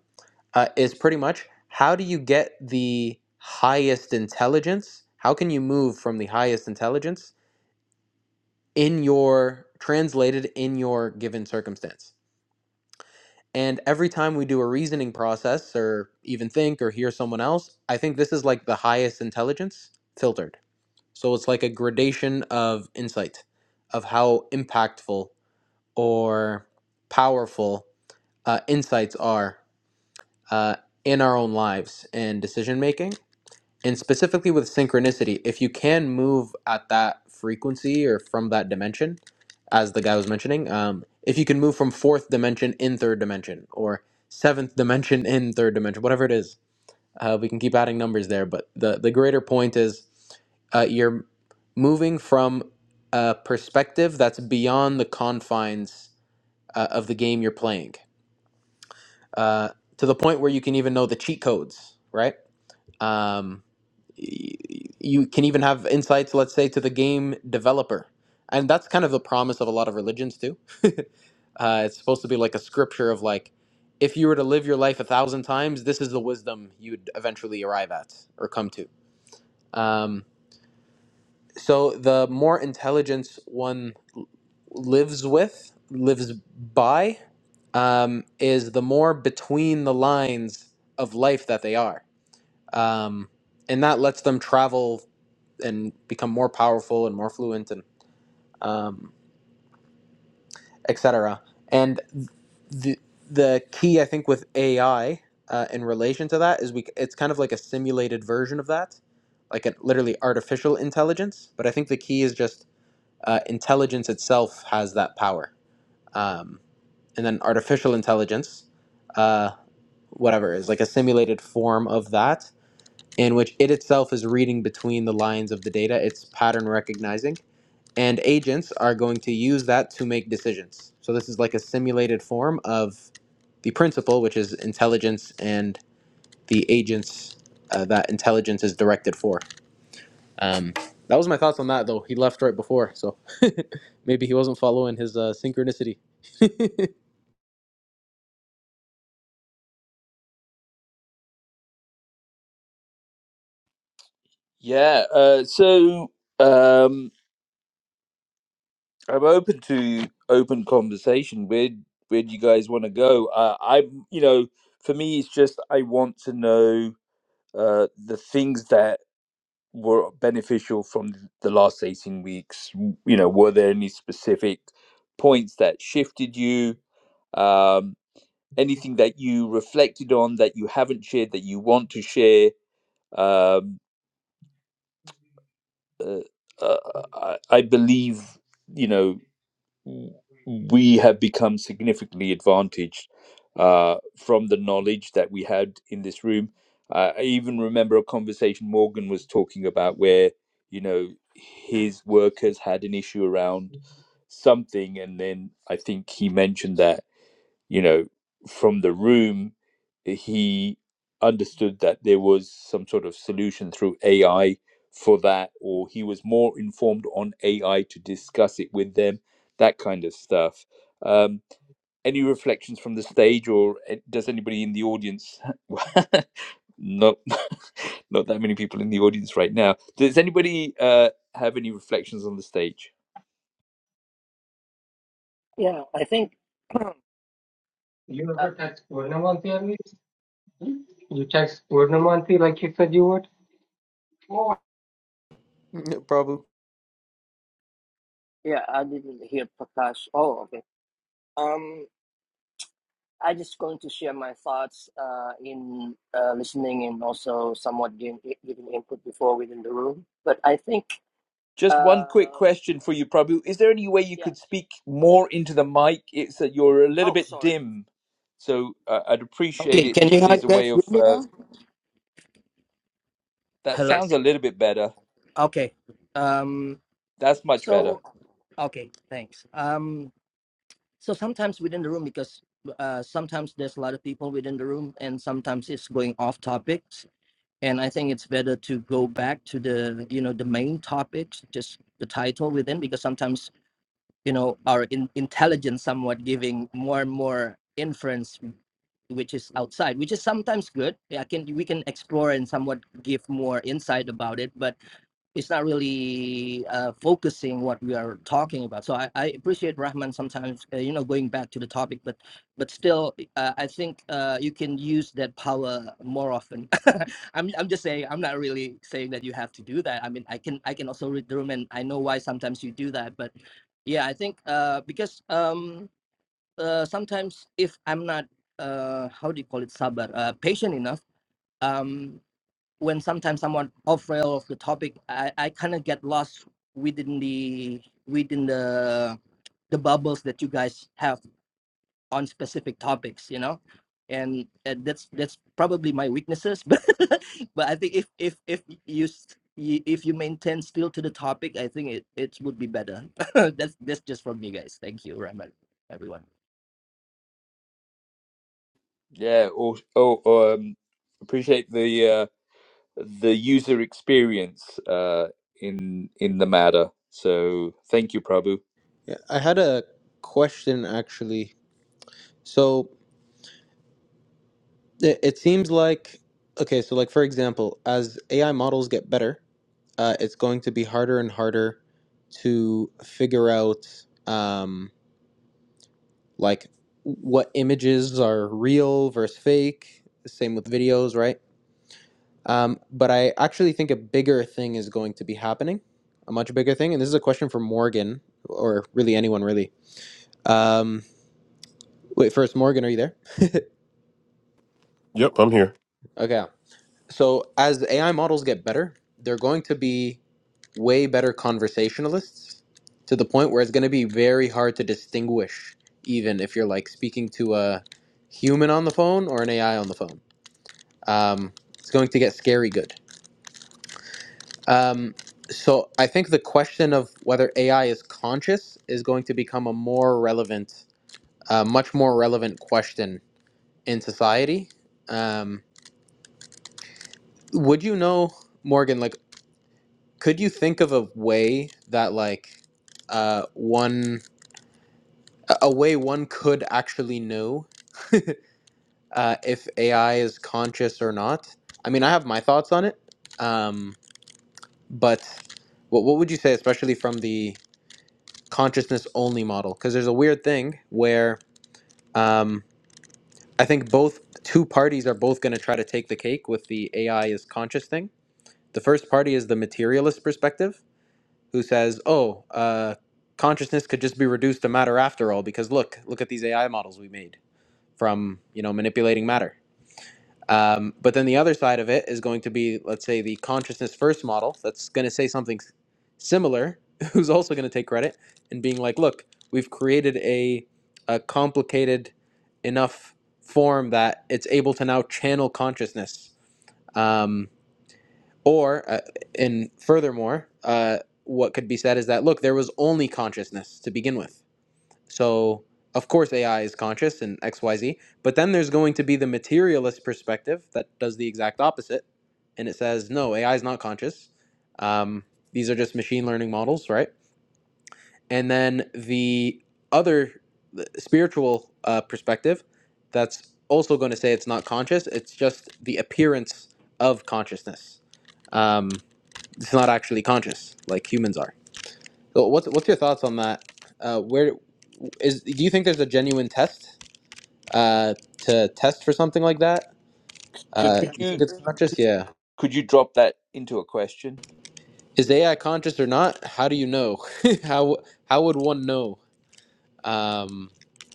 uh, is pretty much how do you get the highest intelligence? How can you move from the highest intelligence in your translated in your given circumstance? And every time we do a reasoning process or even think or hear someone else, I think this is like the highest intelligence filtered. So it's like a gradation of insight, of how impactful or powerful uh, insights are uh, in our own lives and decision making. And specifically with synchronicity, if you can move at that frequency or from that dimension, as the guy was mentioning, um, if you can move from fourth dimension in third dimension or seventh dimension in third dimension, whatever it is, uh, we can keep adding numbers there, but the, the greater point is uh, you're moving from a perspective that's beyond the confines uh, of the game you're playing uh, to the point where you can even know the cheat codes, right? Um, y- you can even have insights, let's say, to the game developer. And that's kind of the promise of a lot of religions, too. uh, it's supposed to be like a scripture of like, if you were to live your life a thousand times, this is the wisdom you'd eventually arrive at or come to um, so the more intelligence one lives with, lives by, um, is the more between the lines of life that they are. Um, and that lets them travel and become more powerful and more fluent and um, etc. And the the key I think with AI uh, in relation to that is we it's kind of like a simulated version of that, like an literally artificial intelligence. But I think the key is just uh, intelligence itself has that power. Um, and then artificial intelligence, uh, whatever, is like a simulated form of that in which it itself is reading between the lines of the data, it's pattern recognizing. And agents are going to use that to make decisions. So this is like a simulated form of the principle, which is intelligence and the agents uh, that intelligence is directed for. Um, that was my thoughts on that, though. He left right before, so maybe he wasn't following his uh, synchronicity.
Yeah. Uh, so um, I'm open to open conversation. Where, where do you guys want to go? Uh, I, you know, for me, it's just I want to know uh, the things that were beneficial from th- the last 18 weeks. W- You know, were there any specific points that shifted you? Um, anything that you reflected on that you haven't shared that you want to share? Um, uh, uh, I, I believe, you know, we have become significantly advantaged uh, from the knowledge that we had in this room. I I even remember a conversation Morgan was talking about where, you know, his workers had an issue around something, and then I think he mentioned that you know, from the room, he understood that there was some sort of solution through AI for that, or he was more informed on AI to discuss it with them, that kind of stuff. Um, any reflections from the stage, or eh, does anybody in the audience? not, not that many people in the audience right now. Does anybody uh, have any reflections on the stage?
Yeah, I think. uh,
You have a touch. One more thing, You text Purnamati like you said you would?
Yeah, Probably.
Yeah, I didn't hear Prakash. Oh, okay. Um, I just going to share my thoughts uh, in uh, listening and also somewhat giving, giving input before within the room. But I think,
Just one quick
uh,
question for you, Prabhu. Is there any way you
yeah.
could speak more into the mic? It's that you're a little
Oh,
bit
sorry.
dim, so uh, I'd appreciate
Okay,
it
can you
if
guys
there's a way
guys hear
of
me
uh,
now?
that
Hello.
sounds a little bit better.
Okay. Um,
That's much better.
so Okay, thanks. Um, so sometimes within the room, because uh, sometimes there's a lot of people within the room, and sometimes it's going off topic. and i think it's better to go back to the you know the main topics just the title within because sometimes you know our in, intelligence somewhat giving more and more inference which is outside which is sometimes good yeah, can we can explore and somewhat give more insight about it but it's not really uh, focusing what we are talking about. So I, I appreciate Rahman sometimes, uh, you know, going back to the topic, but but still, uh, I think uh, you can use that power more often. I'm I'm just saying I'm not really saying that you have to do that. I mean, I can I can also read the room, and I know why sometimes you do that. But yeah, I think uh, because um, uh, sometimes if I'm not uh, how do you call it sabar uh, patient enough. Um, when sometimes someone off rail of the topic, I, I kind of get lost within the within the the bubbles that you guys have on specific topics, you know, and, and that's that's probably my weaknesses. But but I think if if if you if you maintain still to the topic, I think it it would be better. that's that's just from me, guys. Thank you, Rahman, everyone.
Yeah. Or or or um, appreciate the uh, the user experience uh, in in the matter. So thank you, Prabhu.
Yeah, I had a question actually. So it, it seems like okay. So like for example, as AI models get better, uh, it's going to be harder and harder to figure out um, like what images are real versus fake. Same with videos, right? Um, but I actually think a bigger thing is going to be happening, a much bigger thing. And this is a question for Morgan, or really anyone, really. Um, wait, first, Morgan, are you there?
Yep, I'm here.
Okay. So as the AI models get better, they're going to be way better conversationalists to the point where it's going to be very hard to distinguish, even if you're like speaking to a human on the phone or an AI on the phone. Um, it's going to get scary good Um, so I think the question of whether AI is conscious is going to become a more relevant, uh, much more relevant question in society. Um, would you know, Morgan? Like, could you think of a way that like uh, one a a way one could actually know uh, if AI is conscious or not? I mean, I have my thoughts on it, um, but what what would you say, especially from the consciousness only model because there's a weird thing where um, I think both two parties are both going to try to take the cake with the AI is conscious thing. The first party is the materialist perspective, who says, "Oh, uh, consciousness could just be reduced to matter after all, because look, look at these AI models we made from you know manipulating matter." Um, but then the other side of it is going to be, let's say, the consciousness first model that's going to say something s- similar, who's also going to take credit and being like, look, we've created a, a complicated enough form that it's able to now channel consciousness. Um, or, uh, and furthermore, uh, what could be said is that, look, there was only consciousness to begin with. So, of course, AI is conscious and XYZ, but then there's going to be the materialist perspective that does the exact opposite. And it says, no, AI is not conscious. Um, these are just machine learning models, right? And then the other the spiritual uh, perspective that's also going to say it's not conscious, it's just the appearance of consciousness. Um, it's not actually conscious like humans are. So what's what's your thoughts on that? Uh, where is do you think there's a genuine test uh, to test for something like that?
So
Uh,
could
you think
you
it's conscious? Yeah.
could you drop that into a question?
Is AI conscious or not? How do you know? how how would one know um,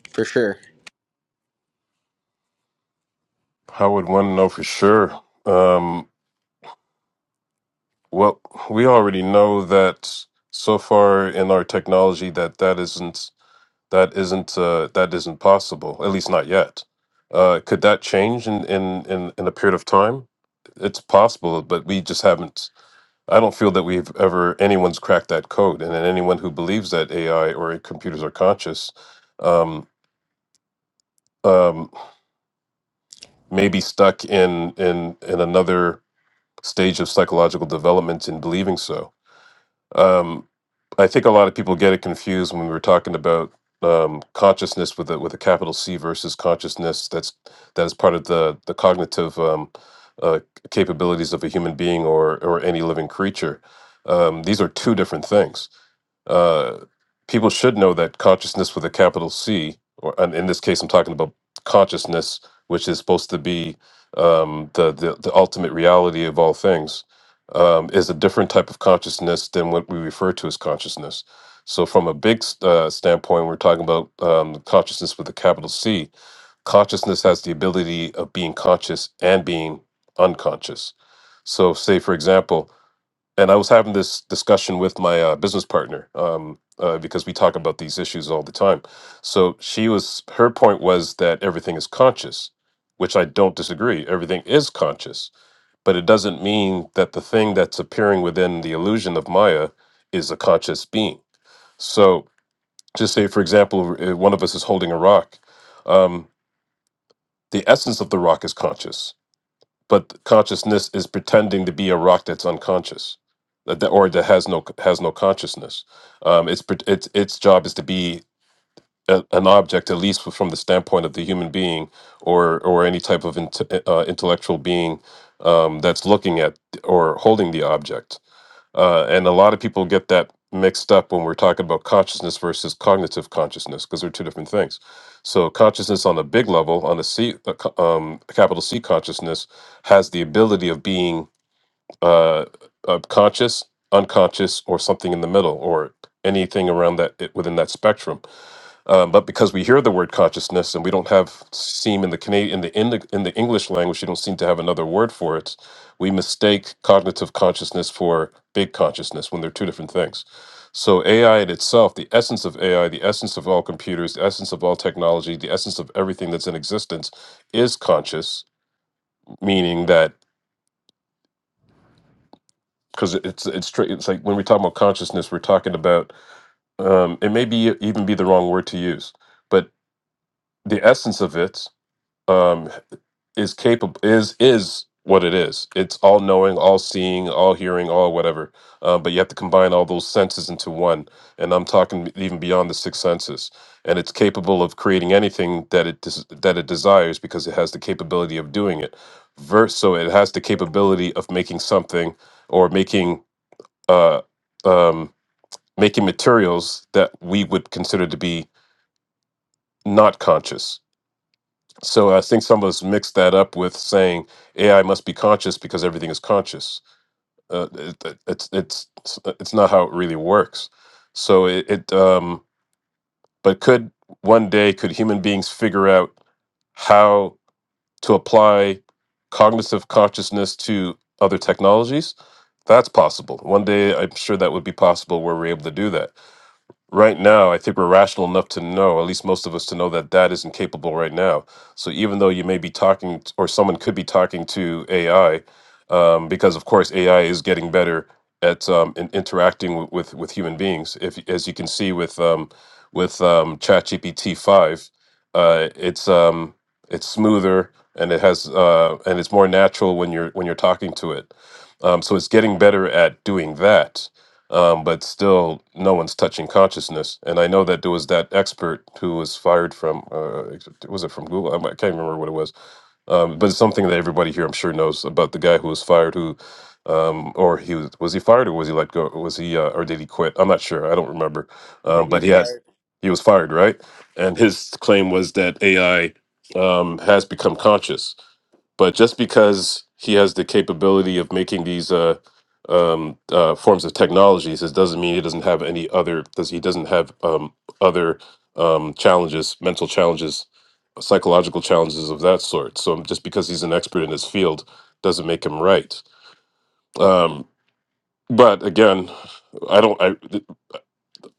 for sure?
How would one know for sure? Um, Well, we already know that so far in our technology that that isn't that isn't uh, that isn't possible. At least not yet. Uh, could that change in, in in in a period of time? It's possible, but we just haven't. I don't feel that we've ever anyone's cracked that code, and then anyone who believes that AI or computers are conscious um, um, may be stuck in in in another stage of psychological development in believing so Um, I think a lot of people get it confused when we were talking about um, consciousness with a, with a capital C versus consciousness that's that is part of the the cognitive um, uh, capabilities of a human being or or any living creature. Um, these are two different things. Uh, people should know that consciousness with a capital C, or and in this case, I'm talking about consciousness, which is supposed to be um, the, the the ultimate reality of all things, um, is a different type of consciousness than what we refer to as consciousness. So, from a big s- uh, standpoint, we're talking about um, consciousness with a capital C. Consciousness has the ability of being conscious and being unconscious. So, say for example, and I was having this discussion with my uh, business partner um, uh, because we talk about these issues all the time. So she was her point was that everything is conscious, which I don't disagree. Everything is conscious, but it doesn't mean that the thing that's appearing within the illusion of Maya is a conscious being. So just say, for example, uh, one of us is holding a rock. Um, the essence of the rock is conscious but consciousness is pretending to be a rock that's unconscious that, that- or that has no has no consciousness um, it's pret- its its job is to be a, an object at least from the standpoint of the human being or or any type of int- uh, intellectual being um, that's looking at or holding the object uh, and a lot of people get that mixed up when we're talking about consciousness versus cognitive consciousness because they're two different things. So consciousness on a big level, on a C, a co- um, capital C consciousness, has the ability of being uh, uh, conscious, unconscious, or something in the middle, or anything around that it, within that spectrum. Um, but because we hear the word consciousness and we don't have seem in the Canadian in the in the, in the English language, you don't seem to have another word for it. We mistake cognitive consciousness for big consciousness when they're two different things. So AI in itself, the essence of AI, the essence of all computers, the essence of all technology, the essence of everything that's in existence, is conscious. Meaning that because it's it's straight, it's like when we talk about consciousness, we're talking about um, it may be even be the wrong word to use, but the essence of it. Um, is capable is is what it is. It's all knowing, all seeing, all hearing, all whatever. Uh, but you have to combine all those senses into one. And I'm talking even beyond the six senses. And it's capable of creating anything that it des- that it desires because it has the capability of doing it. Verse, so it has the capability of making something or making uh, um, making materials that we would consider to be not conscious so I think some of us mix that up with saying AI must be conscious because everything is conscious. Uh, it, it- it's it's it's it's not how it really works. So it, it um, but could one day could human beings figure out how to apply cognitive consciousness to other technologies? That's possible. One day, I'm sure that would be possible where we're able to do that Right now, I think we're rational enough to know, at least most of us, to know that that isn't capable right now. So even though you may be talking, t- or someone could be talking to AI, um, because of course AI is getting better at um, in interacting with, with with human beings. If as you can see with um, with um, ChatGPT five, uh, it's um, it's smoother and it has uh, and it's more natural when you're when you're talking to it. Um, so it's getting better at doing that um, but still no one's touching consciousness. And I know that there was that expert who was fired from, uh, ex- was it from Google? I mi- I can't remember what it was, um, but it's something that everybody here I'm sure knows about the guy who was fired who, um, or he was, was he fired or was he let go? Was he, uh, or did he quit? I'm not sure. I don't remember.
I
Um,
think he
but
was
he had,
fired.
he was fired, right? And his claim was that AI um, has become conscious but just because he has the capability of making these uh, um, uh, forms of technologies, it doesn't mean he doesn't have any other. Does he doesn't have um, other um, challenges, mental challenges, psychological challenges of that sort? So just because he's an expert in his field doesn't make him right. Um, but again, I don't. I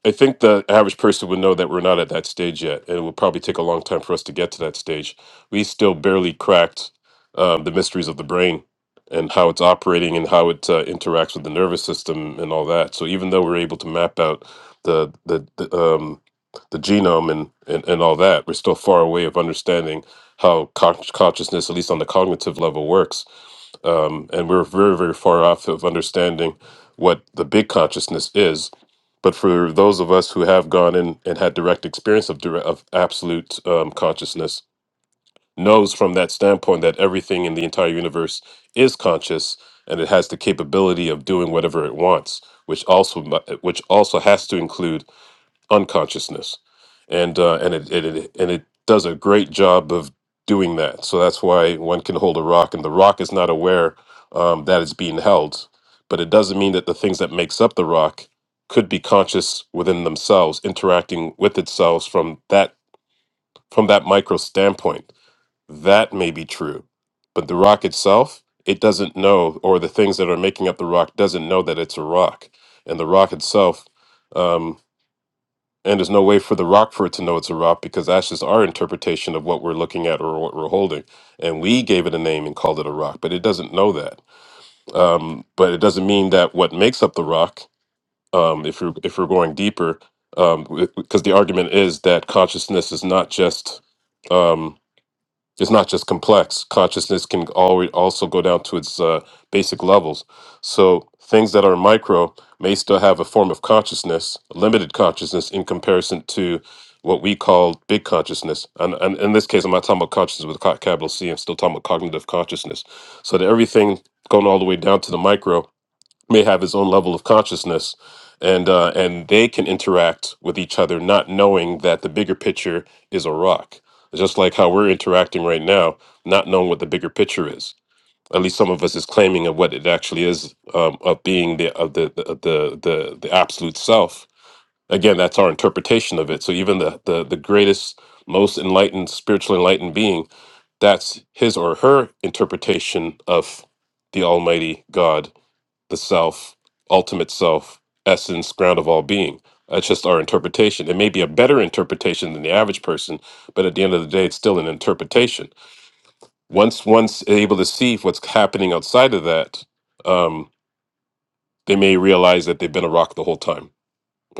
I think the average person would know that we're not at that stage yet, and it will probably take a long time for us to get to that stage. We still barely cracked um, the mysteries of the brain and how it's operating and how it uh, interacts with the nervous system and all that. So even though we're able to map out the the, the um the genome and, and and all that, we're still far away of understanding how con- consciousness, at least on the cognitive level, works um, and we're very very far off of understanding what the big consciousness is but for those of us who have gone in and had direct experience of dire of absolute um, consciousness knows from that standpoint that everything in the entire universe is conscious and it has the capability of doing whatever it wants which also mu- which also has to include unconsciousness, and uh, and it, it, it and it does a great job of doing that. So that's why one can hold a rock, and the rock is not aware um, that it's being held, but it doesn't mean that the things that makes up the rock could be conscious within themselves, interacting with itself from that from that micro standpoint. That may be true, but the rock itself, it doesn't know, or the things that are making up the rock doesn't know that it's a rock, and the rock itself. Um, and there's no way for the rock for it to know it's a rock because that's just our interpretation of what we're looking at or what we're holding. And we gave it a name and called it a rock, but it doesn't know that. Um, but it doesn't mean that what makes up the rock, um, if you're if we're going deeper, because the argument is that consciousness is not just. Um, it's not just complex. Consciousness can always also go down to its uh, basic levels. So things that are micro may still have a form of consciousness, limited consciousness, in comparison to what we call big consciousness. And, and in this case, I'm not talking about consciousness with a ca- capital C. I'm still talking about cognitive consciousness. So that everything going all the way down to the micro may have his own level of consciousness and uh, and they can interact with each other not knowing that the bigger picture is a rock just like how we're interacting right now not knowing what the bigger picture is at least some of us is claiming of what it actually is um, of being the of the, the the the the absolute self again that's our interpretation of it so even the the, the greatest most enlightened spiritually enlightened being that's his or her interpretation of the almighty god the self, ultimate self, essence, ground of all being. That's just our interpretation. It may be a better interpretation than the average person, but at the end of the day, it's still an interpretation. Once one's able to see what's happening outside of that, um, they may realize that they've been a rock the whole time.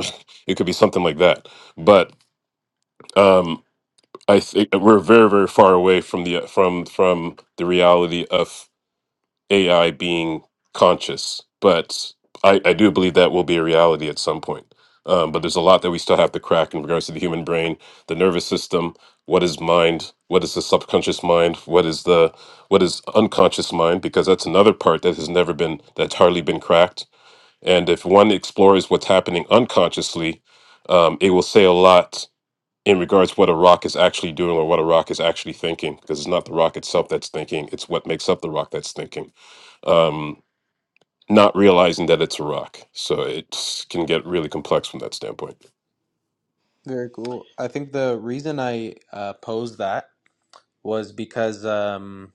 it could be something like that. But um, I think we're very, very far away from the from from the reality of AI being conscious, but I, I do believe that will be a reality at some point. Um, but there's a lot that we still have to crack in regards to the human brain, the nervous system. What is mind? What is the subconscious mind? What is the what is unconscious mind? Because that's another part that has never been that's hardly been cracked. And if one explores what's happening unconsciously, um, it will say a lot in regards what a rock is actually doing or what a rock is actually thinking. Because it's not the rock itself that's thinking; it's what makes up the rock that's thinking um, not realizing that it's a rock. So it can get really complex from that standpoint.
Very cool. I think the reason I uh, posed that was because um,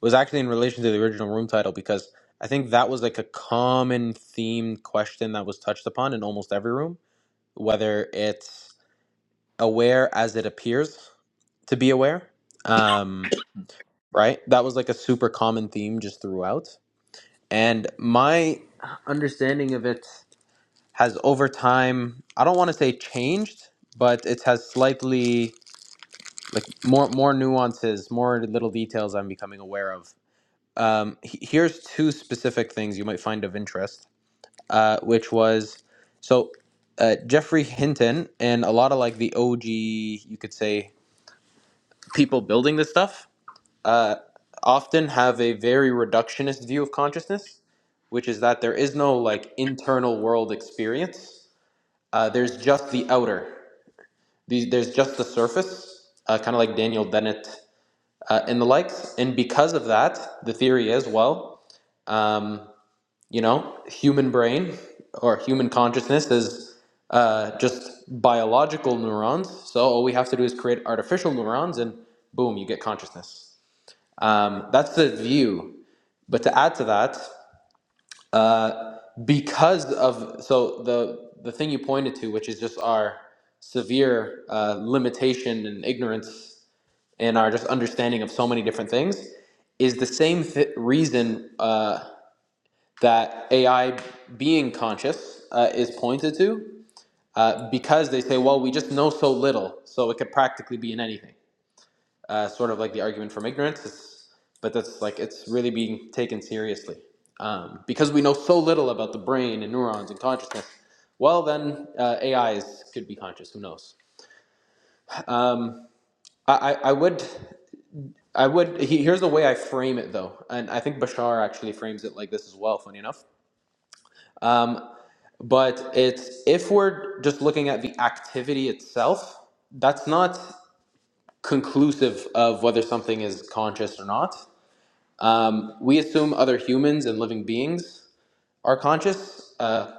was actually in relation to the original room title because I think that was like a common themed question that was touched upon in almost every room whether it's aware as it appears to be aware, um, right? That was like a super common theme just throughout. And my understanding of it has over time, I don't want to say changed, but it has slightly like more more nuances, more little details I'm becoming aware of. Um, he- here's two specific things you might find of interest, uh, which was so uh, Jeffrey Hinton and a lot of like the OG, you could say, people building this stuff uh, often have a very reductionist view of consciousness, which is that there is no like internal world experience. Uh, there's just the outer. The, there's just the surface, uh, kind of like Daniel Dennett uh, and the likes. And because of that, the theory is well, um, you know, human brain or human consciousness is uh, just biological neurons. So all we have to do is create artificial neurons, and boom, you get consciousness. Um, that's the view. But to add to that, uh, because of so the the thing you pointed to, which is just our severe uh, limitation and ignorance and our just understanding of so many different things, is the same th- reason uh, that AI being conscious uh, is pointed to, uh, because they say, well, we just know so little, so it could practically be in anything uh, sort of like the argument from ignorance. It's, but that's like it's really being taken seriously um, because we know so little about the brain and neurons and consciousness. Well, then uh, AIs could be conscious. Who knows? I, I, I would. I would. He, here's the way I frame it, though, and I think Bashar actually frames it like this as well. Funny enough, but it's if we're just looking at the activity itself, that's not conclusive of whether something is conscious or not. Um, we assume other humans and living beings Our conscious, uh,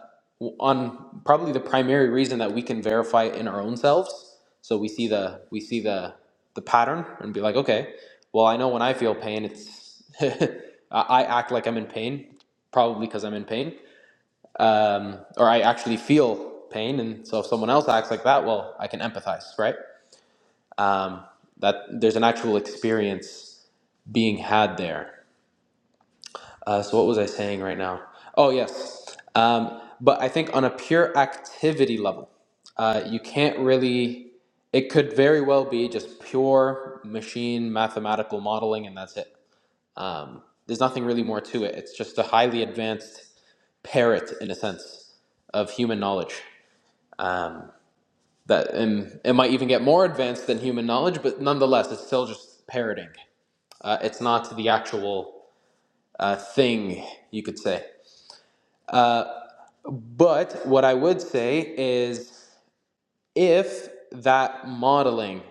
on probably the primary reason that we can verify it in our own selves. So we see the we see the the pattern and be like, okay, well, I know when I feel pain, it's I I act like I'm in pain, probably because I'm in pain, um, or I actually feel pain. And so if someone else acts like that, well, I can empathize, right? Um, that there's an actual experience being had there. Uh, so what was I saying right now? Oh yes, um, but I think on a pure activity level, uh, you can't really. It could very well be just pure machine mathematical modeling, and that's it. Um, there's nothing really more to it. It's just a highly advanced parrot, in a sense, of human knowledge. That and it might even get more advanced than human knowledge, but nonetheless, it's still just parroting. Uh, it's not the actual uh, thing, you could say. But what I would say is if that modeling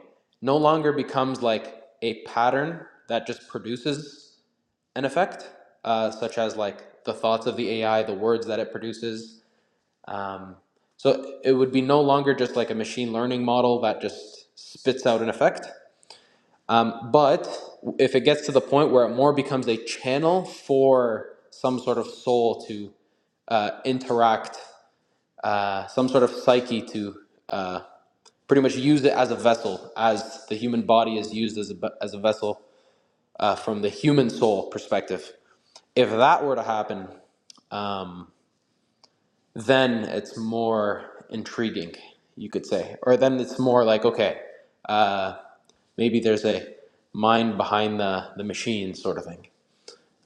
no longer becomes like a pattern that just produces an effect, uh, such as like the thoughts of the AI, the words that it produces. Um, so it would be no longer just like a machine learning model that just spits out an effect. Um, but if it gets to the point where it more becomes a channel for some sort of soul to uh, interact uh, some sort of psyche to uh, pretty much use it as a vessel, as the human body is used as a, as a vessel uh, from the human soul perspective. If that were to happen, um, then it's more intriguing, you could say. Or then it's more like, okay, uh, maybe there's a mind behind the, the machine sort of thing.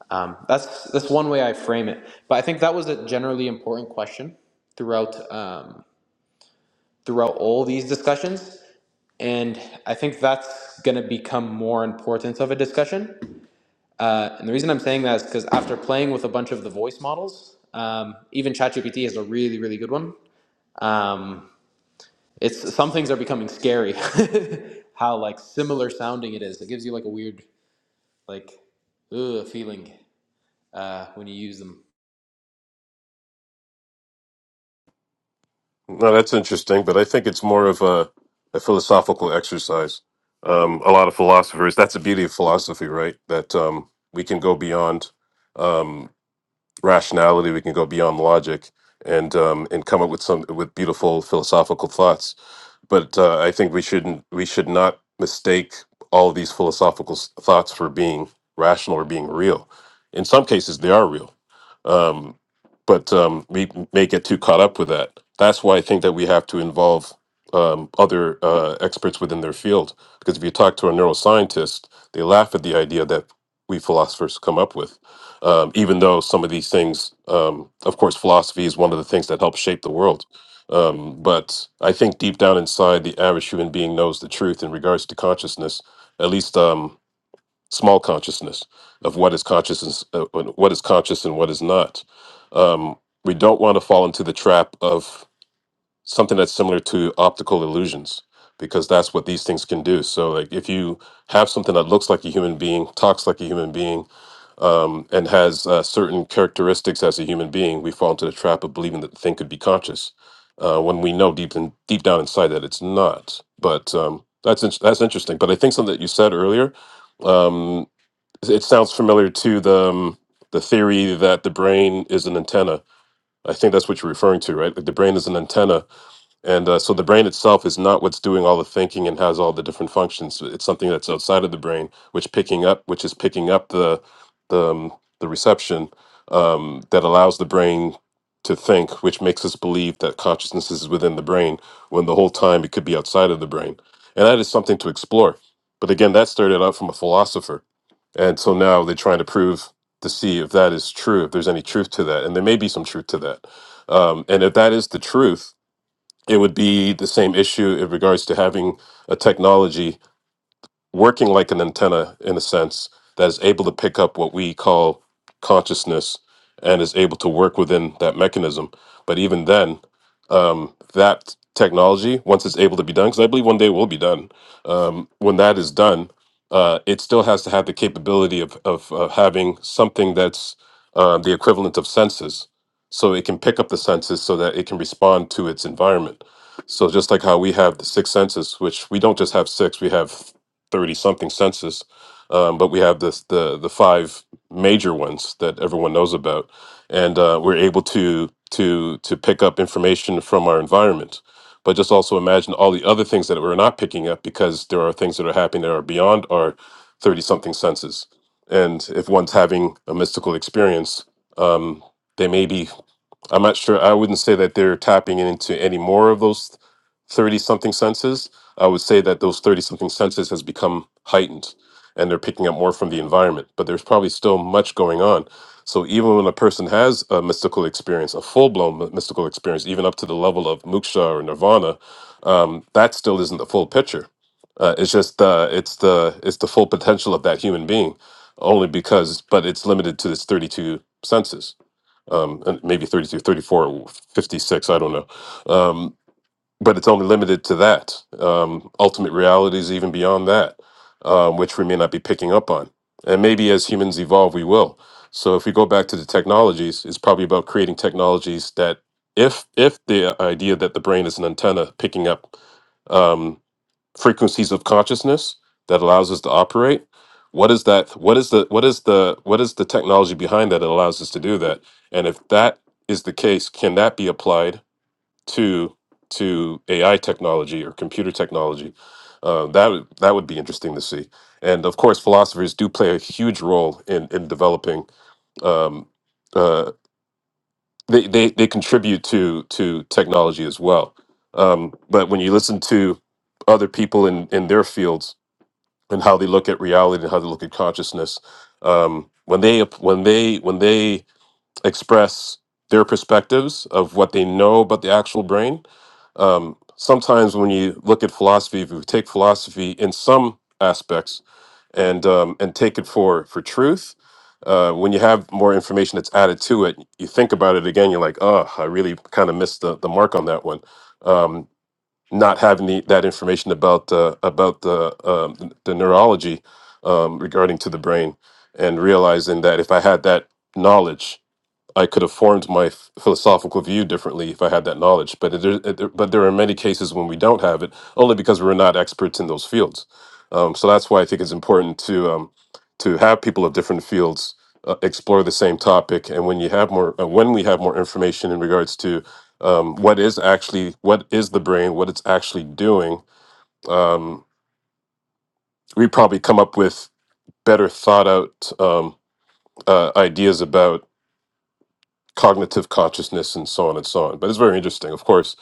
Um, that's, that's one way I frame it. But I think that was a generally important question throughout. Um, throughout all these discussions. And I think that's going to become more important of a discussion. Uh, and the reason I'm saying that is because after playing with a bunch of the voice models, um, even ChatGPT is a really, really good one. Um, it's some things are becoming scary. how like similar sounding it is. It gives you like a weird like ugh, feeling uh, when you use them.
No, that's interesting, but I think it's more of a, a philosophical exercise. Um, a lot of philosophers, that's the beauty of philosophy, right? That um, we can go beyond. Um, rationality we can go beyond logic and um, and come up with some with beautiful philosophical thoughts but uh, i think we shouldn't we should not mistake all these philosophical s- thoughts for being rational or being real in some cases they are real um, but um, we may get too caught up with that. That's why I think that we have to involve um, other uh, experts within their field. Because if you talk to a neuroscientist, they laugh at the idea that we philosophers come up with. Um, even though some of these things, um, of course, philosophy is one of the things that helps shape the world. Um, but I think deep down inside, the average human being knows the truth in regards to consciousness. At least, um, small consciousness of what is consciousness, uh, uh, what is conscious and what is not. Um, we don't want to fall into the trap of something that's similar to optical illusions because that's what these things can do. So, like if you have something that looks like a human being, talks like a human being, um, and has uh, certain characteristics as a human being, we fall into the trap of believing that the thing could be conscious uh, when we know deep in, deep down inside that it's not. But um, that's in- that's interesting. But I think something that you said earlier. Um, it sounds familiar to the um, the theory that the brain is an antenna. I think that's what you're referring to, right? Like the brain is an antenna, and uh, so the brain itself is not what's doing all the thinking and has all the different functions. It's something that's outside of the brain, which picking up, which is picking up the the um, the reception um, that allows the brain to think, which makes us believe that consciousness is within the brain when the whole time it could be outside of the brain, and that is something to explore. But again, that started out from a philosopher and so now they're trying to prove to see if that is true, if there's any truth to that. And there may be some truth to that. Um, and if that is the truth, it would be the same issue in regards to having a technology working like an antenna in a sense that is able to pick up what we call consciousness and is able to work within that mechanism. But even then, um, that technology, once it's able to be done, because I believe one day it will be done, um, when that is done, uh, it still has to have the capability of, of uh, having something that's uh, the equivalent of senses. So it can pick up the senses so that it can respond to its environment. So just like how we have the six senses, which we don't just have six, we have thirty something census, um, but we have this the the five major ones that everyone knows about, and uh, we're able to to to pick up information from our environment. But just also imagine all the other things that we're not picking up because there are things that are happening that are beyond our thirty something senses. And if one's having a mystical experience, um, they may be I'm not sure. I wouldn't say that they're tapping into any more of those 30 something senses. I would say that those 30 something senses has become heightened and they're picking up more from the environment, but there's probably still much going on. So even when a person has a mystical experience, a full blown mystical experience, even up to the level of moksha or nirvana, um, that still isn't the full picture. Uh, it's just uh, it's the it's the full potential of that human being, only because but it's limited to this 32 senses um, and maybe 32, 34, 56. I don't know. Um, but it's only limited to that. Um, ultimate realities, even beyond that, um, which we may not be picking up on. And maybe as humans evolve, we will. So if we go back to the technologies, it's probably about creating technologies that, if if the idea that the brain is an antenna picking up um, frequencies of consciousness that allows us to operate what is that what is the what is the what is the technology behind that that allows us to do that and if that is the case can that be applied to to ai technology or computer technology uh, that would that would be interesting to see and of course philosophers do play a huge role in in developing um, uh, they, they they contribute to to technology as well um, but when you listen to other people in in their fields and how they look at reality and how they look at consciousness. Um, when they when they when they express their perspectives of what they know about the actual brain, um, sometimes when you look at philosophy, if you take philosophy in some aspects and um, and take it for for truth, uh, when you have more information that's added to it, you think about it again. You're like, oh, I really kind of missed the, the mark on that one. Um, not having the, that information about uh, about the um, the neurology um, regarding to the brain, and realizing that if I had that knowledge, I could have formed my f- philosophical view differently if I had that knowledge. But there, uh, there- but there are many cases when we don't have it, only because we're not experts in those fields. Um, so that's why I think it's important to um, to have people of different fields uh, explore the same topic. And when you have more, uh, when we have more information in regards to um, what is actually what is the brain, what it's actually doing, um, we probably come up with better thought out um, uh, ideas about cognitive consciousness and so on and so on. But it's very interesting. Of course,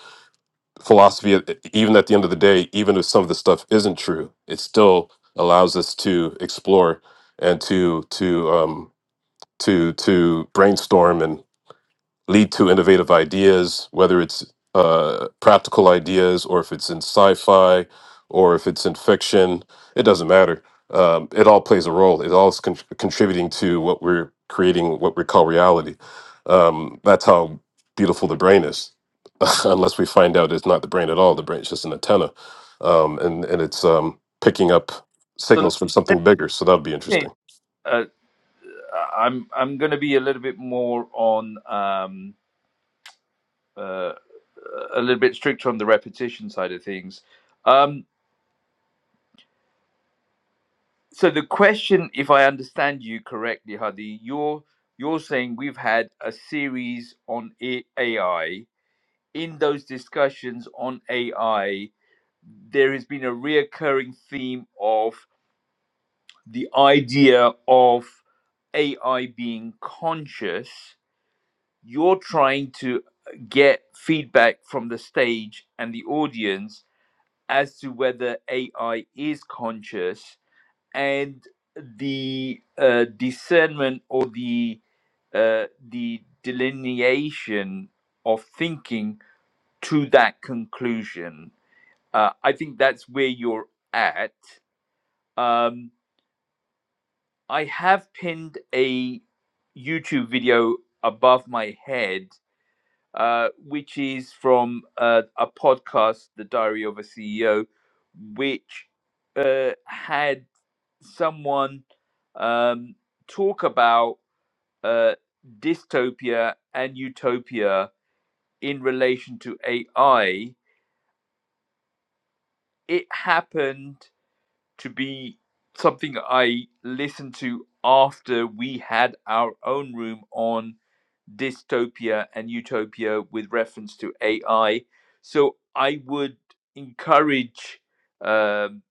philosophy, e- e, even at the end of the day, even if some of the stuff isn't true, it still allows us to explore and to to um, to to brainstorm lead to innovative ideas, whether it's uh, practical ideas or if it's in sci fi or if it's in fiction, it doesn't matter. Um, it all plays a role. It all is con- contributing to what we're creating, what we call reality. Um, that's how beautiful the brain is, unless we find out it's not the brain at all. The brain's just an antenna, um, and and it's um, picking up
So let,
signals from
let
something bigger. So that would be
me think.
interesting.
Uh, I'm I'm going to be a little bit more on um, uh, a little bit stricter on the repetition side of things. Um, so the question, if I understand you correctly, Hadi, you're you're saying we've had a series on A- AI. In those discussions on AI, there has been a reoccurring theme of the idea of AI being conscious you're trying to get feedback from the stage and the audience as to whether AI is conscious and the uh, discernment or the uh, the delineation of thinking to that conclusion. Uh, I think that's where you're at. Um, I have pinned a YouTube video above my head uh, which is from uh, a podcast, The Diary of a CEO, which uh, had someone um, talk about uh, dystopia and utopia in relation to AI. It happened to be something I listened to after we had our own room on dystopia and utopia with reference to AI. So I would encourage um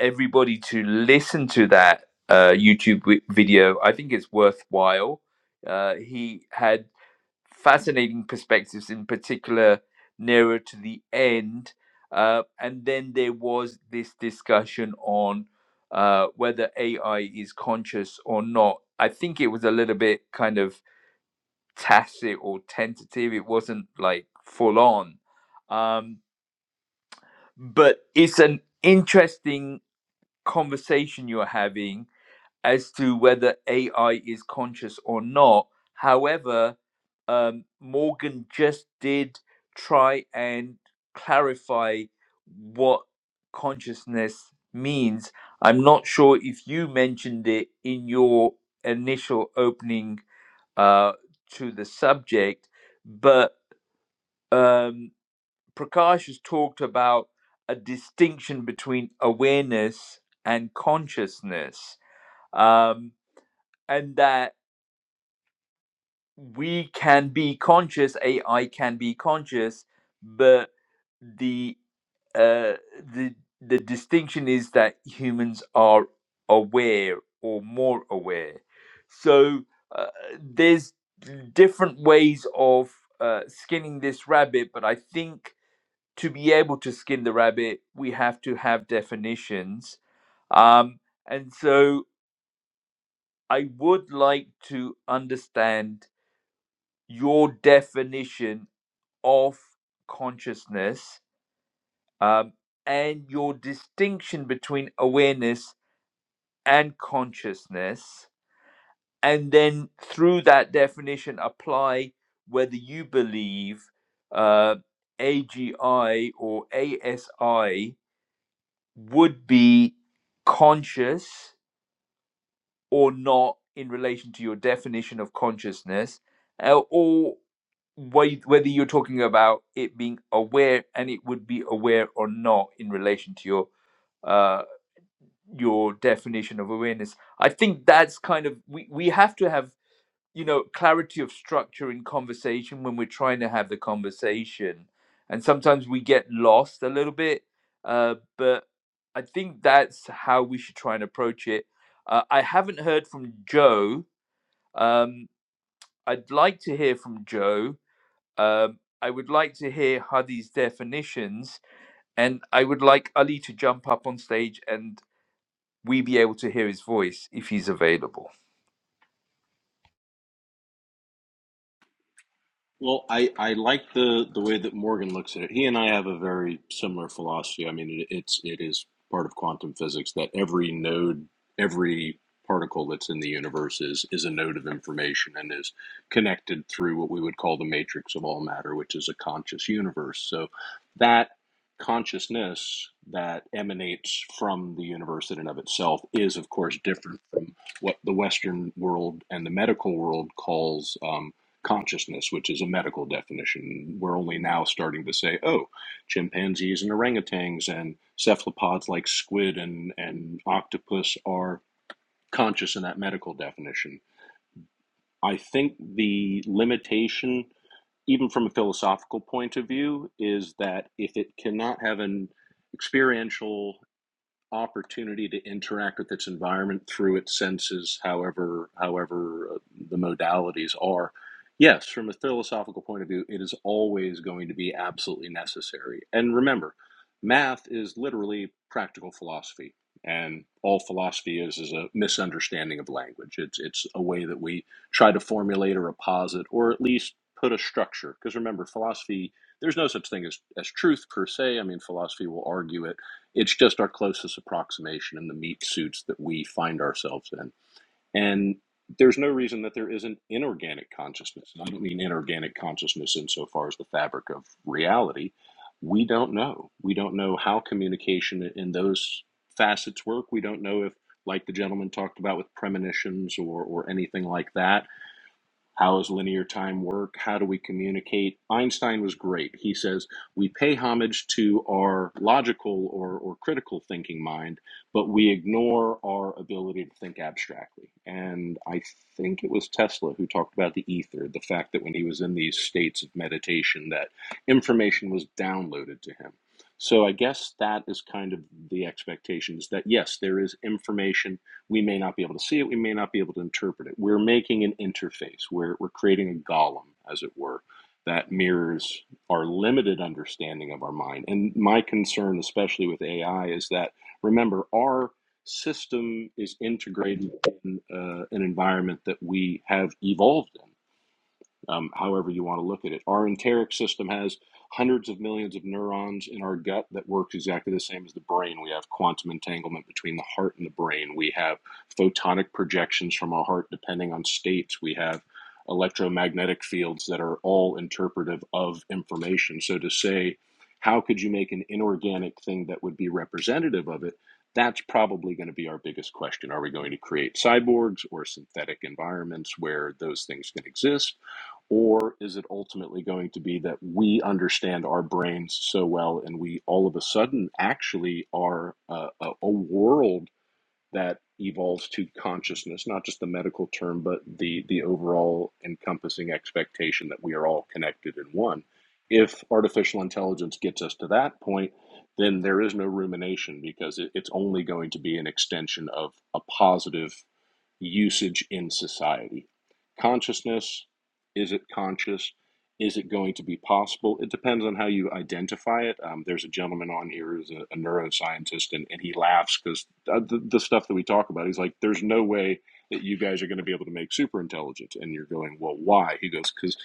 everybody to listen to that uh, YouTube wi- video. I think it's worthwhile. Uh, he had fascinating perspectives, in particular, nearer to the end. Uh, and then there was this discussion on uh, whether AI is conscious or not. I think it was a little bit kind of tacit or tentative. It wasn't like full on. Um, but it's an interesting conversation you're having as to whether AI is conscious or not. However, um, Morgan just did try and clarify what consciousness means. I'm not sure if you mentioned it in your initial opening uh, to the subject, but um, Prakash has talked about a distinction between awareness and consciousness, um, and that we can be conscious, AI can be conscious, but the uh, the the distinction is that humans are aware or more aware. So uh, there's different ways of uh, skinning this rabbit, but I think to be able to skin the rabbit, we have to have definitions. Um, and so I would like to understand your definition of consciousness um, and your distinction between awareness and consciousness. And then through that definition, apply whether you believe uh, AGI or ASI would be conscious or not in relation to your definition of consciousness, uh, or whe- whether you're talking about it being aware and it would be aware or not in relation to your uh, your definition of awareness. I think that's kind of we, we have to have you know clarity of structure in conversation when we're trying to have the conversation and sometimes we get lost a little bit uh, but i think that's how we should try and approach it uh, i haven't heard from joe um, i'd like to hear from joe um, i would like to hear hadi's definitions and i would like ali to jump up on stage and we be able to hear his voice if he's available
Well, I, I like the, the way that Morgan looks at it. He and I have a very similar philosophy. I mean, it, it's it is part of quantum physics that every node, every particle that's in the universe is is a node of information and is connected through what we would call the matrix of all matter, which is a conscious universe. So that consciousness that emanates from the universe in and of itself is, of course, different from what the Western world and the medical world calls. Um, consciousness, which is a medical definition. We're only now starting to say, oh, chimpanzees and orangutans and cephalopods like squid and, and octopus are conscious in that medical definition. I think the limitation, even from a philosophical point of view, is that if it cannot have an experiential opportunity to interact with its environment through its senses, however, however uh, the modalities are. Yes, from a philosophical point of view, it is always going to be absolutely necessary. And remember, math is literally practical philosophy, and all philosophy is is a misunderstanding of language. It's it's a way that we try to formulate or posit, or at least put a structure. Because remember, philosophy there's no such thing as as truth per se. I mean, philosophy will argue it it's just our closest approximation in the meat suits that we find ourselves in. And there's no reason that there isn't inorganic consciousness. And I don't mean inorganic consciousness insofar as the fabric of reality. We don't know. We don't know how communication in those facets work. We don't know if, like the gentleman talked about with premonitions or, or anything like that, how does linear time work? How do we communicate? Einstein was great. He says we pay homage to our logical or, or critical thinking mind, but we ignore our ability to think abstractly. And I think it was Tesla who talked about the ether, the fact that when he was in these states of meditation, that information was downloaded to him. So I guess that is kind of the expectation is that yes, there is information we may not be able to see it, we may not be able to interpret it. We're making an interface, we're, we're creating a golem, as it were, that mirrors our limited understanding of our mind. And my concern, especially with AI, is that remember, our system is integrated in uh, an environment that we have evolved in um, however you want to look at it. Our enteric system has hundreds of millions of neurons in our gut that works exactly the same as the brain. We have quantum entanglement between the heart and the brain. We have photonic projections from our heart depending on states. We have electromagnetic fields that are all interpretive of information. So to say, how could you make an inorganic thing that would be representative of it? That's probably going to be our biggest question. Are we going to create cyborgs or synthetic environments where those things can exist? Or is it ultimately going to be that we understand our brains so well and we all of a sudden actually are a, a, a world that evolves to consciousness, not just the medical term, but the, the overall encompassing expectation that we are all connected in one? If artificial intelligence gets us to that point, then there is no rumination because it, it's only going to be an extension of a positive usage in society. Consciousness is it conscious? Is it going to be possible? It depends on how you identify it. Um, there's a gentleman on here who's a, a neuroscientist, and, and he laughs because the, the stuff that we talk about, he's like, there's no way that you guys are going to be able to make super intelligence. And you're going, well, why? He goes, because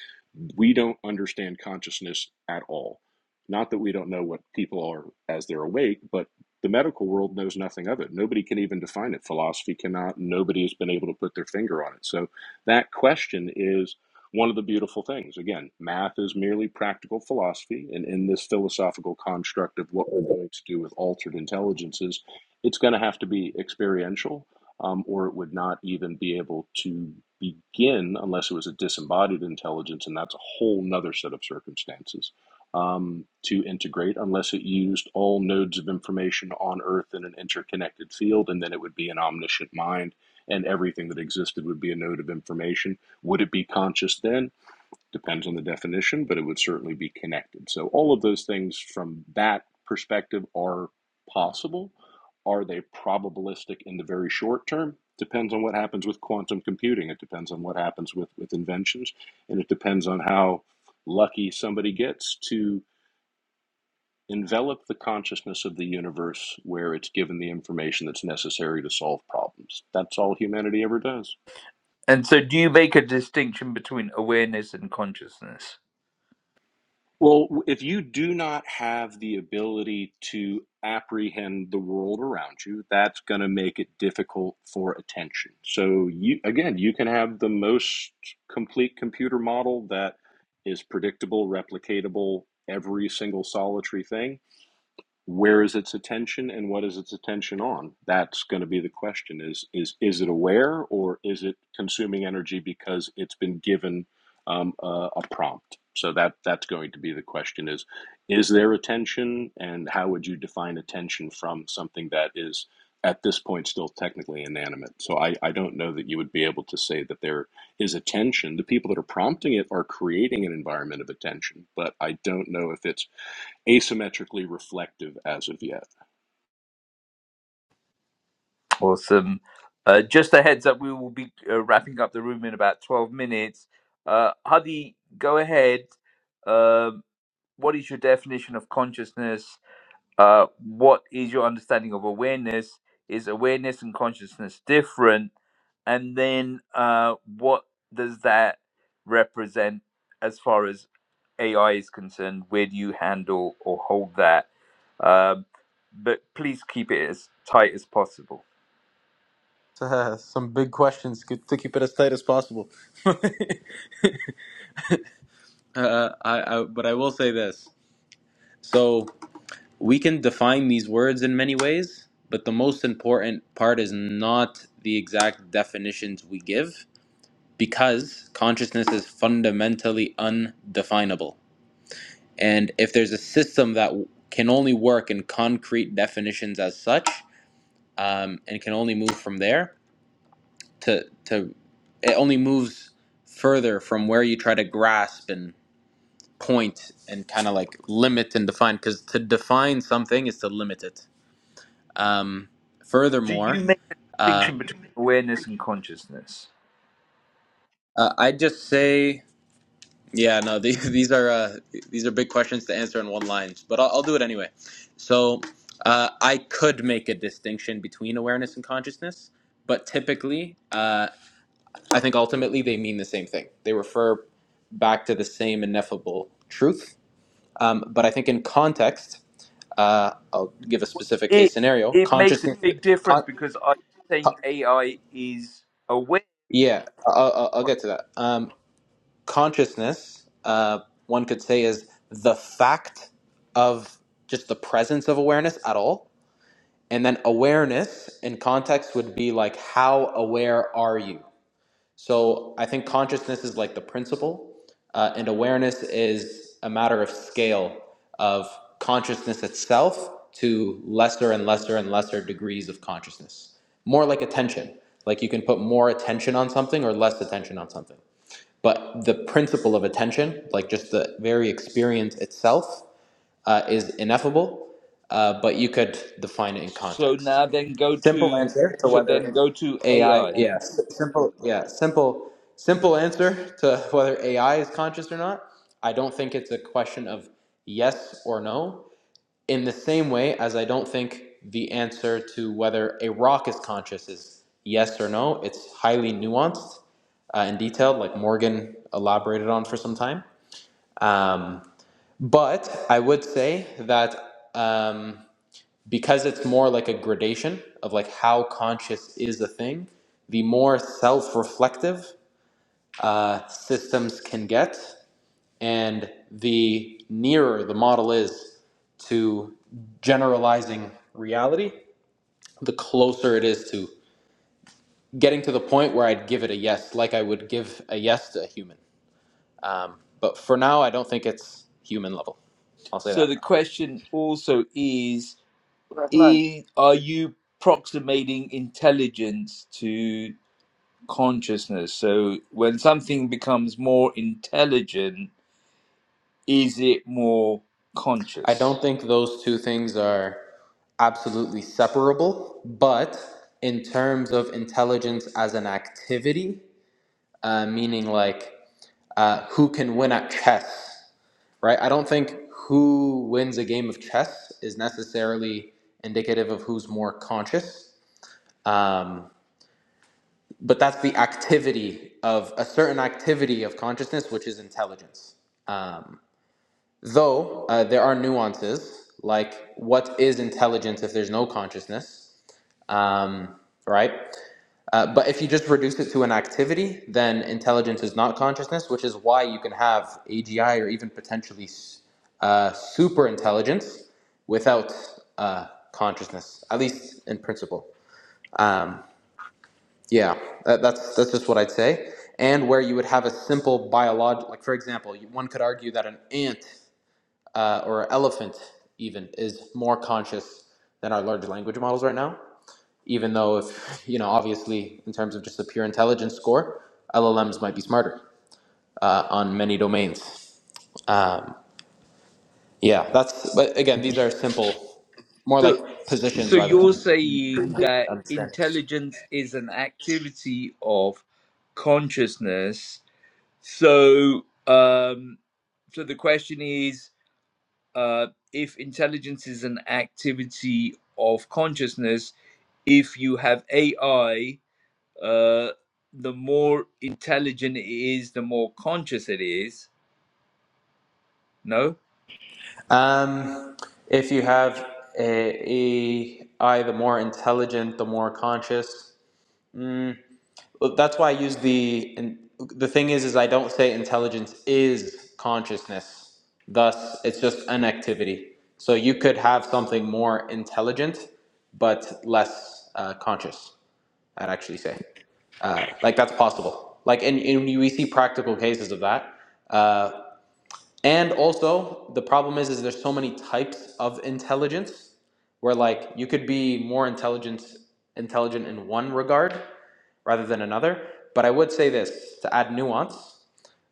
we don't understand consciousness at all. Not that we don't know what people are as they're awake, but the medical world knows nothing of it. Nobody can even define it. Philosophy cannot. Nobody has been able to put their finger on it. So that question is one of the beautiful things. Again, math is merely practical philosophy. And in this philosophical construct of what we're going to do with altered intelligences, it's going to have to be experiential, um, or it would not even be able to begin unless it was a disembodied intelligence. And that's a whole nother set of circumstances um, to integrate unless it used all nodes of information on Earth in an interconnected field, and then it would be an omniscient mind, and everything that existed would be a node of information. Would it be conscious then? Depends on the definition, but it would certainly be connected. So, all of those things from that perspective are possible. Are they probabilistic in the very short term? Depends on what happens with quantum computing. It depends on what happens with, with inventions, and it depends on how lucky somebody gets to envelop the consciousness of the universe where it's given the information that's necessary to solve problems. That's all humanity ever does.
and so do you make a distinction between awareness and consciousness
Well, if you do not have the ability to apprehend the world around you, that's going to make it difficult for attention. So, you again, you can have the most complete computer model that is predictable, replicatable, every single solitary thing where is its attention and what is its attention on that's going to be the question is is is it aware or is it consuming energy because it's been given um, a, a prompt so that that's going to be the question is is there attention and how would you define attention from something that is at this point still technically inanimate so i, I don't know that you would be able to say that there is attention the people that are prompting it are creating an environment of attention but i don't know if it's asymmetrically reflective as of yet.
Awesome. Uh, just a heads up, we will be uh, wrapping up the room in about 12 minutes. Uh, Hadi, go ahead. Um what is your definition of consciousness? Uh, what is your understanding of awareness? Is awareness and consciousness different? And then uh, what does that represent as far as AI is concerned? Where do you handle or hold that? Um, but please keep it as tight as possible.
Uh, some big questions good to keep it as tight as possible. uh, I, I, but I will say this. So we can define these words in many ways, but the most important part is not the exact definitions we give because consciousness is fundamentally undefinable. And if there's a system that w- can only work in concrete definitions as such um, and can only move from there to, to it only moves further from where you try to grasp and point and kind of like limit and define because to define something is to limit it Um,
do you
furthermore,
make a
uh,
distinction between awareness and consciousness?
uh, I just say, yeah, no, the, these are uh, these are big questions to answer in one line, but I'll, I'll do it anyway. So uh, I could make a distinction between awareness and consciousness, but typically, uh, I think ultimately they mean the same thing. They refer back to the same ineffable truth. Um, but I think in context, uh, I'll give a specific
It
case scenario.
it makes a
Consciousness,
big difference
con-
because I'm
con-
saying AI is aware.
yeah, I'll, I'll I'll get to that. Um, consciousness, uh, one could say, is the fact of just the presence of awareness at all. And then awareness in context would be like, how aware are you? So I think consciousness is like the principle, uh, and awareness is a matter of scale of consciousness itself to lesser and lesser and lesser degrees of consciousness. More like attention, like you can put more attention on something or less attention on something but the principle of attention, like just the very experience itself, uh, is ineffable. Uh, but you could define it in
So
context.
now then go
Simple
to
answer to
so then
whether
go to
AI,
AI.
yes, simple, yeah, simple, simple answer to whether AI is conscious or not. I don't think it's a question of yes or no. In the same way as I don't think the answer to whether a rock is conscious is yes or no, it's highly nuanced uh, and detailed, like Morgan elaborated on for some time. Um, but I would say that um, because it's more like a gradation of like how conscious is a thing, the more self-reflective uh, systems can get, and the nearer the model is to generalizing reality, the closer it is to getting to the point where I'd give it a yes, like I would give a yes to a human. Um, but for now, I don't think it's human level. I'll say
So
that.
the question also is,
Rahman,
Is are you approximating intelligence to consciousness? So when something becomes more intelligent, is it more
I
conscious?
don't think those two things are absolutely separable, but in terms of intelligence as an activity, uh, meaning like uh, who can win at chess right? I don't think who wins a game of chess is necessarily indicative of who's more conscious. Um, but that's the activity of a certain activity of consciousness, which is intelligence. Though uh, there are nuances, like what is intelligence if there's no consciousness? um, right? Uh, but if you just reduce it to an activity, then intelligence is not consciousness, which is why you can have AGI or even potentially uh, super intelligence without uh, consciousness, at least in principle. Yeah, that, that's that's just what I'd say. And where you would have a simple biological, like for example, you- one could argue that an ant uh, or an elephant even is more conscious than our large language models right now even though if you know obviously in terms of just the pure intelligence score llms might be smarter uh, on many domains um, yeah that's but again these are simple more
So,
like positions
so
rather
you're
than
saying that
understandings
intelligence is an activity of consciousness. So, um, so the question is, uh, if intelligence is an activity of consciousness, if you have AI, uh, the more intelligent it is, the more conscious it is. No,
um, if you have a, a i the more intelligent the more conscious But that's why I use the and the thing is is I don't say intelligence is consciousness. Thus, it's just an activity. So you could have something more intelligent, but less uh, conscious. I'd actually say uh, like that's possible. Like and, and we see practical cases of that. Uh, and also, the problem is, is there's so many types of intelligence where like you could be more intelligent intelligent in one regard rather than another. But I would say this to add nuance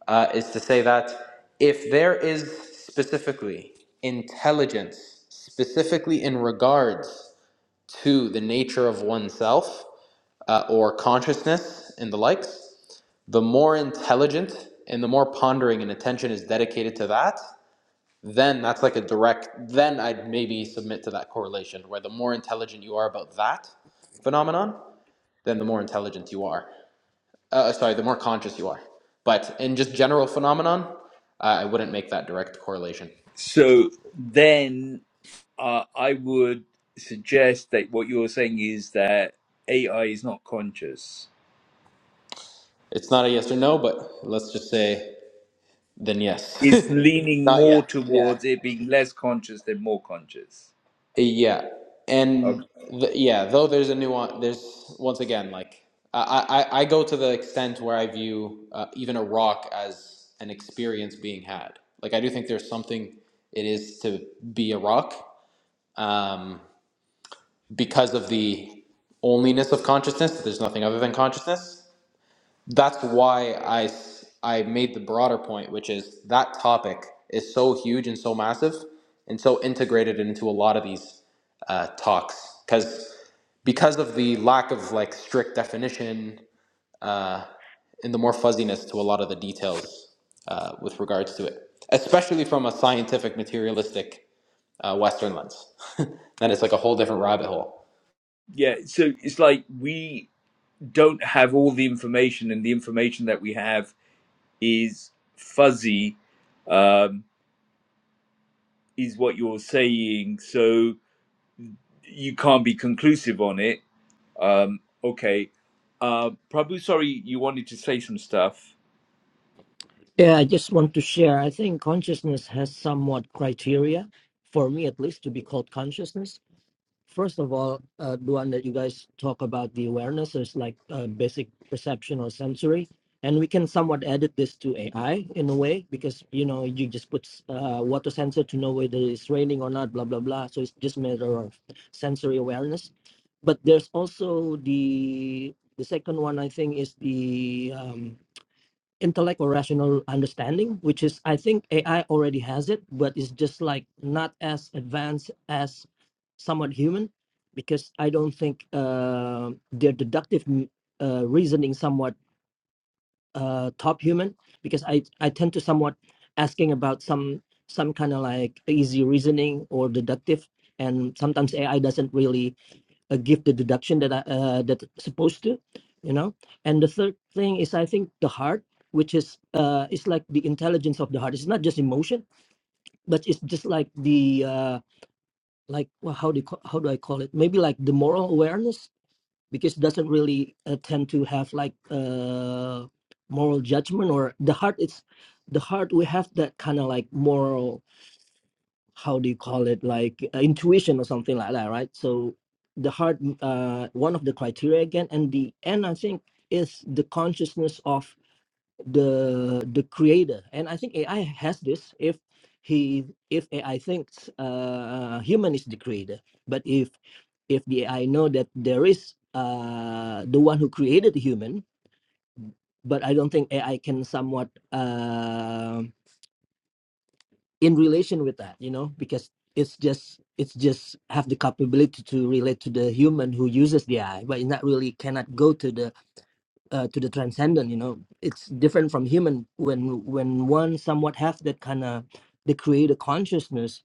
uh, is to say that if there is specifically intelligence, specifically in regards to the nature of oneself uh, or consciousness and the likes, the more intelligent and the more pondering and attention is dedicated to that, then that's like a direct then i'd maybe submit to that correlation where the more intelligent you are about that phenomenon then the more intelligent you are uh, uh, sorry the more conscious you are but in just general phenomenon i I wouldn't make that direct correlation
so then. uh, I would suggest that what you're saying is that AI is not conscious.
it's not a yes or no but let's just say then yes
It's leaning
not yet
more
Yeah.
towards it being less conscious than more conscious.
Yeah,
Okay.
and th yeah, though there's a nuance. There's once again, like I, I, I go to the extent where I view uh, even a rock as an experience being had. Like I do think there's something it is to be a rock um, because of the onlyness of consciousness. That there's nothing other than consciousness that's why I I made the broader point, which is that topic is so huge and so massive and so integrated into a lot of these uh, talks because because of the lack of like strict definition uh, and the more fuzziness to a lot of the details uh, with regards to it, especially from a scientific materialistic uh, Western lens, then it's like a whole different rabbit hole.
Yeah. So it's like we don't have all the information, and the information that we have is fuzzy, um, is what you're saying. So you can't be conclusive on it. Um, okay. Uh, Prabhu, sorry, you wanted to say some stuff.
Yeah, I just want to share. I think consciousness has somewhat criteria, for me at least, to be called consciousness. First of all, uh, the one that you guys talk about, the awareness is like uh, basic perception or sensory. And we can somewhat edit this to AI in a way because, you know, you just put uh, water sensor to know whether it's raining or not, blah, blah, blah. So it's just matter of sensory awareness. But there's also the the second one, I think, is the um, intellect or rational understanding, which is I think AI already has it, but it's just like not as advanced as somewhat human, because I don't think uh, their deductive mm, uh, reasoning somewhat uh, top human, because I I tend to somewhat asking about some some kind of like easy reasoning or deductive, and sometimes AI doesn't really uh, give the deduction that I, uh, that supposed to, you know. And the third thing is, I think the heart, which is uh, it's like the intelligence of the heart. It's not just emotion, but it's just like the uh, like well, how do you, how do I call it? Maybe like the moral awareness, because it doesn't really uh, tend to have like uh, moral judgment or the heart. It's the heart. We have that kind of like moral how do you call it like uh, intuition or something like that right so the heart mm, uh one of the criteria again and the end i think is the consciousness of the the creator and i think ai has this if he if ai thinks uh human is the creator but if if the ai know that there is uh the one who created the human but i don't think ai can somewhat uh, in relation with that you know because it's just it's just have the capability to relate to the human who uses the eye but it's not really cannot go to the uh, to the transcendent you know it's different from human when when one somewhat have that kind of the creator consciousness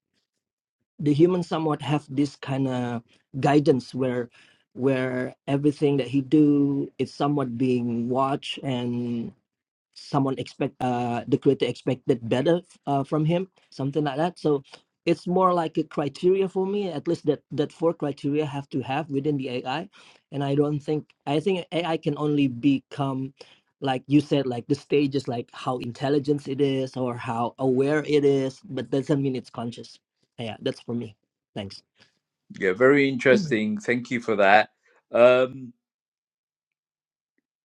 the human somewhat have this kind of guidance where where everything that he do is somewhat being watched and someone expect uh the creator expected better uh, from him something like that so it's more like a criteria for me at least that that four criteria have to have within the ai and i don't think i think ai can only become like you said like the stages like how intelligent it is or how aware it is but doesn't mean it's conscious yeah that's for me thanks
Yeah, very interesting. Thank you for that. Um,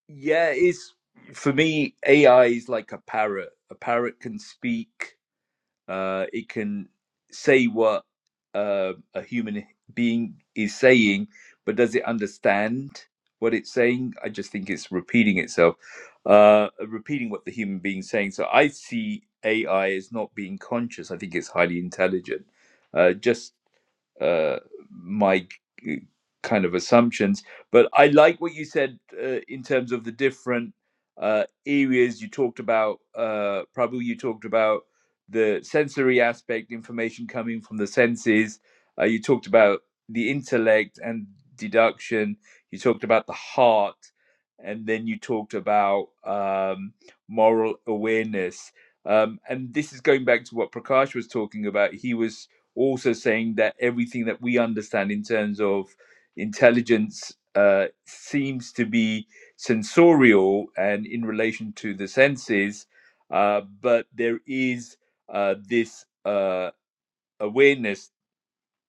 yeah, it's for me, AI is like a parrot. A parrot can speak, uh, it can say what uh, a human being is saying, but does it understand what it's saying? I just think it's repeating itself, uh, repeating what the human being's saying. So I see AI as not being conscious. I think it's highly intelligent. Uh, just uh, my k- kind of assumptions. But I like what you said uh, in terms of the different uh, areas you talked about. Uh, Prabhu, you talked about the sensory aspect, information coming from the senses. Uh, you talked about the intellect and deduction. You talked about the heart. And then you talked about um, moral awareness. Um, and this is going back to what Prakash was talking about. He was also saying that everything that we understand in terms of intelligence uh, seems to be sensorial and in relation to the senses, uh, but there is uh, this uh, awareness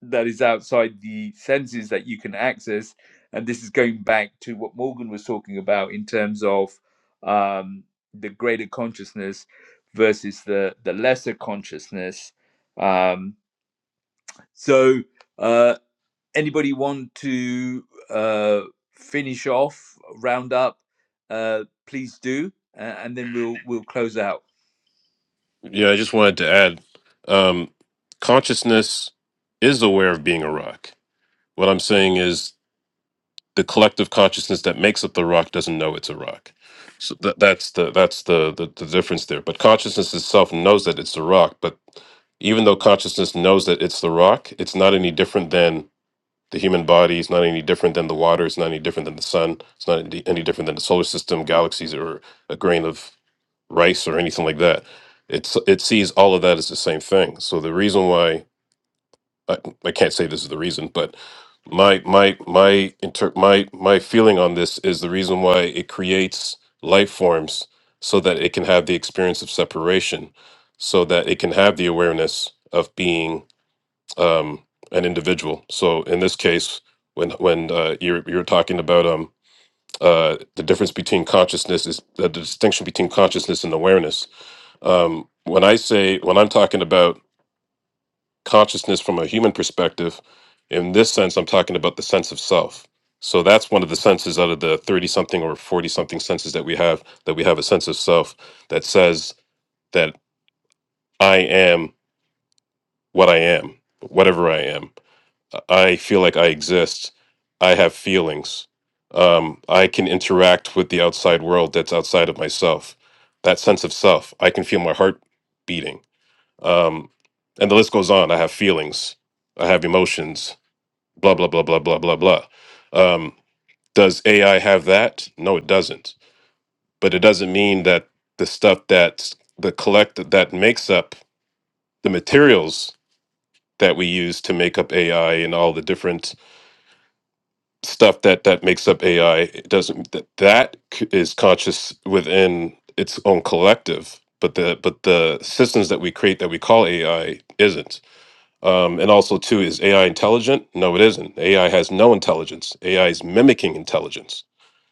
that is outside the senses that you can access. And this is going back to what Morgan was talking about in terms of um, the greater consciousness versus the, the lesser consciousness. Um, so, uh, anybody want to uh, finish off, round up? Uh, please do, uh, and then we'll we'll close out.
Yeah, I just wanted to add um, consciousness is aware of being a rock. What I'm saying is the collective consciousness that makes up the rock doesn't know it's a rock. So that, that's the that's the, the the difference there. But consciousness itself knows that it's a rock. But even though consciousness knows that it's the rock, it's not any different than the human body. It's not any different than the water. It's not any different than the sun. It's not any any different than the solar system, galaxies, or a grain of rice or anything like that. It's it sees all of that as the same thing. So the reason why I, I can't say this is the reason, but my my my inter, my my feeling on this is the reason why it creates life forms so that it can have the experience of separation, so that it can have the awareness of being um, an individual. So in this case, when when uh, you're you're talking about um uh, the difference between consciousness is uh, the distinction between consciousness and awareness um, when I say, when I'm talking about consciousness from a human perspective, in this sense, I'm talking about the sense of self. So that's one of the senses out of the 30 something or 40 something senses that we have, that we have a sense of self that says that I am what I am, whatever I am. I feel like I exist. I have feelings. Um, I can interact with the outside world that's outside of myself. That sense of self. I can feel my heart beating Um, and the list goes on. I have feelings, I have emotions, blah, blah, blah, blah, blah, blah, blah. Um, does AI have that? No, it doesn't. But it doesn't mean that the stuff that's the collect that makes up the materials that we use to make up AI and all the different stuff that that makes up AI it doesn't that that c- is conscious within its own collective but the but the systems that we create that we call AI isn't Um, and also, too, is AI intelligent? No, it isn't. AI has no intelligence. AI is mimicking intelligence.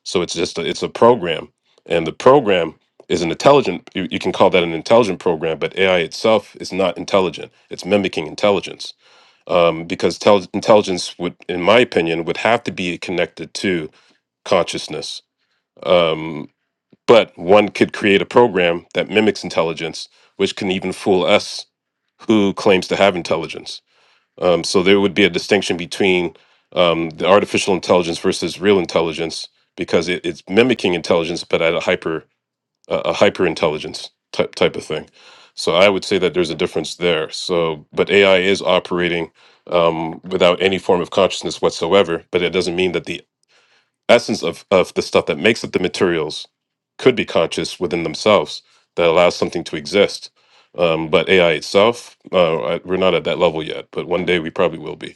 So it's just a, it's a program, and the program is an intelligent. You, you can call that an intelligent program, but AI itself is not intelligent. It's mimicking intelligence um, because tel- intelligence would, in my opinion, would have to be connected to consciousness. Um, but one could create a program that mimics intelligence, which can even fool us, who claims to have intelligence um, so there would be a distinction between um, the artificial intelligence versus real intelligence because it, it's mimicking intelligence, but at a hyper uh, a hyper intelligence type type of thing. So I would say that there's a difference there. So, but AI is operating um, without any form of consciousness whatsoever. But it doesn't mean that the essence of of the stuff that makes up the materials could be conscious within themselves that allows something to exist. Um, but AI itself, uh, I- we're not at that level yet. But one day we probably will be.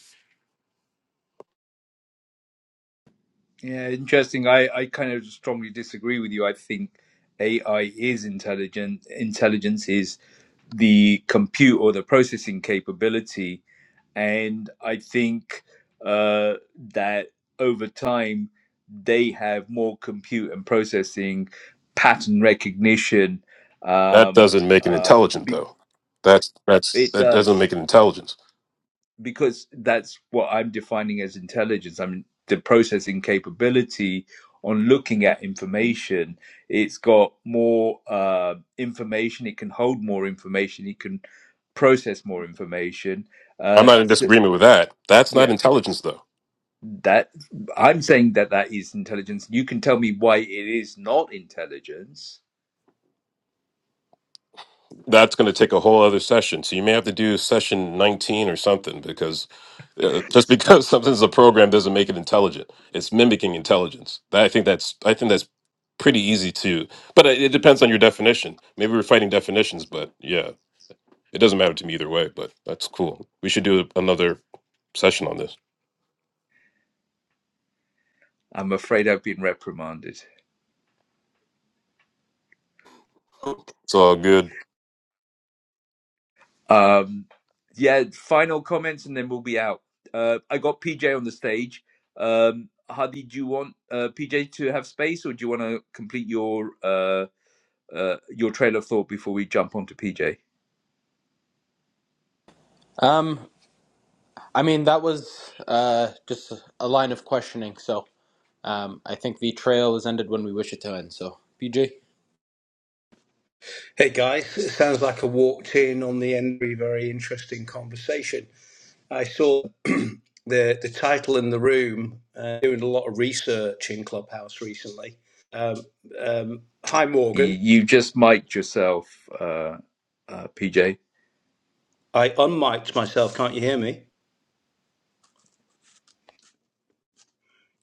Yeah, interesting. I, I kind of strongly disagree with you. I think AI is intelligent. Intelligence is the compute or the processing capability. And I think uh, that over time, they have more compute and processing, pattern recognition.
That
Um,
doesn't make it
uh,
intelligent,
be-
though. That's that's
it
that doesn't
does
make it intelligence.
because that's what I'm defining as intelligence. i mean, the processing capability on looking at information. It's got more uh, information. It can hold more information. It can process more information.
I'm
Uh,
not in
so,
disagreement with that. That's not
yeah,
intelligence, though.
that I'm saying that that is intelligence. You can tell me why it is not intelligence.
that's going to take a whole other session. So you may have to do session 19 or something because uh, just because something's a program doesn't make it intelligent. It's mimicking intelligence. That, I think that's I think that's pretty easy to, but it, it depends on your definition. Maybe we're fighting definitions, but yeah, it doesn't matter to me either way. But that's cool. We should do another session on this.
I'm afraid I've been reprimanded.
It's all good.
Um, yeah, final comments and then we'll be out. Uh, I got PJ on the stage. Um, Hadi, do you want uh, PJ to have space or do you want to complete your uh, uh, your trail of thought before we jump onto PJ? Y-
Um, I mean that was uh, just a line of questioning, so. Um, I think the trail has ended when we wish it to end. So, PJ.
Hey guys, it sounds like I walked in on the end of a very very interesting conversation. I saw the the title in the room, uh, doing a lot of research in Clubhouse recently. Um, um, hi
You
Morgan,
you just mic'd yourself, uh, uh, PJ,
I unmiked myself. Can't you hear me?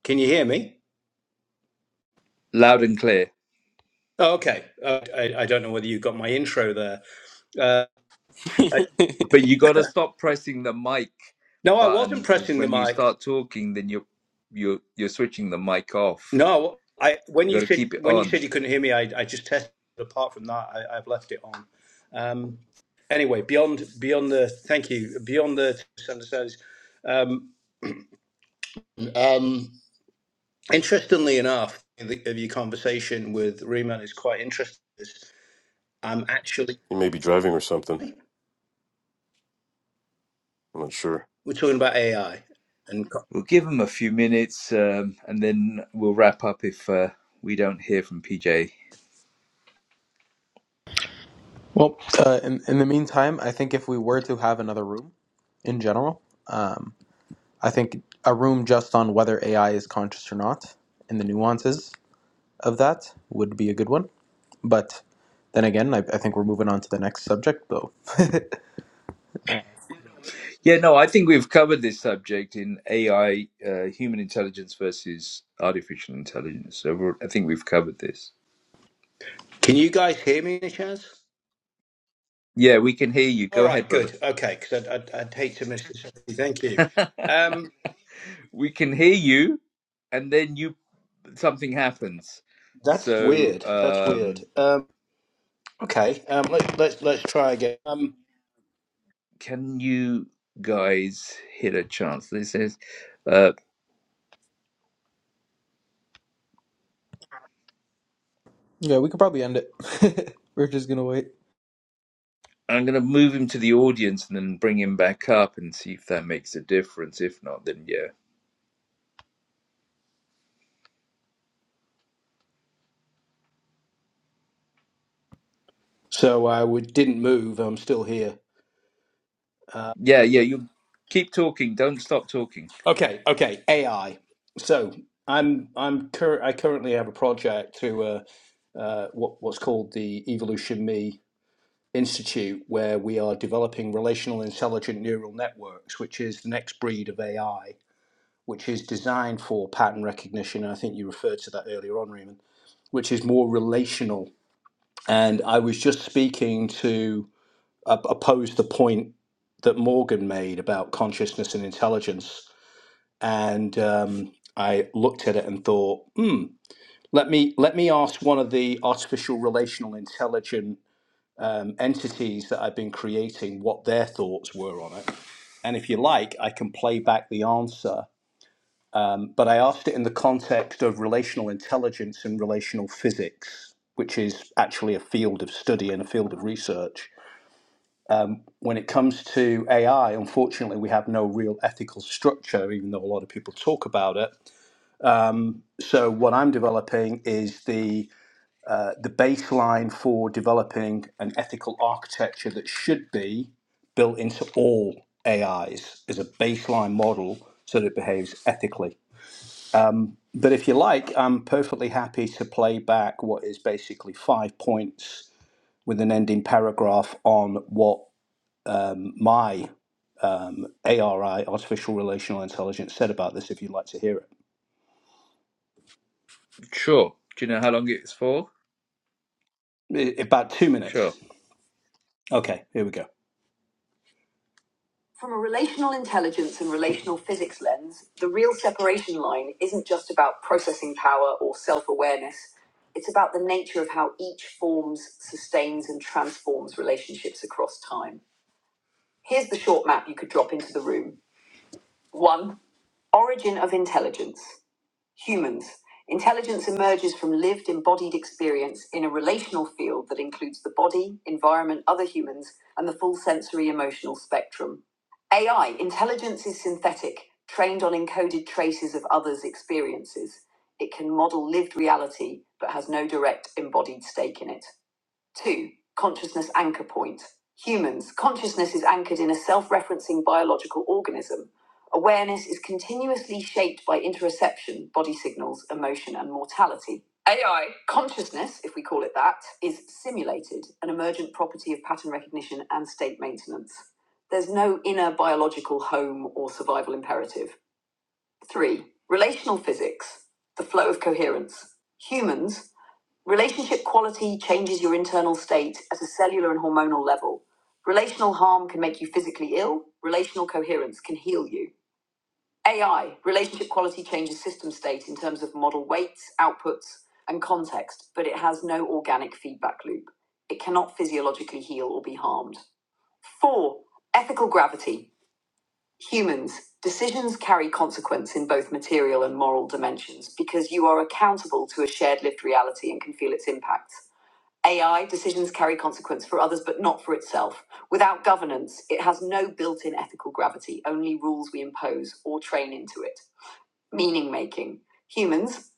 Can you hear me?
loud and clear.
Oh, okay, uh, I, I don't know whether you got my intro there. Uh, I,
But you got to stop pressing the mic
no, I
button
wasn't
because
pressing the
when you
mic.
start talking, then you're you're you're switching the mic off.
No, I when
You
you
got to
said
keep it
when you
on.
said you couldn't hear me, I, I just tested. Apart from that, I, I've left it on. Um, anyway, beyond beyond the thank you beyond the misunderstandings. Um, um, interestingly enough, the, of your conversation with Riemann is quite interesting. Is I'm actually
You may be driving or something. I'm not sure.
we're talking about AI, and co-
We'll give him a few minutes um, and then we'll wrap up if uh, we don't hear from PJ.
Well, uh, in, in the meantime, I think if we were to have another room in general, um, I think a room just on whether AI is conscious or not and the nuances of that would be a good one. But then again, I, I think we're moving on to the next subject, though.
Yeah, no, I think we've covered this subject in AI, uh, human intelligence versus artificial intelligence. So we're, I think we've covered this.
can you guys hear me? Any chance?
Yeah, we can hear you.
All
Go
right,
ahead, brother.
good. Okay, because I'd, I'd, I'd hate to miss this. Thank you. Um,
We can hear you, and then you something happens.
that's
So
weird. That's weird.
um,
Um, Okay, um, let, let's let's try again. Um,
can you guys hit a chance? This is. uh,
yeah, we could probably end it. we're just gonna wait.
I'm going to move him to the audience and then bring him back up and see if that makes a difference. If not, then yeah.
so I would, didn't move. I'm still here.
Yeah, yeah, you keep talking. Don't stop talking.
Okay, okay. AI. So I'm I'm cur- I currently have a project through uh, uh, what what's called the Evolution Me Institute, where we are developing relational intelligent neural networks, which is the next breed of AI, which is designed for pattern recognition. And I think you referred to that earlier on, Raymond, which is more relational. And I was just speaking to op- opposed the point that Morgan made about consciousness and intelligence, and um, I looked at it and thought, hmm, let me let me ask one of the artificial relational intelligent um, entities that I've been creating what their thoughts were on it, and if you like, I can play back the answer. But I asked it in the context of relational intelligence and relational physics, which is actually a field of study and a field of research when it comes to AI, unfortunately, we have no real ethical structure, even though a lot of people talk about it. So, what I'm developing is the uh, the baseline for developing an ethical architecture that should be built into all AIs as a baseline model, so that it behaves ethically. But if you like, I'm perfectly happy to play back what is basically five points with an ending paragraph on what my ARI, artificial relational intelligence, said about this if you'd like to hear
Sure. Do you know how long it's for?
it. I- About two
Sure.
minutes. Okay, here we go. From a relational intelligence and relational physics lens, the real separation line isn't just about processing power or self awareness. It's about the nature of how each forms, sustains, and transforms relationships across time. Here's the short map you could drop into the room. One, origin of intelligence. Humans. Intelligence emerges from lived embodied experience in a relational field that includes the body, environment, other humans, and the full sensory emotional spectrum. AI. Intelligence is synthetic, trained on encoded traces of others' experiences. It can model lived reality, but has no direct embodied stake in it. Two, consciousness anchor point. Humans, consciousness is anchored in a self referencing biological organism. Awareness is continuously shaped by interoception, body signals, emotion, and mortality. AI. Consciousness, if we call it that, is simulated, an emergent property of pattern recognition and state maintenance. There's no inner biological home or survival imperative. Three, relational physics, the flow of coherence. Humans, Relationship quality changes your internal state at a cellular and hormonal level. Relational harm can make you physically ill. Relational coherence can heal you. AI, relationship quality changes system state in terms of model weights, outputs, and context, but it has no organic feedback loop. It cannot physiologically heal or be harmed. Four, ethical gravity. Humans, decisions carry consequence in both material and moral dimensions because you are accountable to a shared lived reality and can feel its impacts. AI decisions carry consequence for others, but not for itself. Without governance, it has no built in ethical gravity, only rules we impose or train into it. Meaning making. Humans,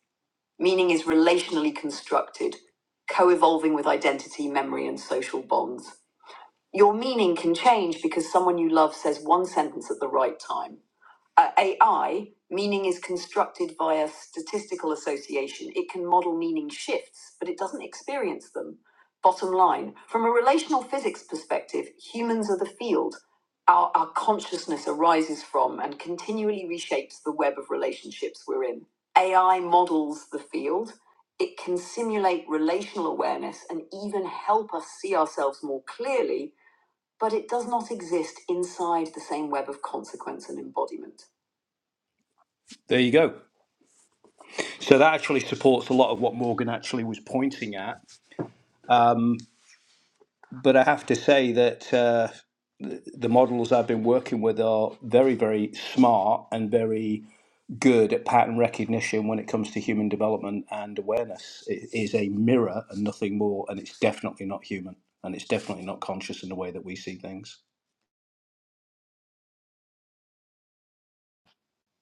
meaning is relationally constructed, co evolving with identity, memory, and social bonds. Your meaning can change because someone you love says one sentence at the right time uh, AI, meaning is constructed via statistical association. It can model meaning shifts, but it doesn't experience them. Bottom line, from a relational physics perspective, humans are the field our, our consciousness arises from and continually reshapes the web of relationships we're in. AI models the field. It can simulate relational awareness and even help us see ourselves more clearly, but it does not exist inside the same web of consequence and embodiment. There you go. So that actually supports a lot of what Morgan actually was pointing at. Um, but I have to say that uh, the, the models I've been working with are very, very smart and very good at pattern recognition when it comes to human development and awareness. It is a mirror and nothing more, and it's definitely not human, and it's definitely not conscious in the way that we see things.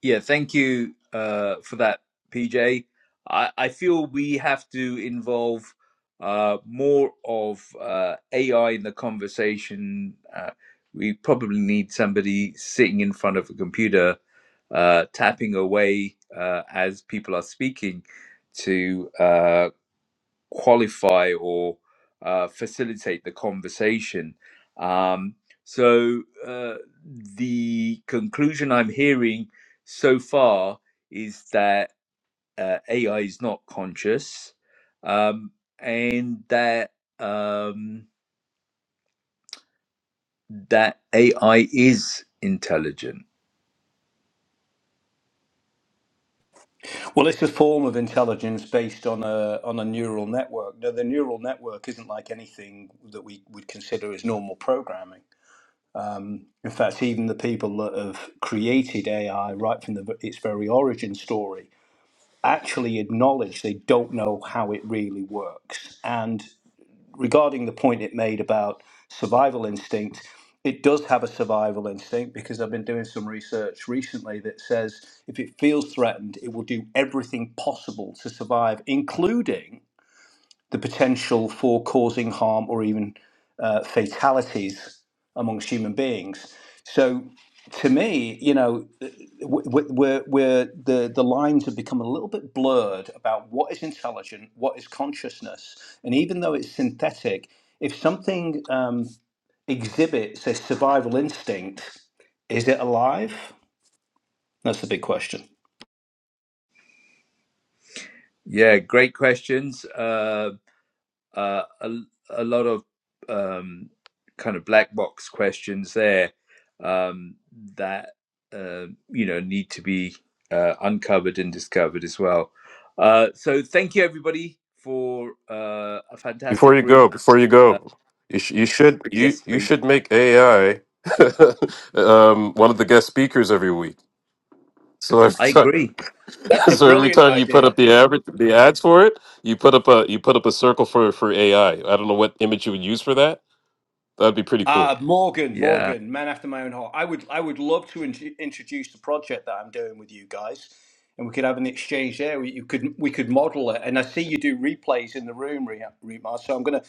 Yeah, thank you uh, for that, PJ. I, I feel we have to involve uh, more of uh, AI in the conversation. Uh, we probably need somebody sitting in front of a computer, uh, tapping away uh, as people are speaking to uh, qualify or uh, facilitate the conversation. Um, so uh, the conclusion I'm hearing so far is that uh, AI is not conscious, um, and that um, that AI is intelligent.
Well, it's a form of intelligence based on a on a neural network. Now, the neural network isn't like anything that we would consider as normal programming. In fact, even the people that have created AI right from the, its very origin story actually acknowledge they don't know how it really works. And regarding the point it made about survival instinct, it does have a survival instinct because I've been doing some research recently that says if it feels threatened, it will do everything possible to survive, including the potential for causing harm or even uh, fatalities amongst human beings. So, to me, you know, we're, we're, the, the lines have become a little bit blurred about what is intelligent, what is consciousness. And even though it's synthetic, if something um, exhibits a survival instinct, is it alive? That's the big question.
Yeah, great questions. Uh, uh, a, a lot of um, kind of black box questions there um, that uh, you know need to be uh, uncovered and discovered as well. Uh, so thank you everybody for uh, a
Before
fantastic
you
room.
go, before you
Uh,
go, you, sh- you should you
yes,
you
please.
should make AI um, one of the guest speakers every week. So every
I
time,
agree.
That's a
so every
brilliant
time you put up
idea.
the average the ads for it, you put up a you put up a circle for for AI. I I don't know what image you would use for that. That'd be pretty
Ah,
cool.
Morgan,
Yeah.
Morgan, man after my own heart. I would, I would love to int- introduce the project that I'm doing with you guys, and we could have an exchange there. We, you could, we could model it, and I see you do replays in the room, Re- Remar. So I'm gonna,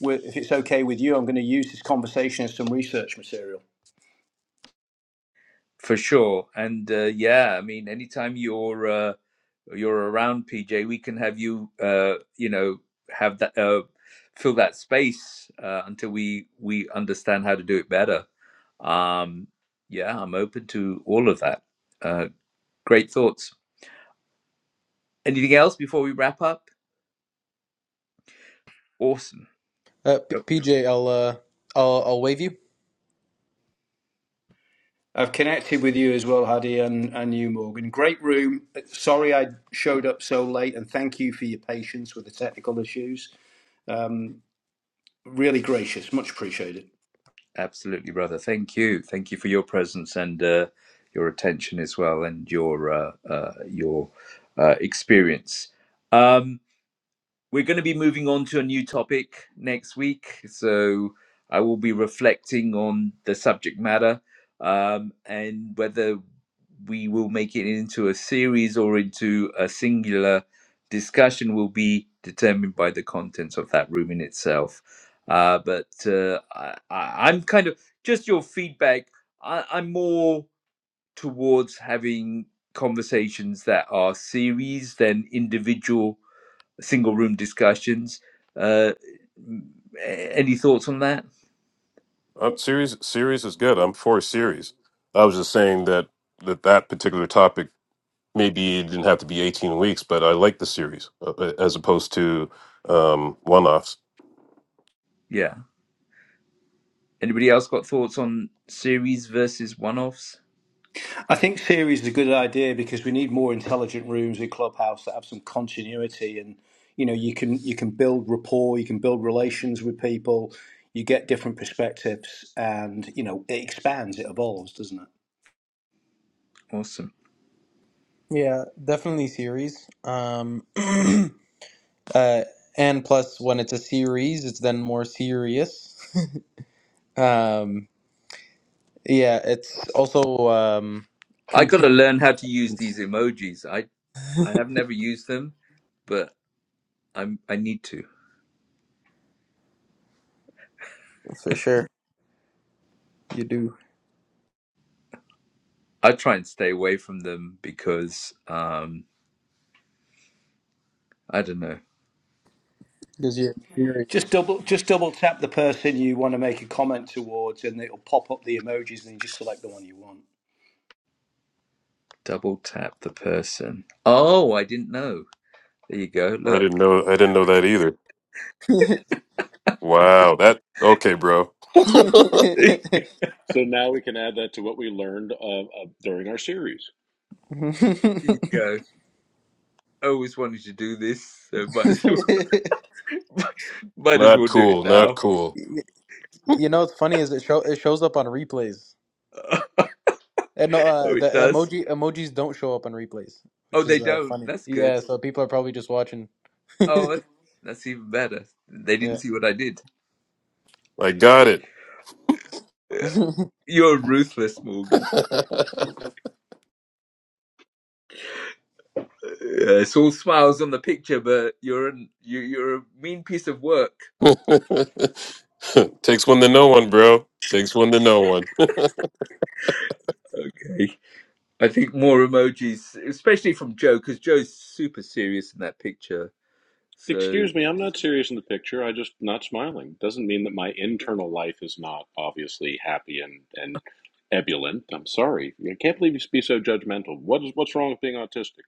wi- if it's okay with you, I'm gonna use this conversation as some research material.
for sure. And uh, yeah, I mean, anytime you're uh, you're around PJ, we can have you, uh, you know, have that uh, fill that space uh, until we we understand how to do it better. Um, yeah, I'm open to all of that. Uh, great thoughts. Anything else before we wrap up? Awesome.
Uh,
Yep.
P- PJ, I'll, uh, I'll I'll wave you.
I've connected with you as well, Hadi, and, and you, Morgan. Great room. Sorry I showed up so late, and thank you for your patience with the technical issues. Really gracious, much appreciated.
Absolutely, brother. Thank you. Thank you for your presence and uh, your attention as well, and your uh, uh, your uh, experience. Um, We're going to be moving on to a new topic next week. So I will be reflecting on the subject matter um, and whether we will make it into a series or into a singular discussion will be determined by the contents of that room in itself. Uh, but uh, I, I, I'm kind of just your feedback. I, I'm more towards having conversations that are series than individual single room discussions. Uh, any thoughts on that?
Um, series series is good. I'm for series. I was just saying that that that particular topic maybe it didn't have to be 18 weeks, but I like the series uh, uh, as opposed to um, one-offs.
Yeah. Anybody else got thoughts on series versus one offs?
I think series is a good idea because we need more intelligent rooms in Clubhouse that have some continuity, and you know you can you can build rapport, you can build relations with people, you get different perspectives, and you know it expands, it evolves, doesn't it?
Awesome.
Yeah, definitely series. Um, Uh, and plus, when it's a series, it's then more serious. Um, yeah, it's also um,
I got to
contingent
learn how to use these emojis. I, I have never used them, but I'm I need to.
for sure. You do
I try and stay away from them because um I don't know.
because you're inferior.
Just double just double tap the person you want to make a comment towards, and it'll pop up the emojis, and you just select the one you want.
Double tap the person. Oh, I didn't know. There you go.
I
Look.
didn't know. I didn't know that either.
you
Wow. That okay, bro.
there
So now we can add that to what we learned of, of during our series.
you go. I always wanted to do this, so might as well might as
not
well do it
cool. Not
now.
cool.
know, what's funny is it show it shows up on replays. And no, uh,
Oh,
the
it does.
emoji emojis don't show up on replays,
Oh,
which
they
is uh,
don't.
funny.
That's good.
Yeah, so people are probably just watching.
Oh, that- that's even better. They
yeah,
didn't see what I did.
I got it.
exactly.
You're ruthless, Morgan. Yeah, it's all smiles on the picture, but you're an, you, you're a mean piece of work.
Takes one to know one, bro. Takes one to know one.
Okay. I think more emojis, especially from Joe, because Joe's super serious in that picture. So,
Excuse me, I'm not serious in the picture. I just not smiling doesn't mean that my internal life is not obviously happy and and ebullient. I'm sorry. I can't believe you be so judgmental. What is what's wrong with being autistic?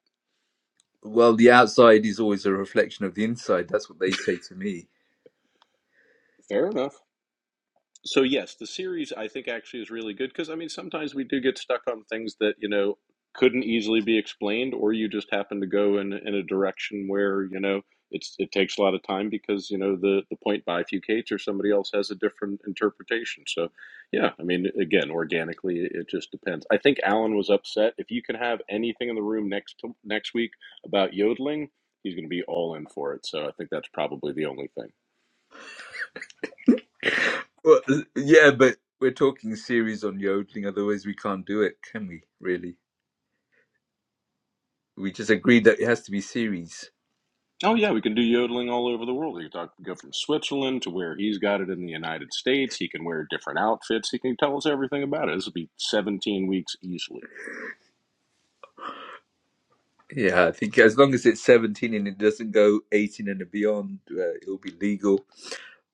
well, the outside is always a reflection of the inside. That's what they say to me.
Fair enough. So yes, the series I think actually is really good because I mean sometimes we do get stuck on things that you know couldn't easily be explained, or you just happen to go in in a direction where you know it's it takes a lot of time because you know the the point by Fucates or somebody else has a different interpretation. So yeah, I mean again, organically it, it just depends. I think Alan was upset. If you can have anything in the room next to, next week about yodeling, he's going to be all in for it. So I think that's probably the only thing.
Well, yeah, but we're talking series on yodeling. Otherwise, we can't do it, can we? Really? we just agreed that it has to be series.
Oh yeah, we can do yodeling all over the world. He can talk, go from Switzerland to where he's got it in the United States. He can wear different outfits. He can tell us everything about it. This will be 17 weeks easily.
Yeah, I think as long as it's 17 and it doesn't go 18 and beyond, uh, it'll be legal.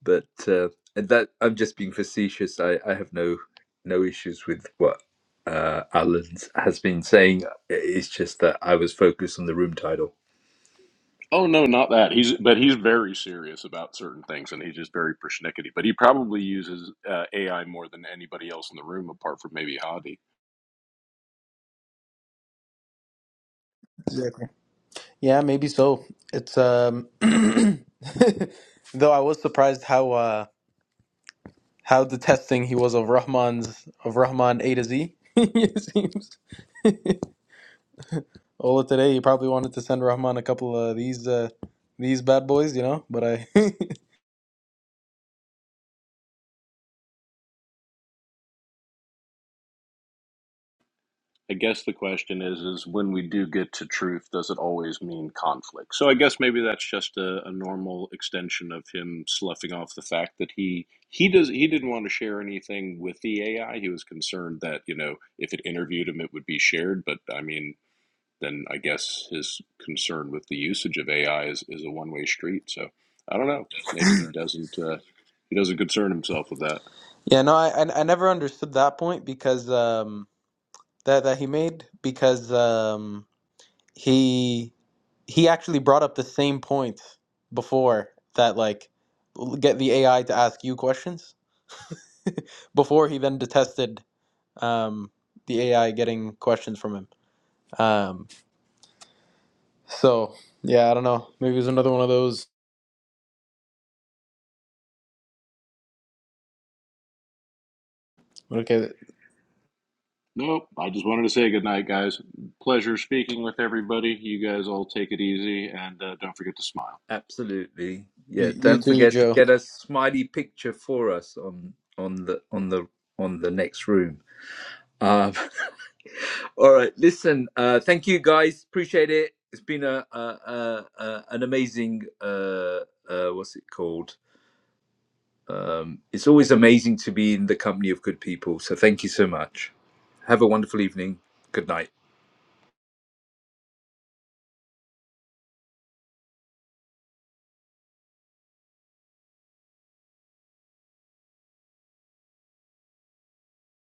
But uh, and that I'm just being facetious. I, I have no no issues with what uh, Alan has been saying. It's just that I was focused on the room title.
Oh no, not that. He's but he's very serious about certain things, and he's just very persnickety. But he probably uses uh, AI more than anybody else in the room, apart from maybe Hadi.
Yeah, maybe so. It's um though I was surprised how uh how detesting he was of Rahman's of Rahman A to Z. it seems. Ola today he probably wanted to send Rahman a couple of these uh these bad boys, you know, but I
I guess the question is is when we do get to truth, does it always mean conflict? So I guess maybe that's just a, a normal extension of him sloughing off the fact that he he does he didn't want to share anything with the AI. He was concerned that, you know, if it interviewed him it would be shared, but I mean then I guess his concern with the usage of AI is, is a one way street. So I don't know. Maybe he doesn't uh, he doesn't concern himself with that.
Yeah, no, I I, I never understood that point because um that that he made because um he he actually brought up the same point before that like l- get the AI to ask you questions before he then detested um, the AI getting questions from him. Um, so yeah, I don't know. Maybe it was another one of those. Okay,
Nope. I just wanted to say good night, guys. Pleasure speaking with everybody. You guys all take it easy and uh, don't forget to smile.
Absolutely.
you,
Yeah.
you
Don't
too,
forget to
Joe.
get a smiley picture for us on on the on the on the next room. Um, All right, listen. Uh, thank you, guys. Appreciate it. It's been a, a, a, a an amazing uh, uh, what's it called? It's always amazing to be in the company of good people. So thank you so much. Have a wonderful evening. Good night.